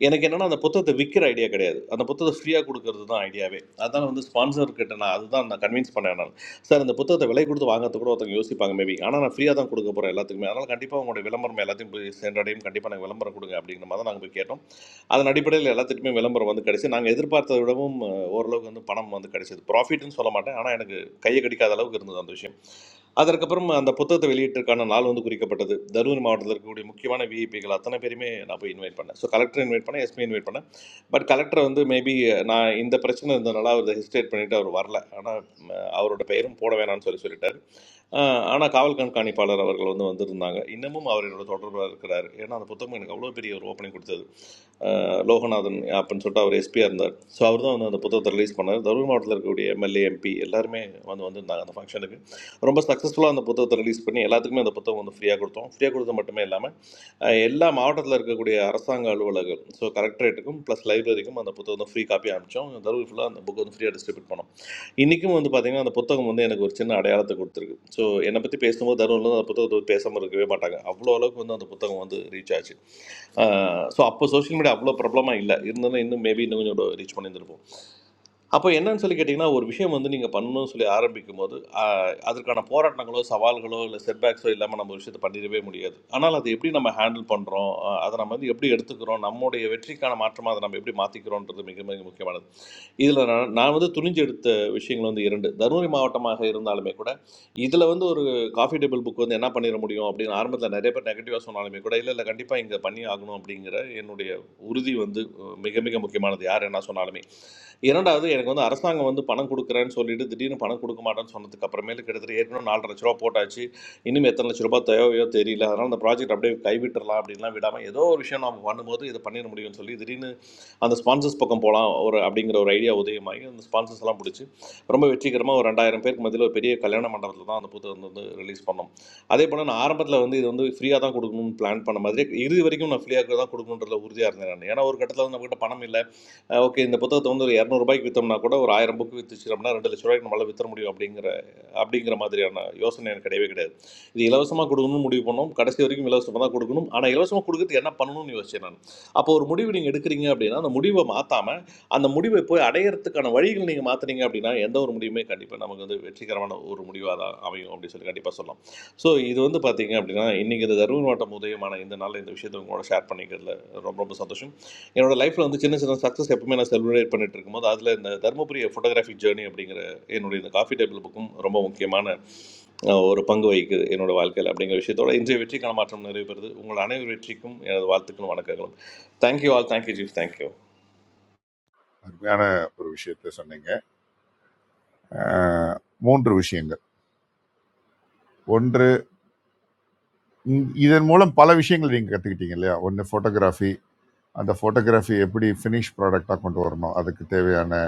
S8: எனக்கு என்னென்னா அந்த புத்தகத்தை விற்கிற ஐடியா கிடையாது அந்த புத்தகத்தை ஃப்ரீயாக கொடுக்கறது தான் ஐடியாவே அதான் வந்து ஸ்பான்சர் கிட்ட நான் அதுதான் நான் கன்வின்ஸ் பண்ணேன் நான் சார் இந்த புத்தகத்தை விலை கொடுத்து வாங்கிறது கூட ஒருத்தவங்க யோசிப்பாங்க மேபி ஆனால் நான் ஃப்ரீயாக தான் கொடுக்க போகிறேன் எல்லாத்துக்குமே அதனால் கண்டிப்பாக உங்களுடைய விளம்பரம் எல்லாத்தையும் போய் சென்றடையும் கண்டிப்பாக நாங்கள் விளம்பரம் கொடுங்க அப்படிங்கிற மாதிரி தான் நாங்கள் போய் கேட்டோம் அதன் அடிப்படையில் எல்லாத்துக்குமே விளம்பரம் வந்து கிடைச்சி நாங்கள் எதிர்பார்த்ததை விடவும் அஹ், ஓரளவுக்கு வந்து பணம் வந்து கிடைச்சது ப்ராஃபிட்னு சொல்ல மாட்டேன் ஆனால் எனக்கு கையை கடிக்காத அளவுக்கு இருந்தது அந்த விஷயம் அதற்கப்புறம் அந்த புத்தகத்தை வெளியிட்டிருக்கான நாள் வந்து குறிக்கப்பட்டது தருமபுரி மாவட்டத்தில் இருக்கக்கூடிய முக்கியமான விஐபிகள் அத்தனை பேருமே நான் போய் இன்வைட் பண்ணேன் ஸோ கலெக்டர் இன்வைட் பண்ணேன் எஸ்பி இன்வைட் பண்ணேன் பட் கலெக்டர் வந்து மேபி நான் இந்த பிரச்சனை இருந்ததுனால அவர் ஹெசிடேட் பண்ணிவிட்டு அவர் வரல ஆனால் அவரோட பெயரும் போட வேணாம்னு சொல்லி சொல்லிட்டாரு ஆனால் காவல் கண்காணிப்பாளர் அவர்கள் வந்து வந்திருந்தாங்க இன்னமும் அவர் என்னோட தொடர்பில் இருக்கிறார் ஏன்னா அந்த புத்தகம் எனக்கு அவ்வளோ பெரிய ஒரு ஓப்பனிங் கொடுத்தது அஹ் லோகநாதன் அப்படின்னு சொல்லிட்டு அவர் எஸ்பியாக இருந்தார் ஸோ அவர் தான் வந்து அந்த புத்தகத்தை ரிலீஸ் பண்ணார் தருமபுரி மாவட்டத்தில் இருக்கக்கூடிய எம்எல்ஏ எம்பி எல்லாருமே வந்து வந்திருந்தாங்க அந்த ஃபங்க்ஷனுக்கு ரொம்ப சக்ஸஸ்ஃபுல்லாக அந்த புத்தகத்தை ரிலீஸ் பண்ணி எல்லாத்துக்குமே அந்த புத்தகம் வந்து ஃப்ரீயாக கொடுத்தோம் ஃப்ரீயாக கொடுத்தது மட்டுமே இல்லாமல் அஹ், எல்லா மாவட்டத்தில் இருக்கக்கூடிய அரசாங்க அலுவலகம் ஸோ கலெக்டரேட்டுக்கும் ப்ளஸ் லைப்ரரிக்கும் அந்த புத்தகம் ஃப்ரீ காப்பி அனுப்பிச்சோம் தருவ ஃபுல்லாக அந்த புக் வந்து ஃப்ரீயாக டிஸ்ட்ரிபியூட் பண்ணோம் இன்றைக்கும் வந்து பார்த்திங்கன்னா அந்த புத்தகம் வந்து எனக்கு ஒரு சின்ன அடையாளத்தை கொடுத்துருக்கு ஸோ என்னை பற்றி பேசும்போது தருவில் அந்த புத்தகத்தை பத்தி பேசாமல் இருக்கவே மாட்டாங்க அவ்வளோ அளவுக்கு வந்து அந்த புத்தகம் வந்து ரீச் ஆச்சு ஸோ அப்போ சோஷியல் மீடியா அவ்வளோ ப்ராப்ளமாக இல்லை இருந்தாலும் இன்னும் மேபி இன்னும் கொஞ்சம் ரீச் பண்ணியிருந்திருப்போம் அப்போ என்னன்னு சொல்லி கேட்டிங்கன்னா ஒரு விஷயம் வந்து நீங்கள் பண்ணணும்னு சொல்லி ஆரம்பிக்கும் போது ஆஹ், அதற்கான போராட்டங்களோ சவால்களோ இல்லை செட்பேக்ஸோ இல்லாமல் நம்ம விஷயத்தை பண்ணிடவே முடியாது ஆனால் அது எப்படி நம்ம ஹேண்டில் பண்ணுறோம் அதை நம்ம வந்து எப்படி எடுத்துக்கிறோம் நம்முடைய வெற்றிக்கான மாற்றமாக அதை நம்ம எப்படி மாற்றிக்கிறோன்றது மிக மிக முக்கியமானது இதில் நான் நான் வந்து துணிஞ்சு எடுத்த விஷயங்கள் வந்து இரண்டு தருமபுரி மாவட்டமாக இருந்தாலுமே கூட இதில் வந்து ஒரு காஃபி டேபிள் புக் வந்து என்ன பண்ணிட முடியும் அப்படின்னு ஆரம்பத்தில் நிறைய பேர் நெகட்டிவாக சொன்னாலுமே கூட இல்லை இல்லை கண்டிப்பாக இங்கே பண்ணி ஆகணும் அப்படிங்கிற என்னுடைய உறுதி வந்து அஹ், மிக மிக முக்கியமானது யார் என்ன சொன்னாலுமே இரண்டாவது எனக்கு வந்து அரசாங்கம் வந்து பணம் கொடுக்குறேன்னு சொல்லிட்டு திடீர்னு பணம் கொடுக்க மாட்டேன்னு சொன்னதுக்கு அப்புறமேலு கிட்டத்தட்ட ஏற்கனவே நாலரை லட்ச ரூபா போட்டாச்சு இனிமேல் எத்தனை லட்ச ரூபா தேவையோ தெரியல அதனால் இந்த ப்ராஜெக்ட் அப்படியே கைவிட்டுறலாம் அப்படின்லாம் விடாமல் ஏதோ ஒரு விஷயம் நம்ம பண்ணும்போது இதை பண்ணிட முடியும்னு சொல்லி திடீர்னு அந்த ஸ்பான்சர்ஸ் பக்கம் போகலாம் ஒரு அப்படிங்கிற ஒரு ஐடியா உதயமாகி அந்த ஸ்பான்சர்ஸ் எல்லாம் பிடிச்சி ரொம்ப வெற்றிகரமாக ஒரு ரெண்டாயிரம் பேருக்கு மத்தியில் ஒரு பெரிய கல்யாண மண்டபத்தில் தான் அந்த புத்தகம் வந்து ரிலீஸ் பண்ணோம் அதே போல் நான் ஆரம்பத்தில் வந்து இது வந்து ஃப்ரீயாக தான் கொடுக்கணும்னு பிளான் பண்ண மாதிரி இறுதி வரைக்கும் நான் ஃப்ரீயாக தான் கொடுக்கணுன்றதுல உறுதியாக இருந்தேன் நான் ஏன்னா ஒரு கட்டத்தில் வந்து நம்மகிட்ட பணம் இல்லை ஓகே இந்த புத்தகத்தை வந்து ஒரு இரநூறுபாய்க்கு விற்றோம்னா கூட ஒரு ஆயிரம் புக்கு விற்றுச்சோம்னா ரெண்டு லட்ச ரூபாய்க்கு நம்மளால் விற்ற முடியும் அப்படிங்கிற அப்படிங்கிற மாதிரியான யோசனை எனக்கு கிடையவே கிடையாது இது இலவசமாக கொடுக்கணும்னு முடிவு பண்ணோம் கடைசி வரைக்கும் இலவசமாக தான் கொடுக்கணும் ஆனால் இலவசமாக கொடுக்கறது என்ன பண்ணணும்னு யோசிச்சேன் நான் அப்போ ஒரு முடிவு நீங்கள் எடுக்கிறீங்க அப்படின்னா அந்த முடிவை மாற்றாமல் அந்த முடிவை போய் அடையறதுக்கான வழிகள் நீங்கள் மாற்றுனீங்க அப்படின்னா எந்த ஒரு முடிவுமே கண்டிப்பாக நமக்கு வந்து வெற்றிகரமான ஒரு முடிவாக தான் அமையும் அப்படின்னு சொல்லி கண்டிப்பாக சொல்லலாம் ஸோ இது வந்து பார்த்தீங்க அப்படின்னா இன்றைக்கி இந்த தருமன் மாவட்டம் உதயமான இந்த நாளில் இந்த விஷயத்தை உங்களோட ஷேர் பண்ணிக்கிறதுல ரொம்ப ரொம்ப சந்தோஷம் என்னோட லைஃப்பில் வந்து சின்ன சின்ன சக்ஸஸ் எப்பவுமே நான் செலிப்ரேட் பண்ணிட்டு இருக்கும்போது அதில் இந்த தருமபுரி ஃபோட்டோகிராஃபி ஜேர்னி அப்படிங்கிற என்னுடைய இந்த காஃபி டேபிள் புக்கும் ரொம்ப முக்கியமான அஹ், ஒரு பங்கு வகிக்குது என்னோட வாழ்க்கையில் அப்படிங்கிற விஷயத்தோட இன்றைய வெற்றிக்கான மாற்றம் நிறைவேறுது உங்கள் அனைவர் வெற்றிக்கும் எனது வாழ்த்துக்களும் வணக்கங்களும் thank you all thank you chief thank you
S7: அருமையான ஒரு விஷயத்தை சொன்னீங்க அஹ், மூன்று விஷயங்கள் ஒன்று இந்- இதன் மூலம் பல விஷயங்கள் நீங்கள் கற்றுக்கிட்டீங்க இல்லையா ஒன்று ஃபோட்டோகிராஃபி அந்த ஃபோட்டோகிராஃபி எப்படி ஃபினிஷ் ப்ராடக்டாக கொண்டு வரணும் அதுக்கு தேவையான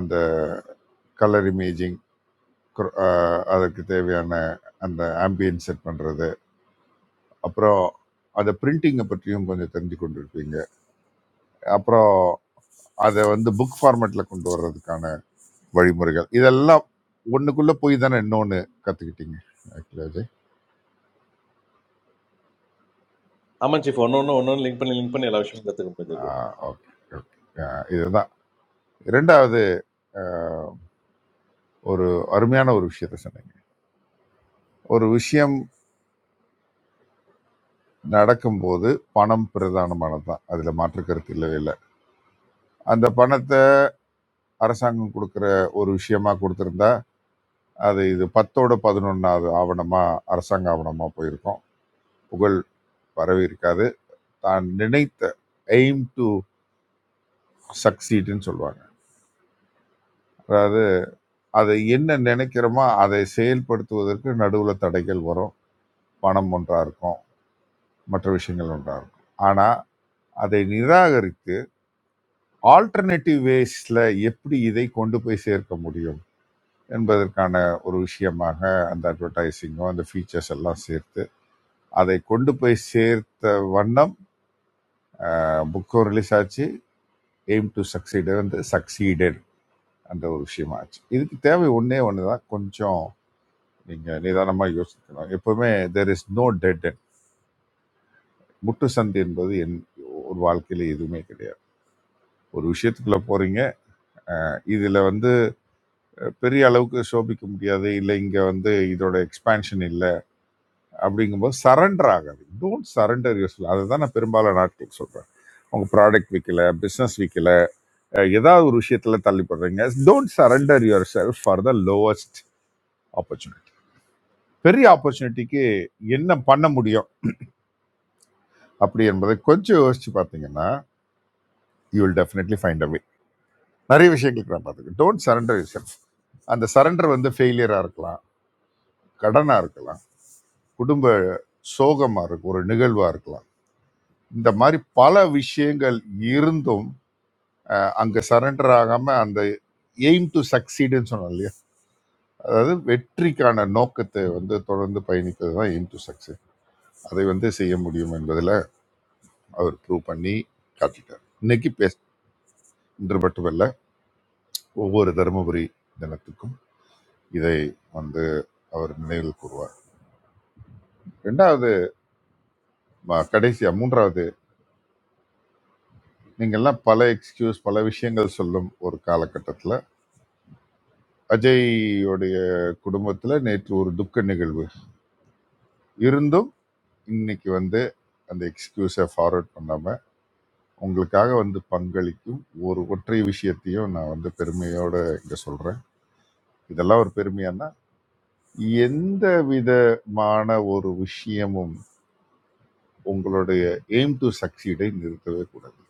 S7: அந்த கலர் இமேஜிங் குர- அஹ் அதற்கு தேவையான அந்த ஆம்பியன் செட் பண்ணுறது அப்புறம் அதை பிரிண்டிங்கை பற்றியும் கொஞ்சம் தெரிஞ்சு கொண்டிருப்பீங்க அப்புறம் அதை வந்து புக் ஃபார்மேட்டில் கொண்டு வர்றதுக்கான வழிமுறைகள் இதெல்லாம் ஒன்றுக்குள்ளே போய் தானே இன்னொன்று கற்றுக்கிட்டீங்க ஆக்சுவலி அஜய்
S8: ஆமாம் சீஃப் ஒன்று ஒன்று ஒன்று ஒன்று லிங்க் பண்ணி லிங்க் பண்ணி எல்லா விஷயமும் கற்றுக்க முடிஞ்சது.
S7: ஓகே ஓகே இதுதான் இரண்டாவது அஹ், ஒரு அருமையான ஒரு விஷயத்தை சொன்னீங்க ஒரு விஷயம் நடக்கும்போது பணம் பிரதானமானது தான் அதில் மாற்று கருத்து இல்லவே இல்லை அந்த பணத்தை அரசாங்கம் கொடுக்குற ஒரு விஷயமா கொடுத்திருந்தா அது இது பத்தோட பதினொன்றாவது ஆவணமாக அரசாங்க ஆவணமாக போயிருக்கோம் புகழ் வரவே இருக்காது தான் நினைத்த எய்ம் டு சக்சீட்னு சொல்லுவாங்க அதாவது அதை என்ன நினைக்கிறோமோ அதை செயல்படுத்துவதற்கு நடுவில் தடைகள் வரும் பணம் ஒன்றா இருக்கும் மற்ற விஷயங்கள் ஒன்றா இருக்கும் ஆனால் அதை நிராகரித்து ஆல்டர்னேட்டிவ் வேஸில் எப்படி இதை கொண்டு போய் சேர்க்க முடியும் என்பதற்கான ஒரு விஷயமாக அந்த அட்வர்டைஸிங்கும் அந்த ஃபீச்சர்ஸ் எல்லாம் சேர்த்து அதை கொண்டு போய் சேர்த்த வண்ணம் புக்கும் ரிலீஸ் ஆச்சு எய்ம் டு சக்சீட் வந்து சக்சீடட் அந்த ஒரு விஷயமா ஆச்சு இதுக்கு தேவை ஒன்றே ஒன்று தான் கொஞ்சம் நீங்கள் நிதானமாக யோசிக்கணும் எப்போவுமே there is no dead end முட்டு சந்தி என்பது என் ஒரு வாழ்க்கையில் எதுவுமே கிடையாது ஒரு விஷயத்துக்குள்ளே போகிறீங்க இதில் வந்து பெரிய அளவுக்கு சோபிக்க முடியாது இல்லை இங்கே வந்து இதோட எக்ஸ்பான்ஷன் இல்லை அப்படிங்கும்போது சரண்டர் ஆகாது டோன்ட் சரண்டர் யூஸ்ஃபுல் அதை தான் நான் பெரும்பாலான நாட்கள் சொல்கிறேன் உங்கள் ப்ராடக்ட் விற்கல பிஸ்னஸ் விற்கல அஹ் ஏதாவது ஒரு விஷயத்துல தள்ளி போடுறீங்க don't surrender yourself for the lowest opportunity பெரிய ஆப்பர்ச்சுனிட்டிக்கு என்ன பண்ண முடியும் அப்படி என்பதை கொஞ்சம் யோசிச்சு பார்த்தீங்கன்னா you will definitely find a way நிறைய விஷயங்களுக்கு நான் பார்த்துக்கேன் டோன்ட் சரண்டர் யுவர் செல்ஃப் அந்த சரண்டர் வந்து ஃபெயிலியராக இருக்கலாம் கடனாக இருக்கலாம் குடும்ப சோகமாக இருக்கும் ஒரு நிகழ்வாக இருக்கலாம் இந்த மாதிரி பல விஷயங்கள் இருந்தும் அங்கே சரண்டர் ஆகாமல் அந்த எய்ம் டு சக்சீடுன்னு சொன்னோம் இல்லையா அதாவது வெற்றிக்கான நோக்கத்தை வந்து தொடர்ந்து பயணிப்பது தான் எய்ம் டு சக்சீட். அதை வந்து செய்ய முடியும் என்பதில் அவர் ப்ரூவ் பண்ணி காட்டிட்டார் இன்னைக்கு பேஸ் இன்று மட்டுமல்ல ஒவ்வொரு தருமபுரி தினத்துக்கும் இதை வந்து அவர் நினைவில் கூறுவார் ரெண்டாவது ம- கடைசியா மூன்றாவது நீங்கள்லாம் பல எக்ஸ்கியூஸ் பல விஷயங்கள் சொல்லும் ஒரு காலகட்டத்தில் அஜய்யோடைய குடும்பத்தில் நேற்று ஒரு துக்க நிகழ்வு இருந்தும் இன்னைக்கு வந்து அந்த எக்ஸ்கியூஸை ஃபார்வர்ட் பண்ணாம உங்களுக்காக வந்து பங்களிக்கும் ஒரு ஒற்றை விஷயத்தையும் நான் வந்து பெருமையோட இங்க சொல்றேன் இதெல்லாம் ஒரு பெருமையா எந்த விதமான ஒரு விஷயமும் உங்களுடைய எய்ம் டு சக்சீடை நிறுத்தவே கூடாது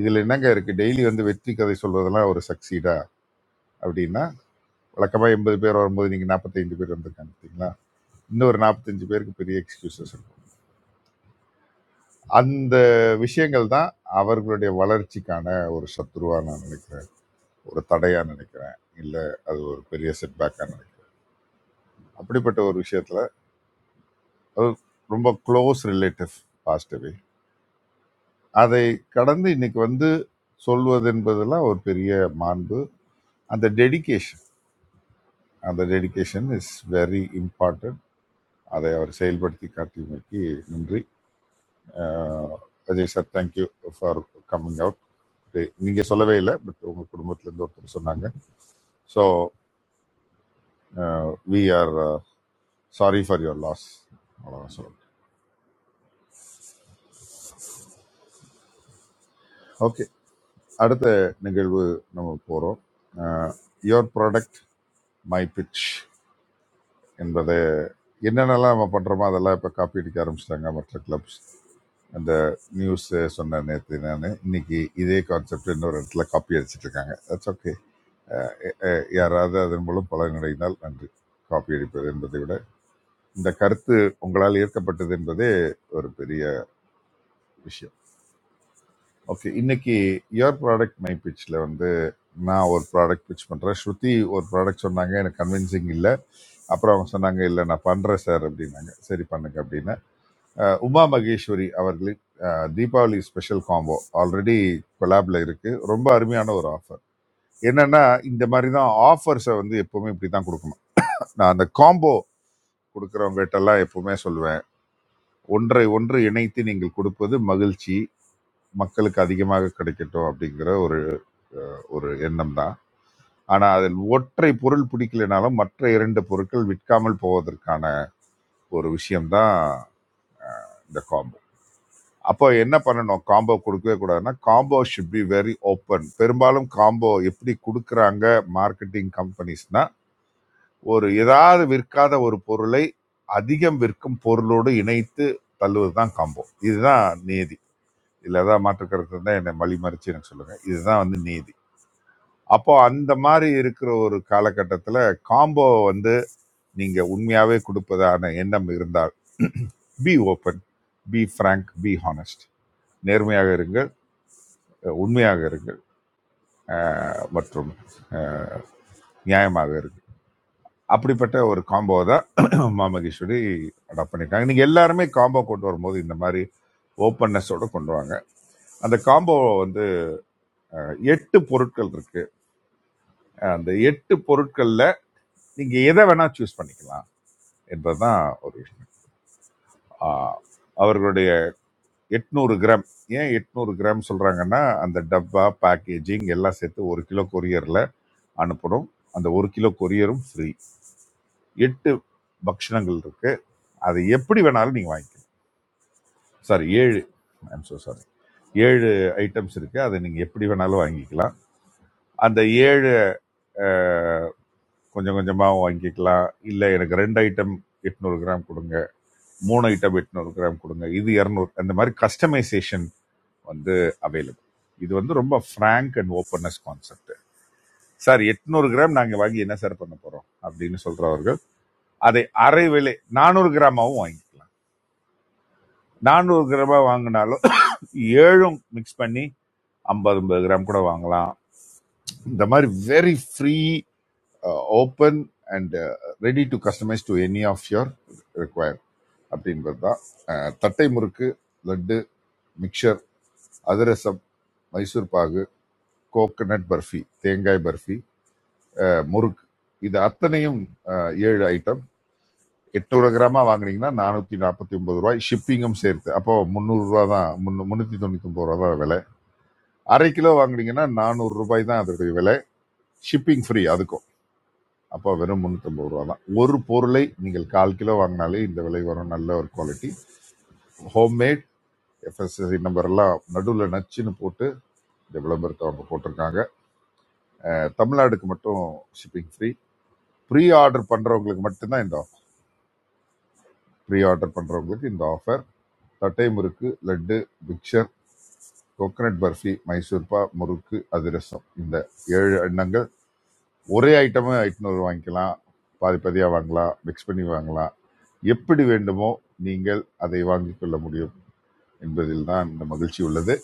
S7: இதில் என்னங்க இருக்கு டெய்லி வந்து வெற்றி கதை சொல்றதெல்லாம் ஒரு சக்சீடா அப்படின்னா வழக்கமாக எண்பது பேர் வரும்போது நீங்கள் நாற்பத்தைந்து பேர் வந்திருக்காங்க பார்த்தீங்களா இன்னொரு நாற்பத்தஞ்சு பேருக்கு பெரிய எக்ஸ்கியூசஸ் இருக்கும் அந்த விஷயங்கள் தான் அவர்களுடைய வளர்ச்சிக்கான ஒரு சத்ருவா நான் நினைக்கிறேன் ஒரு தடையா நினைக்கிறேன் இல்லை அது ஒரு பெரிய செட்பேக்காக நினைக்கிறேன் அப்படிப்பட்ட ஒரு விஷயத்துல அது ரொம்ப க்ளோஸ் ரிலேட்டிவ் பாஸ்ட் அதை கடந்து இன்னைக்கு வந்து சொல்வது என்பதெல்லாம் ஒரு பெரிய மாண்பு அந்த டெடிகேஷன் அந்த டெடிகேஷன் இஸ் வெரி இம்பார்ட்டன்ட் அதை அவர் செயல்படுத்தி காட்டியமைக்கு நன்றி அஹ், Ajay sir thank you for coming out நீங்க சொல்லவே இல்லை பட் உங்க குடும்பத்துல இருந்து ஒருத்தர் சொன்னாங்க so we are sorry for your loss அவ்வளோதான் சொல்லணும் ஓகே அடுத்த நிகழ்வு நம்ம போகிறோம் யுவர் ப்ராடக்ட் மை பிட்ச் என்பதை என்னென்னலாம் நம்ம பண்ணுறோமோ அதெல்லாம் இப்போ காப்பி அடிக்க ஆரம்பிச்சிட்டாங்க மற்ற கிளப்ஸ் அந்த நியூஸ் சொன்ன நேற்று நான் இன்னைக்கு இதே கான்செப்ட் இன்னொரு இடத்துல காப்பி அடிச்சிட்டு இருக்காங்க தட்ஸ் ஓகே யாராவது அதன் மூலம் பலனடைந்தால் நன்றி காப்பி அடிப்பது என்பதை விட இந்த கருத்து உங்களால் ஏற்கப்பட்டது என்பதே ஒரு பெரிய விஷயம் ஓகே இன்னைக்கு யுவர் ப்ராடக்ட் மை பிச்சில் வந்து நான் ஒரு ப்ராடக்ட் பிச் பண்ணுறேன் ஸ்ருதி ஒரு ப்ராடக்ட் சொன்னாங்க எனக்கு கன்வின்சிங் இல்லை அப்புறம் அவங்க சொன்னாங்க இல்லை நான் பண்ணுறேன் சார் அப்படின்னாங்க சரி பண்ணுங்க அப்படின்னு உமா மகேஸ்வரி அவர்களின் அஹ், தீபாவளி ஸ்பெஷல் காம்போ ஆல்ரெடி கொலாப்ல இருக்கு ரொம்ப அருமையான ஒரு ஆஃபர் என்னன்னா இந்த மாதிரி தான் ஆஃபர்ஸை வந்து எப்பவுமே இப்படி தான் கொடுக்கணும் நான் அந்த காம்போ கொடுக்குறவங்ககிட்டலாம் எப்பவுமே சொல்லுவேன் ஒன்றை ஒன்று இணைத்து நீங்கள் கொடுப்பது மகிழ்ச்சி மக்களுக்கு அதிகமாக கிடைக்கட்டும் அப்படிங்கிற ஒரு ஒரு எண்ணம் தான் ஆனா அதில் ஒற்றை பொருள் பிடிக்கலைனாலும் மற்ற இரண்டு பொருட்கள் விற்காமல் போவதற்கான ஒரு விஷயம்தான் இந்த காம்போ அப்போ என்ன பண்ணணும் காம்போ கொடுக்கவே கூடாதுன்னா combo should be very open பெரும்பாலும் காம்போ எப்படி கொடுக்குறாங்க மார்க்கெட்டிங் கம்பெனிஸ்னா ஒரு ஏதாவது விற்காத ஒரு பொருளை அதிகம் விற்கும் பொருளோடு இணைத்து தள்ளுவது தான் காம்போ இதுதான் நீதி இல்லை ஏதாவது மாற்று கருத்து தான் என்னை வழி மறிச்சு எனக்கு சொல்லுங்க இதுதான் வந்து நீதி அப்போ அந்த மாதிரி இருக்கிற ஒரு காலகட்டத்தில் காம்போ வந்து நீங்க உண்மையாவே கொடுப்பதான எண்ணம் இருந்தால் be open be frank be honest நேர்மையாக இருங்க உண்மையாக இருங்கள் அஹ், மற்றும் நியாயமாக இருங்கள் அப்படிப்பட்ட ஒரு காம்போ தான் மாமகேஸ்வரி அடாப்ட் பண்ணிட்டாங்க நீங்க எல்லாருமே காம்போ கொண்டு வரும்போது இந்த மாதிரி ஓப்பன்னஸோட கொண்டு வாங்க அந்த காம்போ வந்து எட்டு பொருட்கள் இருக்கு அஹ், அந்த எட்டு பொருட்கள்ல நீங்க எதை வேணா சூஸ் பண்ணிக்கலாம் என்பதுதான் ஒரு விஷயம் ஆஹ், அவர்களுடைய எட்நூறு கிராம் ஏன் எட்நூறு கிராம் சொல்றாங்கன்னா அந்த டப்பா பேக்கேஜிங் எல்லாம் சேர்த்து ஒரு கிலோ கொரியர்ல அனுப்பணும் அந்த ஒரு கிலோ கொரியரும் ஃப்ரீ எட்டு பக்ஷணங்கள் இருக்கு அது எப்படி வேணாலும் நீங்கள் வாங்கிக்கலாம் சாரி ஏழு ஐம் so சாரி ஏழு ஐட்டம்ஸ் இருக்குது அதை நீங்கள் எப்படி வேணாலும் வாங்கிக்கலாம் அந்த ஏழு அஹ், கொஞ்சம் கொஞ்சமாக வாங்கிக்கலாம் இல்லை எனக்கு ரெண்டு ஐட்டம் எட்நூறு கிராம் கொடுங்க மூணு ஐட்டம் எட்நூறு கிராம் கொடுங்க இது இரநூறு அந்த மாதிரி கஸ்டமைசேஷன் வந்து அவைலபிள் இது வந்து ரொம்ப frank and openness concept sir எட்நூறு கிராம் நாங்கள் வாங்கி என்ன சார் பண்ண போகிறோம் அப்படின்னு சொல்கிறவர்கள் அதை அரை விலை நானூறு கிராமாவும் வாங்கிக்கலாம் நானூறு கிராமா வாங்கினாலும் ஏழும் மிக்ஸ் பண்ணி ஐம்பது ஐம்பது கிராம் கூட வாங்கலாம் இந்த மாதிரி very free open and ready to customise to any of your require அப்படின்றது தான் அஹ், தட்டை முறுக்கு லட்டு மிக்சர் அதிரசம் மைசூர் பாகு கோகனட் பர்ஃபி தேங்காய் பர்ஃபி அஹ், முறுக்கு இது அத்தனையும் அஹ், ஏழு ஐட்டம் 800 கிராமா வாங்குனீங்கன்னா நானூத்தி நாற்பத்தி ஒன்பது ரூபாய் ஷிப்பிங்கும் சேர்த்து அப்போ முந்நூறு ரூபா தான் முன்னூத்தி தொண்ணூத்தி ஒன்பது ரூபா தான் விலை அரை கிலோ வாங்குனீங்கன்னா நானூறு ரூபாய் தான் அதோடைய விலை ஷிப்பிங் ஃப்ரீ அதுக்கும் அப்போ வெறும் முந்நூற்றம்பது ரூபா தான் ஒரு பொருளை நீங்கள் கால் கிலோ வாங்கினாலே இந்த விலை வரும் நல்ல ஒரு குவாலிட்டி ஹோம்மேட் எஃப்எஸ்எஸ்சி நம்பர் எல்லாம் நடுவில் நச்சுன்னு போட்டு இந்த விளம்பரத்தை அவங்க போட்டிருக்காங்க அஹ் தமிழ்நாடுக்கு மட்டும் ஷிப்பிங் ஃப்ரீ ப்ரீ ஆர்டர் பண்ணுறவங்களுக்கு மட்டும்தான் இந்த ஆஃபர் ப்ரீ ஆர்டர் பண்ணுறவங்களுக்கு இந்த ஆஃபர் தட்டை முறுக்கு லட்டு மிக்சர் கோகனட் பர்ஃபி மைசூர்பா முறுக்கு அதிரசம் இந்த ஏழு எண்ணங்கள் ஒரே ஐட்டமே ஐட்நூறு வாங்கிக்கலாம் பாதி பாதியாக வாங்கலாம் மிக்ஸ் பண்ணி வாங்கலாம் எப்படி வேண்டுமோ நீங்கள் அதை வாங்கிக் கொள்ள முடியும் என்பதில் தான் இந்த மகிழ்ச்சி உள்ளது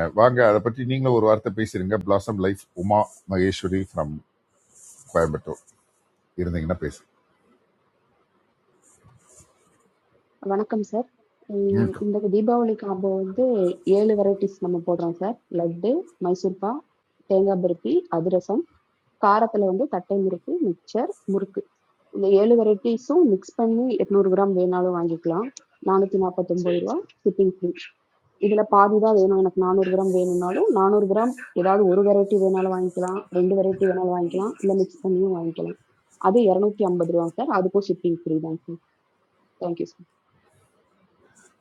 S7: அஹ் வாங்க அதை பற்றி நீங்களும் ஒரு வார்த்தை பேசிடுங்க blossom life Uma Maheswari from Coimbatore இருந்தீங்கன்னா பேசு
S16: வணக்கம் சார் உம்
S7: ம்.
S16: இந்த தீபாவளி காம்போ வந்து ஏழு வெரைட்டிஸ் நம்ம போடுறோம் சார் லட்டு மைசூர்பா தேங்காய் பருப்பி அதிரசம் காரத்துல வந்து தட்டை முறுக்கு மிக்சர் முறுக்கு இந்த ஏழு வெரைட்டிஸும் மிக்ஸ் பண்ணி எட்நூறு கிராம் வேணாலும் வாங்கிக்கலாம் நானூத்தி நாற்பத்தொன்பது ரூபா ஷிப்பிங் ஃப்ரீ இதுல பாதி தான் வேணும் எனக்கு நானூறு கிராம் வேணும்னாலும் நானூறு கிராம் ஏதாவது ஒரு வெரைட்டி வேணாலும் வாங்கிக்கலாம் ரெண்டு வெரைட்டி வேணாலும் வாங்கிக்கலாம் இல்ல மிக்ஸ் பண்ணியும் வாங்கிக்கலாம் அது இரநூத்தி ஐம்பது ரூபா சார் அதுக்கும் ஷிப்பிங் ஃப்ரீ தான் சார் தேங்க்யூ சார்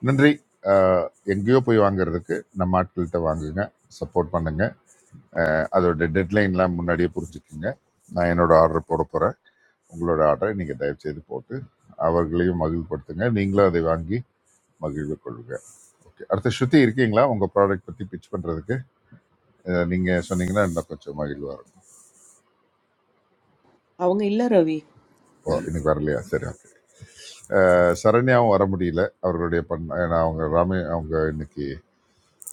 S7: நன்றி அஹ் எங்கேயோ போய் வாங்குறதுக்கு நம்ம ஆட்கள்கிட்ட வாங்குங்க சப்போர்ட் பண்ணுங்க அஹ் அதோட டெட்லைன்லாம் முன்னாடியே புரிஞ்சுக்குங்க நான் என்னோட ஆர்டர் போட போகிறேன் உங்களோட ஆர்டரை நீங்கள் தயவு செய்து போட்டு அவர்களையும் மகிழ்படுத்துங்க நீங்களும் அதை வாங்கி மகிழ்வு கொள்க ஓகே அடுத்த ஸ்ருதி இருக்கீங்களா உங்க ப்ராடக்ட் பத்தி பிச் பண்றதுக்கு அஹ், நீங்க சொன்னீங்கன்னா இன்னும் கொஞ்சம் மகிழ்வா இருக்கும்
S2: Avonge illa ravi.
S7: ஓ இன்னைக்கு வரலையா சரி okay. அஹ், சரண்யாவும் வர முடியல அவர்களுடைய பண் ஏன்னா அவங்க ராமே அவங்க இன்னைக்கு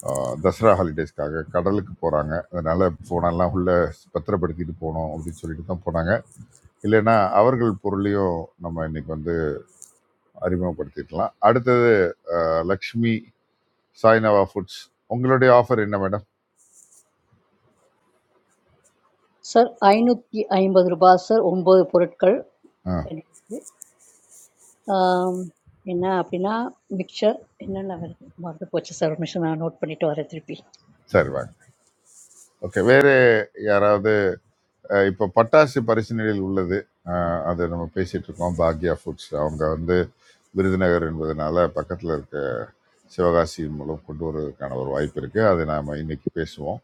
S7: அஹ், தசரா ஹாலிடேஸ்க்காக கடலுக்கு போறாங்க அதனால போனெல்லாம் உள்ள பத்திரப்படுத்திட்டு போகணும் அப்படின்னு சொல்லிட்டு தான் போனாங்க இல்லைன்னா அவர்கள் பொருளையும் நம்ம இன்னைக்கு வந்து அறிமுகப்படுத்திக்கலாம் அடுத்தது அஹ், லக்ஷ்மி சாய்னவா ஃபுட்ஸ் உங்களுடைய ஆஃபர் என்ன மேடம்
S4: சார் ஐநூற்றி ஐம்பது ரூபாய் சார் ஒம்பது பொருட்கள்
S7: ஆ
S4: எனக்கு. ஆம், என்ன அப்படின்னா மிக்சர் என்னென்ன வருது மறந்து போச்சு சார் ஒரு நிமிஷம் நான் நோட் பண்ணிட்டு வரேன் திருப்பி
S7: சரி வாங்க ஓகே வேற யாராவது அஹ் இப்போ பட்டாசு பரிசு நிலையில் உள்ளது அஹ் அது நம்ம பேசிட்டு இருக்கோம் பாக்யா ஃபுட்ஸ் அவங்க வந்து விருதுநகர் என்பதனால பக்கத்தில் இருக்க சிவகாசி மூலம் கொண்டு வருவதற்கான ஒரு வாய்ப்பு இருக்கு அதை நாம இன்னைக்கு பேசுவோம்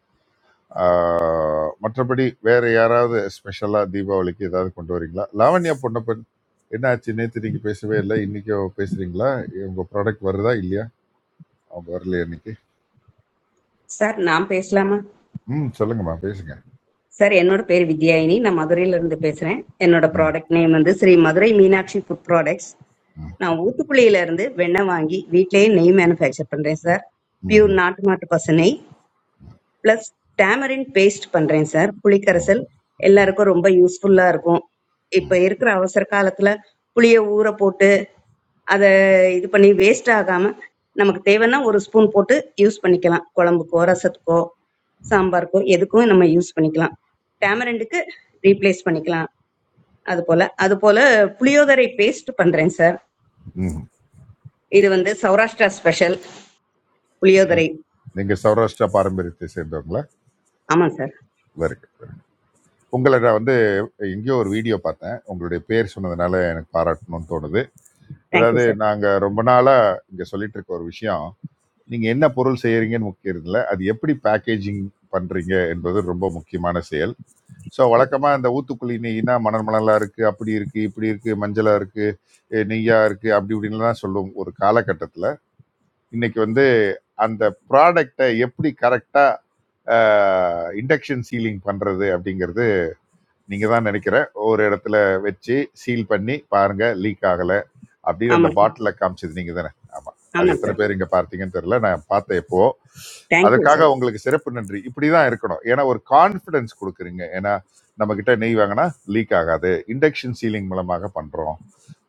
S7: அஹ் மற்றபடி வேற யாராவது ஸ்பெஷலா தீபாவளிக்கு ஏதாவது கொண்டு வரீங்களா லாவண்யா பொன்னப்பன் என்னாச்சு நேற்று நீங்க பேசவே இல்லை இன்னைக்கு பேசுறீங்களா உங்க ப்ராடக்ட் வருதா இல்லையா அவங்க வரலையா இன்னைக்கு
S17: சார் நான் பேசலாமா
S7: ம் சொல்லுங்கம்மா பேசுங்க
S17: சார் என்னோட பேர் வித்யாயினி நான் மதுரையில இருந்து பேசுறேன் என்னோட
S7: ம்
S17: ப்ராடக்ட் நேம் வந்து ஸ்ரீ மதுரை மீனாட்சி ஃபுட் ப்ராடக்ட்ஸ்
S7: ம்
S17: நான் ஊத்துக்குளியில இருந்து வெண்ணெய் வாங்கி வீட்டிலேயே நெய் மேனுஃபேக்சர் பண்றேன் சார் பியூர்
S7: ம்
S17: நாட்டு மாட்டு பசு நெய் ப்ளஸ் டேமரின் பேஸ்ட் பண்றேன் சார்
S7: ம்
S17: புளிக்கரைசல்
S7: ம்
S17: எல்லாருக்கும் ரொம்ப யூஸ்ஃபுல்லா இருக்கும் இப்ப இருக்கிற அவசர காலத்துல புளிய ஊற போட்டு அதை இது பண்ணி வேஸ்ட் ஆகாம நமக்கு தேவைன்னா ஒரு ஸ்பூன் போட்டு யூஸ் பண்ணிக்கலாம் குழம்புக்கோ ரசத்துக்கோ சாம்பாருக்கோ எதுக்கும் நம்ம யூஸ் பண்ணிக்கலாம் டேமரண்டுக்கு ரீப்ளேஸ் பண்ணிக்கலாம் அது போல அது போல புளியோதரை பேஸ்ட் பண்றேன் சார்
S7: ம் ம்
S17: இது வந்து சௌராஷ்டிரா ஸ்பெஷல்
S7: நீங்க
S17: புளியோதரை
S7: நீங்க சௌராஷ்டிரா பாரம்பரியத்தை சேர்ந்தவங்களா
S17: ஆமாம் sir
S7: very good very good உங்களை நான் வந்து எங்கேயோ ஒரு வீடியோ பார்த்தேன் உங்களுடைய பேர் சொன்னதுனால எனக்கு பாராட்டணும்னு தோணுது
S17: தேங்க்யூ
S7: அதாவது
S17: சார்
S7: நாங்க ரொம்ப நாளா இங்க சொல்லிட்டு இருக்க ஒரு விஷயம் நீங்க என்ன பொருள் செய்யறீங்கன்னு முக்கியம் இல்லை அது எப்படி பேக்கேஜிங் பண்றீங்க என்பது ரொம்ப முக்கியமான செயல் ஸோ வழக்கமா இந்த ஊத்துக்குழி நெய்னா மணல் மணலா இருக்கு அப்படி இருக்கு இப்படி இருக்கு மஞ்சளா இருக்கு அஹ் நெய்யா இருக்கு அப்படி இப்படின்லாம் சொல்லுவோம் ஒரு காலகட்டத்துல இன்னைக்கு வந்து அந்த ப்ராடக்டை எப்படி கரெக்டா இண்டக்ஷன் சீலிங் பண்றது அப்படிங்கிறது நீங்க தான் நினைக்கிற ஒரு இடத்துல வச்சு சீல் பண்ணி பாருங்க லீக் ஆகல அப்படின்னு அந்த
S17: ஆமாம் சார்
S7: பாட்டில காமிச்சது நீங்க தானே ஆமா அது
S17: ஆமாம்
S7: எத்தனை
S17: சார்
S7: பேர் இங்க பார்த்தீங்கன்னு தெரியல நான் பார்த்தேன் இப்போ
S17: தேங்க்யூ
S7: அதற்காக உங்களுக்கு சிறப்பு நன்றி இப்படிதான் இருக்கணும் ஏன்னா ஒரு கான்ஃபிடன்ஸ் கொடுக்குறீங்க ஏன்னா நம்ம கிட்ட நெய் வாங்கினா லீக் ஆகாது இண்டக்ஷன் சீலிங் மூலமாக பண்றோம்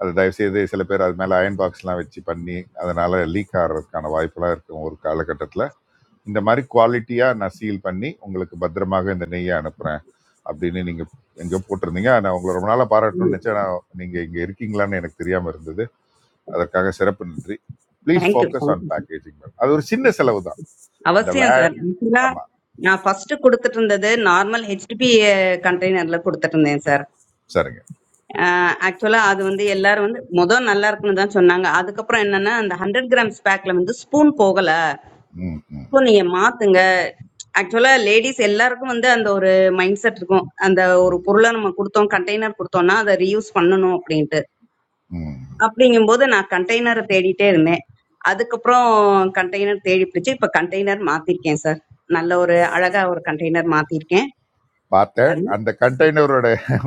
S7: அது தயவு செய்து சில பேர் அது மேல அயன் பாக்ஸ்லாம் வச்சு பண்ணி அதனால லீக் ஆகிறதுக்கான வாய்ப்பெல்லாம் இருக்கும் ஒரு காலகட்டத்தில் இந்த மாதிரி குவாலிட்டியாக நான் சீல் பண்ணி உங்களுக்கு பத்திரமாக இந்த நெய்யை அனுப்புகிறேன் அப்படின்னு நீங்கள் எங்கேயோ போட்டிருந்தீங்க நான் உங்களை ரொம்ப நாளாக பாராட்டணும்னு
S17: சார்
S7: நினச்சேன் நான் நீங்கள் இங்கே இருக்கீங்களான்னு எனக்கு தெரியாமல் இருந்தது அதற்காக சிறப்பு நன்றி please
S17: thank you
S7: focus on
S17: thank you
S7: packaging ma'am அது ஒரு சின்ன செலவு தான் அந்த வே
S17: அவசியம் சார் ஆக்சுவலா
S7: ஆமாம்
S17: நான் ஃபர்ஸ்ட் கொடுத்துட்டு இருந்தது நார்மல் ஹெச்டிபி கண்டெய்னர்ல கொடுத்துட்டு இருந்தேன் சார்
S7: சரிங்க
S17: ஆக்சுவலா அது வந்து எல்லாரும் வந்து முதல் நல்லா இருக்குன்னு தான் சொன்னாங்க அதுக்கப்புறம் என்னன்னா அந்த ஹண்ட்ரட் கிராம்ஸ் பேக்ல வந்து ஸ்பூன் போகல
S7: ம் ம்
S17: ஸோ நீங்க மாத்துங்க ஆக்சுவலா லேடிஸ் எல்லாருக்கும் வந்து அந்த ஒரு மைண்ட் செட் இருக்கும் அந்த ஒரு
S7: ம்
S17: பொருளை நம்ம கொடுத்தோம் கண்டெய்னர் கொடுத்தோம்னா அதை ரீயூஸ் பண்ணணும் அப்படின்ட்டு
S7: ம்
S17: அப்படிங்கும்போது நான் கண்டெய்னரை தேடிட்டே இருந்தேன் அதுக்கப்புறம் கண்டெய்னர் தேடி பிடிச்சு இப்ப கண்டெய்னர் மாத்திருக்கேன் சார் நல்ல ஒரு அழகா ஒரு கண்டெய்னர் மாத்திருக்கேன்
S7: பார்த்தேன்
S17: அது
S7: அந்த கண்டெய்னரோட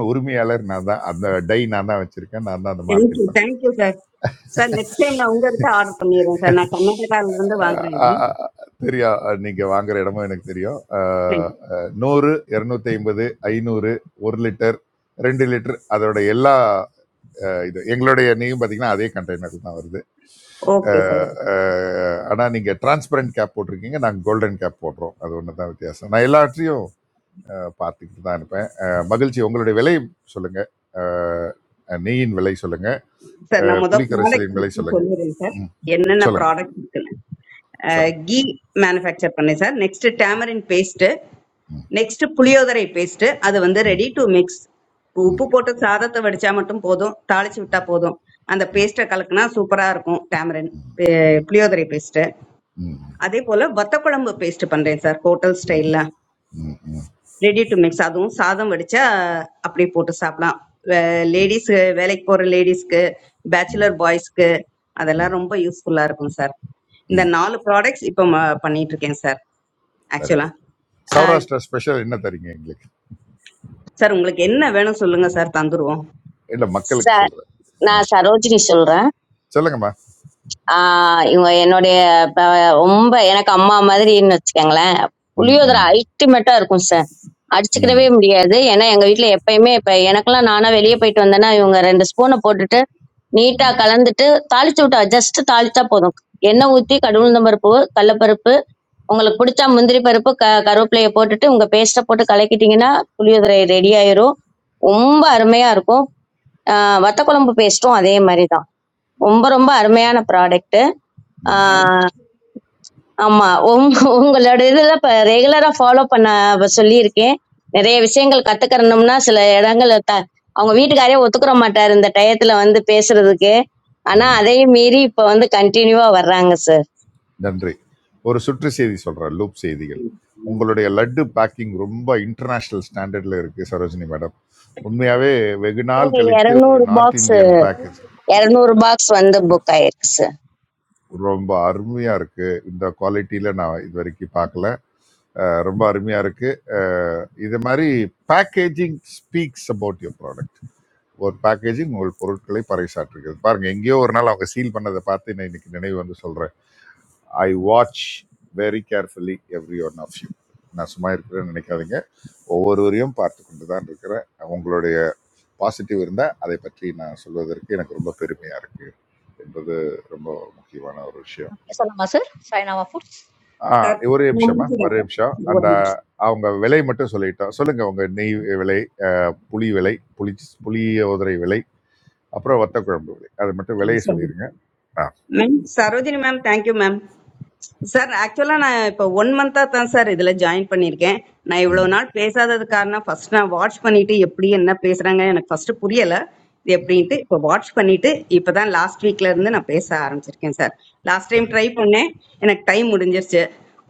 S7: உரிமையாளர் நான் தான் அந்த டை நான் தான் வச்சுருக்கேன் நான் தான் அந்த மார்க்கெட்
S17: தேங்க்யூ
S7: பண்ணேன்
S17: thank you sir sir next time நான் உங்ககிட்ட ஆர்டர் பண்ணிடுறேன் சார் நான் கர்நாடகால இருந்து வாங்குறேன் இது
S7: அஹ் தெரியும் அஹ் நீங்க வாங்குற இடமும் எனக்கு தெரியும் அஹ் அஹ் நூறு இருநூத்தி ஐம்பது ஐநூறு ஒரு லிட்டர் ரெண்டு லிட்டர் அதோட எல்லா அஹ் இது எங்களுடைய எண்ணெயும் பார்த்தீங்கன்னா அதே கண்டெய்னரில் தான் வருது
S17: ஓகே சார்
S7: அஹ் அஹ் ஆனா நீங்க டிரான்ஸ்பரண்ட் கேப் போட்டிருக்கீங்க நாங்கள் கோல்டன் கேப் போடுறோம் அது ஒன்று தான் வித்தியாசம் நான் எல்லாவற்றையும் அஹ் பார்த்துக்கிட்டு தான் இருப்பேன் அஹ் மகிழ்ச்சி உங்களுடைய விலை சொல்லுங்க அஹ் நெய்யின் விலை சொல்லுங்க
S17: சார்
S7: அஹ்
S17: நான் முதல் ப்ராடக்ட்
S7: புளிக்கரைசலின் விலை
S17: பற்றி
S7: சொல்லுங்க
S17: சொல்லிடுறேன் சார்
S7: ம்
S17: என்னென்ன
S7: சொல்லுங்க
S17: ப்ராடக்ட் இருக்குன்னு
S7: சொல்லுங்க
S17: கீ மேனுஃபேக்சர் பண்ணேன் சார் நெக்ஸ்ட் டேமரின் பேஸ்ட்டு
S7: ம்
S17: நெக்ஸ்ட் புளியோதரை பேஸ்ட்டு அது வந்து ரெடி டு மிக்ஸ் உப்பு
S7: வெரி
S17: போட்டு சாதத்தை வடிச்சா மட்டும் போதும் தாளிச்சு விட்டா போதும் அந்த பேஸ்ட்டை கலக்குனா சூப்பரா இருக்கும் டேமரின் புளியோதரை பேஸ்ட்டு அதே போல வத்த குழம்பு பேஸ்ட் பண்றேன் சார் ஹோட்டல் ஸ்டைல்ல ரெடி டு மிக்ஸ் அதுவும் சாதம் வடிச்சா அப்படியே போட்டு சாப்பிடலாம் லேடிஸ் வேலைக்கு போற லேடிஸ்க்கு பேச்சுலர் பாய்ஸ்க்கு அதெல்லாம் ரொம்ப யூஸ்ஃபுல்லா இருக்கும் சார் இந்த நாலு ப்ராடக்ட்ஸ் இப்போ ம- பண்ணிட்டு இருக்கேன் சார் ஆக்சுவலா
S7: குட் சௌராஷ்டிரா ஸ்பெஷல் என்ன தரீங்க எங்களுக்கு
S17: சார் உங்களுக்கு என்ன வேணும் சொல்லுங்க சார் தந்துருவோம்
S7: இல்லை மக்களுக்கு
S18: சார்
S7: சொல்கிறேன்
S18: நான் சரோஜினி சொல்றேன்
S7: சொல்லுங்கம்மா
S18: ஆஹ் இவங்க என்னுடைய ப- ரொம்ப எனக்கு அம்மா மாதிரின்னு வச்சுக்கோங்களேன்
S7: ம்
S18: புளியோதரை
S7: ம்
S18: அல்டிமேட்டா இருக்கும் சார் அடிச்சுக்கிடவே
S7: ம்
S18: முடியாது ஏன்னா எங்க வீட்ல எப்பயுமே இப்ப எனக்கெல்லாம் நானா வெளியே போயிட்டு வந்தேன்னா இவங்க ரெண்டு ஸ்பூனை போட்டுட்டு நீட்டா
S7: ம்
S18: கலந்துட்டு தாளிச்சு விட்டா ஜஸ்ட் தாளிச்சா போதும் எண்ணெய் ஊத்தி கடுகுளுந்தம் பருப்பு கடலப்பருப்பு உங்களுக்கு பிடிச்சா முந்திரி பருப்பு க கருவேப்பிலையை போட்டுட்டு உங்க பேஸ்ட்டை போட்டு கலக்கிட்டீங்கன்னா புளியோதரை ரெடி ஆயிரும் ரொம்ப அருமையா இருக்கும் ஆஹ் வத்த குழம்பு பேஸ்ட்டும் அதே மாதிரி தான் ரொம்ப ரொம்ப அருமையான ப்ராடக்ட்
S7: ம்
S18: ஆஹ் ஆமா உங்க- உங்களோட இதுல இப்ப ரெகுலரா ஃபாலோ பண்ண வ- சொல்லியிருக்கேன் நிறைய விஷயங்கள் கத்துக்கறணும்னா சில இடங்கள்ல த- அவங்க வீட்டுக்காரே ஒத்துக்கிற மாட்டாரு இந்த டயத்துல வந்து பேசுறதுக்கு ஆனா
S7: ம்.
S18: அதையும் மீறி இப்ப வந்து கண்டினியூவா வர்றாங்க சார்
S7: நன்றி ஒரு சுற்று செய்தி சொல்கிறேன் லூப் செய்திகள் உங்களுடைய லட்டு பேக்கிங் ரொம்ப இன்டர்நேஷ்னல் ஸ்டாண்டர்டில் இருக்குது சரோஜினி மேடம் உண்மையாகவே வெகு நாள் கழித்து ஒரு
S18: 200
S7: north
S18: box
S7: Indian package
S18: 200 box வந்து புக் ஆயிருக்கு சார்
S7: ரொம்ப அருமையாக இருக்குது இந்த குவாலிட்டியில் நான் இது வரைக்கும் பார்க்கல அஹ் ரொம்ப அருமையாக இருக்குது இது மாதிரி packaging speaks about your product ஒரு பேக்கேஜிங் உங்கள் பொருட்களை பறைசாற்றுகிறது பாருங்க எங்கேயோ ஒரு நாள் அவங்க சீல் பண்ணதை பார்த்து நான் இன்னைக்கு நினைவு வந்து சொல்கிறேன் I watch very carefully every one of you நான் சும்மா இருக்கிறேன்னு நினைக்காதீங்க ஒவ்வொருவரையும் பார்த்து கொண்டு தான் இருக்கிறேன் உங்களுடைய பாசிட்டிவ் இருந்தால் அதை பற்றி நான் சொல்வதற்கு எனக்கு ரொம்ப பெருமையாக இருக்குது என்பது ரொம்ப முக்கியமான ஒரு விஷயம்
S4: சொல்லலாமா சார் சாய்னாவா ஃபுட்ஸ்
S7: ஆ,
S17: சார்
S7: ஒரே
S17: நான்
S7: நிமிஷமா
S17: முடிச்சிடுறேன்
S7: ஒரே நிமிஷம்
S17: சார்
S7: அந்த
S17: ஒரு
S7: அவங்க விலை மட்டும் சொல்லிட்டோம் சொல்லுங்க உங்க நெய் விலை அஹ், புளி விலை புளி புளிய உதிரை விலை அப்புறம் வத்த குழம்பு விலை அது மட்டும் விலையை சொல்லிடுங்க
S17: நிமிஷம்
S7: ஆ
S17: ma'am Sarojini ma'am thank you ma'am sir ஆக்சுவலாக நான் இப்போ ஒன் மந்த்தாக தான் சார் இதில் ஜாயின் பண்ணியிருக்கேன் நான் இவ்வளோ
S7: ம்
S17: நாள் பேசாதது காரணம் ஃபர்ஸ்ட் நான் வாட்ச் பண்ணிட்டு எப்படி என்ன பேசுகிறாங்க எனக்கு ஃபர்ஸ்ட் புரியலை இது எப்படின்ட்டு இப்போ வாட்ச் பண்ணிட்டு இப்போ தான் லாஸ்ட் வீக்ல இருந்து நான் பேச ஆரம்பிச்சிருக்கேன் sir last time
S7: very
S17: try பண்ணேன் எனக்கு டைம் முடிஞ்சிருச்சு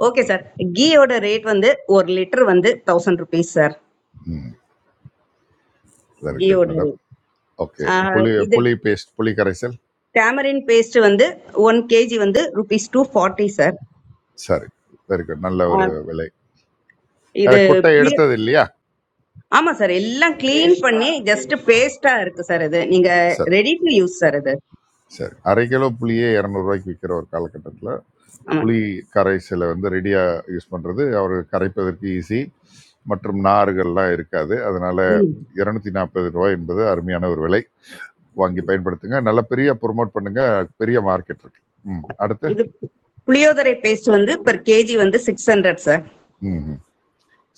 S17: ஓகே சார் கீயோட ரேட் வந்து ஒரு லிட்டர் வந்து தௌசண்ட் ருபீஸ் சார்
S7: ம் வெரி குட்
S17: கீயோட
S7: மேடம்
S17: ரேட்
S7: ஓகே புளி
S17: இது
S7: புளி பேஸ்ட் புளி கரைசல்
S17: டேமரின் பேஸ்ட் வந்து ஒன் கேஜி வந்து ருபீஸ் டூ ஃபார்ட்டி சார்
S7: சரி வெரி குட் நல்ல ஒரு விலை
S17: இது
S7: அஹ், கொட்டை
S17: பி-
S7: எடுத்தது இல்லையா
S17: ஆமா சார் எல்லாம் க்ளீன் பண்ணி ஜஸ்ட்
S7: ஆ,
S17: பேஸ்டா இருக்கு சார் இது நீங்க
S7: சரி
S17: ரெடி டு யூஸ் சார் இது
S7: சரி அரை கிலோ புளியே இரநூறுவாய்க்கு விற்கிற ஒரு காலகட்டத்தில்
S17: ஆமா
S7: புளி கரைசலை வந்து ரெடியாக யூஸ் பண்ணுறது அவர் கரைப்பதற்கு ஈஸி மற்றும் நார்கள்லாம் இருக்காது அதனால
S17: ம்.
S7: இரநூத்தி நாற்பது ரூபாய் என்பது அருமையான ஒரு விலை வாங்கி பயன்படுத்துங்க நல்ல பெரிய ப்ரோமோட் பண்ணுங்க பெரிய மார்க்கெட் இருக்கு ம் அடுத்து
S17: இது புளியோதரை பேஸ்ட் வந்து per கேஜி வந்து சிக்ஸ் ஹண்ட்ரட் சார்
S7: ம் ம்.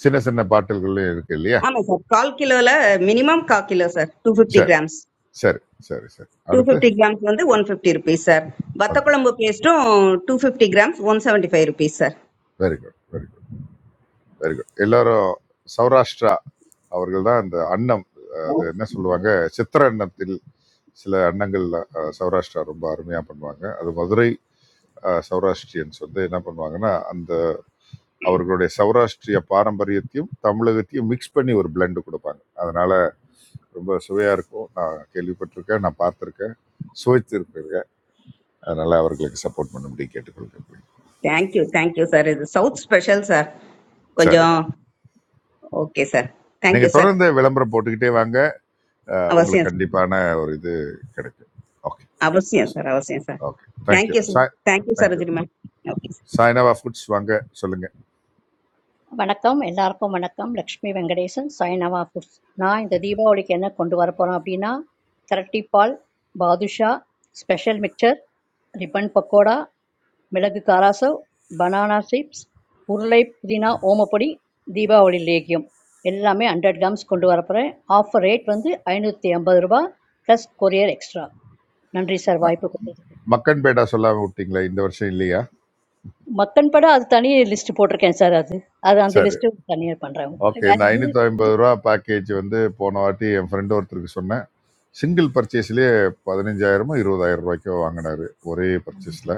S7: சின்ன சின்ன பாட்டில்கள்லையும் இருக்கு இல்லையா
S17: ஆமா சார் கால் கிலோல மினிமம் கால் கிலோ சார் டூ ஃபிஃப்டி
S7: சரி
S17: கிராம்ஸ்
S7: சரி சரி சரி
S17: டூ
S7: அடுத்து
S17: ஃபிஃப்டி கிராம்ஸ் வந்து ஒன் ஃபிஃப்டி ருபீஸ் சார் வத்தக்குழம்பு பேஸ்ட்டும் two fifty grams one seventy five rupees sir
S7: very good very good very good எல்லாரும் சௌராஷ்டிரா அவர்கள் தான் இந்த அன்னம் அது என்ன சொல்லுவாங்க சித்திர அன்னத்தில் சில அன்னங்கள் அஹ், சௌராஷ்டிரா ரொம்ப அருமையாக பண்ணுவாங்க அது மதுரை சௌராஷ்டிரியன்ஸ் வந்து என்ன பண்ணுவாங்கன்னா அந்த அவர்களுடைய சௌராஷ்டிரிய பாரம்பரியத்தையும் தமிழகத்தையும் மிக்ஸ் பண்ணி ஒரு blend கொடுப்பாங்க அதனால ரொம்ப சுவையா இருக்கும் நான் கேள்விப்பட்டிருக்கேன் நான் பார்த்துருக்கேன் சுவைத்திருக்கிறேன் அதனால அவர்களுக்கு சப்போர்ட் பண்ணும்படி கேட்டுக்கொள்கிறேன்
S17: தேங்க்யூ தேங்க்யூ சார் இது சவுத் ஸ்பெஷல் சார்
S7: சரி
S17: கொஞ்சம்
S7: மேடம்
S17: ஓகே சார்
S7: நீங்க
S17: தேங்க்யூ சார்
S7: தொடர்ந்து விளம்பரம் போட்டுக்கிட்டே வாங்க அஹ்,
S17: அவசியம்
S7: உங்களுக்கு
S17: சார்.
S7: கண்டிப்பான ஒரு இது கிடைக்கும் ஓகே
S17: அவசியம் சார் அவசியம் sir
S7: okay thank you
S17: thank you sir
S7: Sai
S17: thank you
S7: thank you
S17: Sarojini ma'am okay
S7: சாய்னாவா ஃபுட்ஸ் வாங்க சொல்லுங்க
S4: வணக்கம் எல்லாருக்கும் வணக்கம் லக்ஷ்மி வெங்கடேசன் சாய்னாவா ஃபுட்ஸ் நான் இந்த தீபாவளிக்கு என்ன கொண்டு வர போகிறேன் அப்படின்னா திரட்டிப்பால் பாதுஷா ஸ்பெஷல் மிக்சர் ரிப்பன் பக்கோடா மிளகு காராசேவ், பனானா சிப்ஸ், உருளை புதினா ஓமப்பொடி, தீபாவளி லேகியம் எல்லாமே 100 கிராம்ஸ் கொண்டு வரப்போகிறேன் ஆஃபர் ரேட் வந்து ஐநூற்றி ஐம்பது ரூபா ப்ளஸ் கொரியர் எக்ஸ்ட்ரா நன்றி சார்
S7: அஹ்,
S4: வாய்ப்பு கொடுத்ததுக்கு
S7: மக்கன்பேடா சொல்லாம விட்டீங்களா இந்த வருஷம் இல்லையா
S4: மக்கன் படம் அது தனி லிஸ்ட் போட்டிருக்கேன் சார் அது அது அந்த
S7: சரி
S4: லிஸ்ட்டு தனியாக பண்ணுறேன்
S7: ஓகே இந்த ஐநூற்றி ஐம்பது ரூபா பேக்கேஜ் வந்து போன வாட்டி என் ஃப்ரெண்டு ஒருத்தருக்கு சொன்னேன் சிங்கிள் பர்ச்சேஸ்லேயே பதினஞ்சாயிரமோ இருபதாயிரம் ரூபாய்க்கோ வாங்கினாரு ஒரே பர்ச்சேஸில்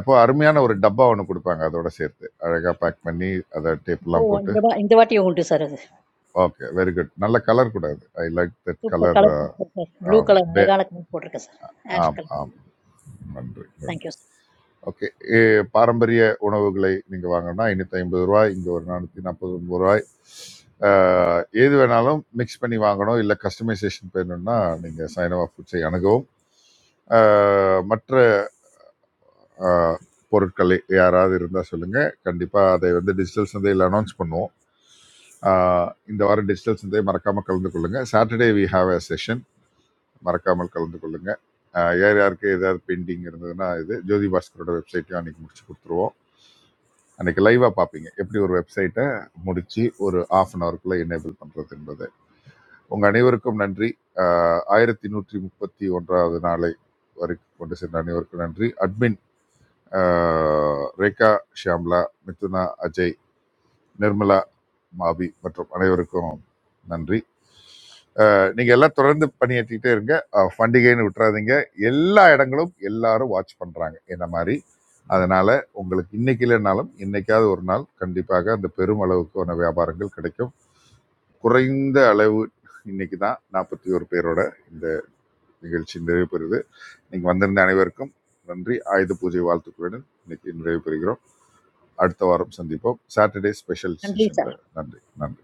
S7: இப்போ அருமையான ஒரு டப்பா ஒன்று கொடுப்பாங்க அதோட சேர்த்து அழகாக பேக் பண்ணி அதை
S4: இப்போ
S7: டேப்லாம் போட்டு
S4: இந்த வா இந்த வாட்டி உண்டு சார் அது
S7: ஓகே வெரி குட் நல்ல கலர் கூடாது I like that
S4: super
S7: colour
S4: colour போட்டிருக்கேன் சார் ப்ளூ
S7: ஆம்
S4: கலர்
S7: பே
S4: அழகான கலர் போட்டிருக்கேன் சார் ஆஷ்
S7: ஆம்
S4: கலர்
S7: ஆம் நன்றி நன்றி
S4: தேங்க்யூ சார்
S7: ஓகே பாரம்பரிய உணவுகளை நீங்கள் வாங்கினா ஐநூற்றி ஐம்பது ரூபாய் இங்கே ஒரு நானூற்றி நாற்பது ஒன்பது ரூபாய் அஹ், எது வேணாலும் மிக்ஸ் பண்ணி வாங்கணும் இல்லை கஸ்டமைசேஷன் வேணும்னா நீங்கள் சைனவா ஃபுட்ஸை அணுகவும் அஹ், மற்ற அஹ், பொருட்கள் யாராவது இருந்தால் சொல்லுங்கள் கண்டிப்பாக அதை வந்து டிஜிட்டல் சந்தையில் அனௌன்ஸ் பண்ணுவோம் அஹ், இந்த வாரம் டிஜிட்டல் சந்தை மறக்காமல் கலந்து கொள்ளுங்கள் Saturday we have a session மறக்காமல் கலந்து கொள்ளுங்கள் அஹ், யார் யாருக்கு ஏதாவது பெயிண்டிங் இருந்ததுன்னா இது ஜோதி பாஸ்கரோட வெப்சைட்டையும் அன்றைக்கி முடிச்சு கொடுத்துருவோம் அன்றைக்கி லைவாக பார்ப்பீங்க எப்படி ஒரு வெப்சைட்டை முடித்து ஒரு ஆஃப் அன் ஹவருக்குள்ளே எனேபிள் பண்ணுறது என்பது உங்கள் அனைவருக்கும் நன்றி ஆஹ் ஆயிரத்தி நூற்றி முப்பத்தி ஒன்றாவது நாளை வரைக்கும் கொண்டு சென்ற அனைவருக்கும் நன்றி அட்மின் ஆஹ் ரேகா ஷியாம்லா மிதுனா அஜய் நிர்மலா மாபி மற்றும் அனைவருக்கும் நன்றி அஹ், நீங்க எல்லாம் தொடர்ந்து பணியாற்றிக்கிட்டே இருங்க அஹ், பண்டிகைன்னு விட்டுறாதீங்க எல்லா இடங்களும் எல்லாரும் வாட்ச் பண்றாங்க என்ன மாதிரி அதனால உங்களுக்கு இன்னைக்கு இல்லைனாலும் இன்னைக்காவது ஒரு நாள் கண்டிப்பாக அந்த பெரும் அளவுக்கான வியாபாரங்கள் கிடைக்கும் குறைந்த அளவு இன்னைக்கு தான் நாற்பத்தி ஒரு பேரோட இந்த நிகழ்ச்சி நிறைவு பெறுது நீங்க வந்திருந்த அனைவருக்கும் நன்றி ஆயுத பூஜை வாழ்த்துக்களுடன் இன்னைக்கு நிறைவு பெறுகிறோம் அடுத்த வாரம் சந்திப்போம் சாட்டர்டே ஸ்பெஷல்
S4: நன்றி சார்
S7: செஷன்ல நன்றி நன்றி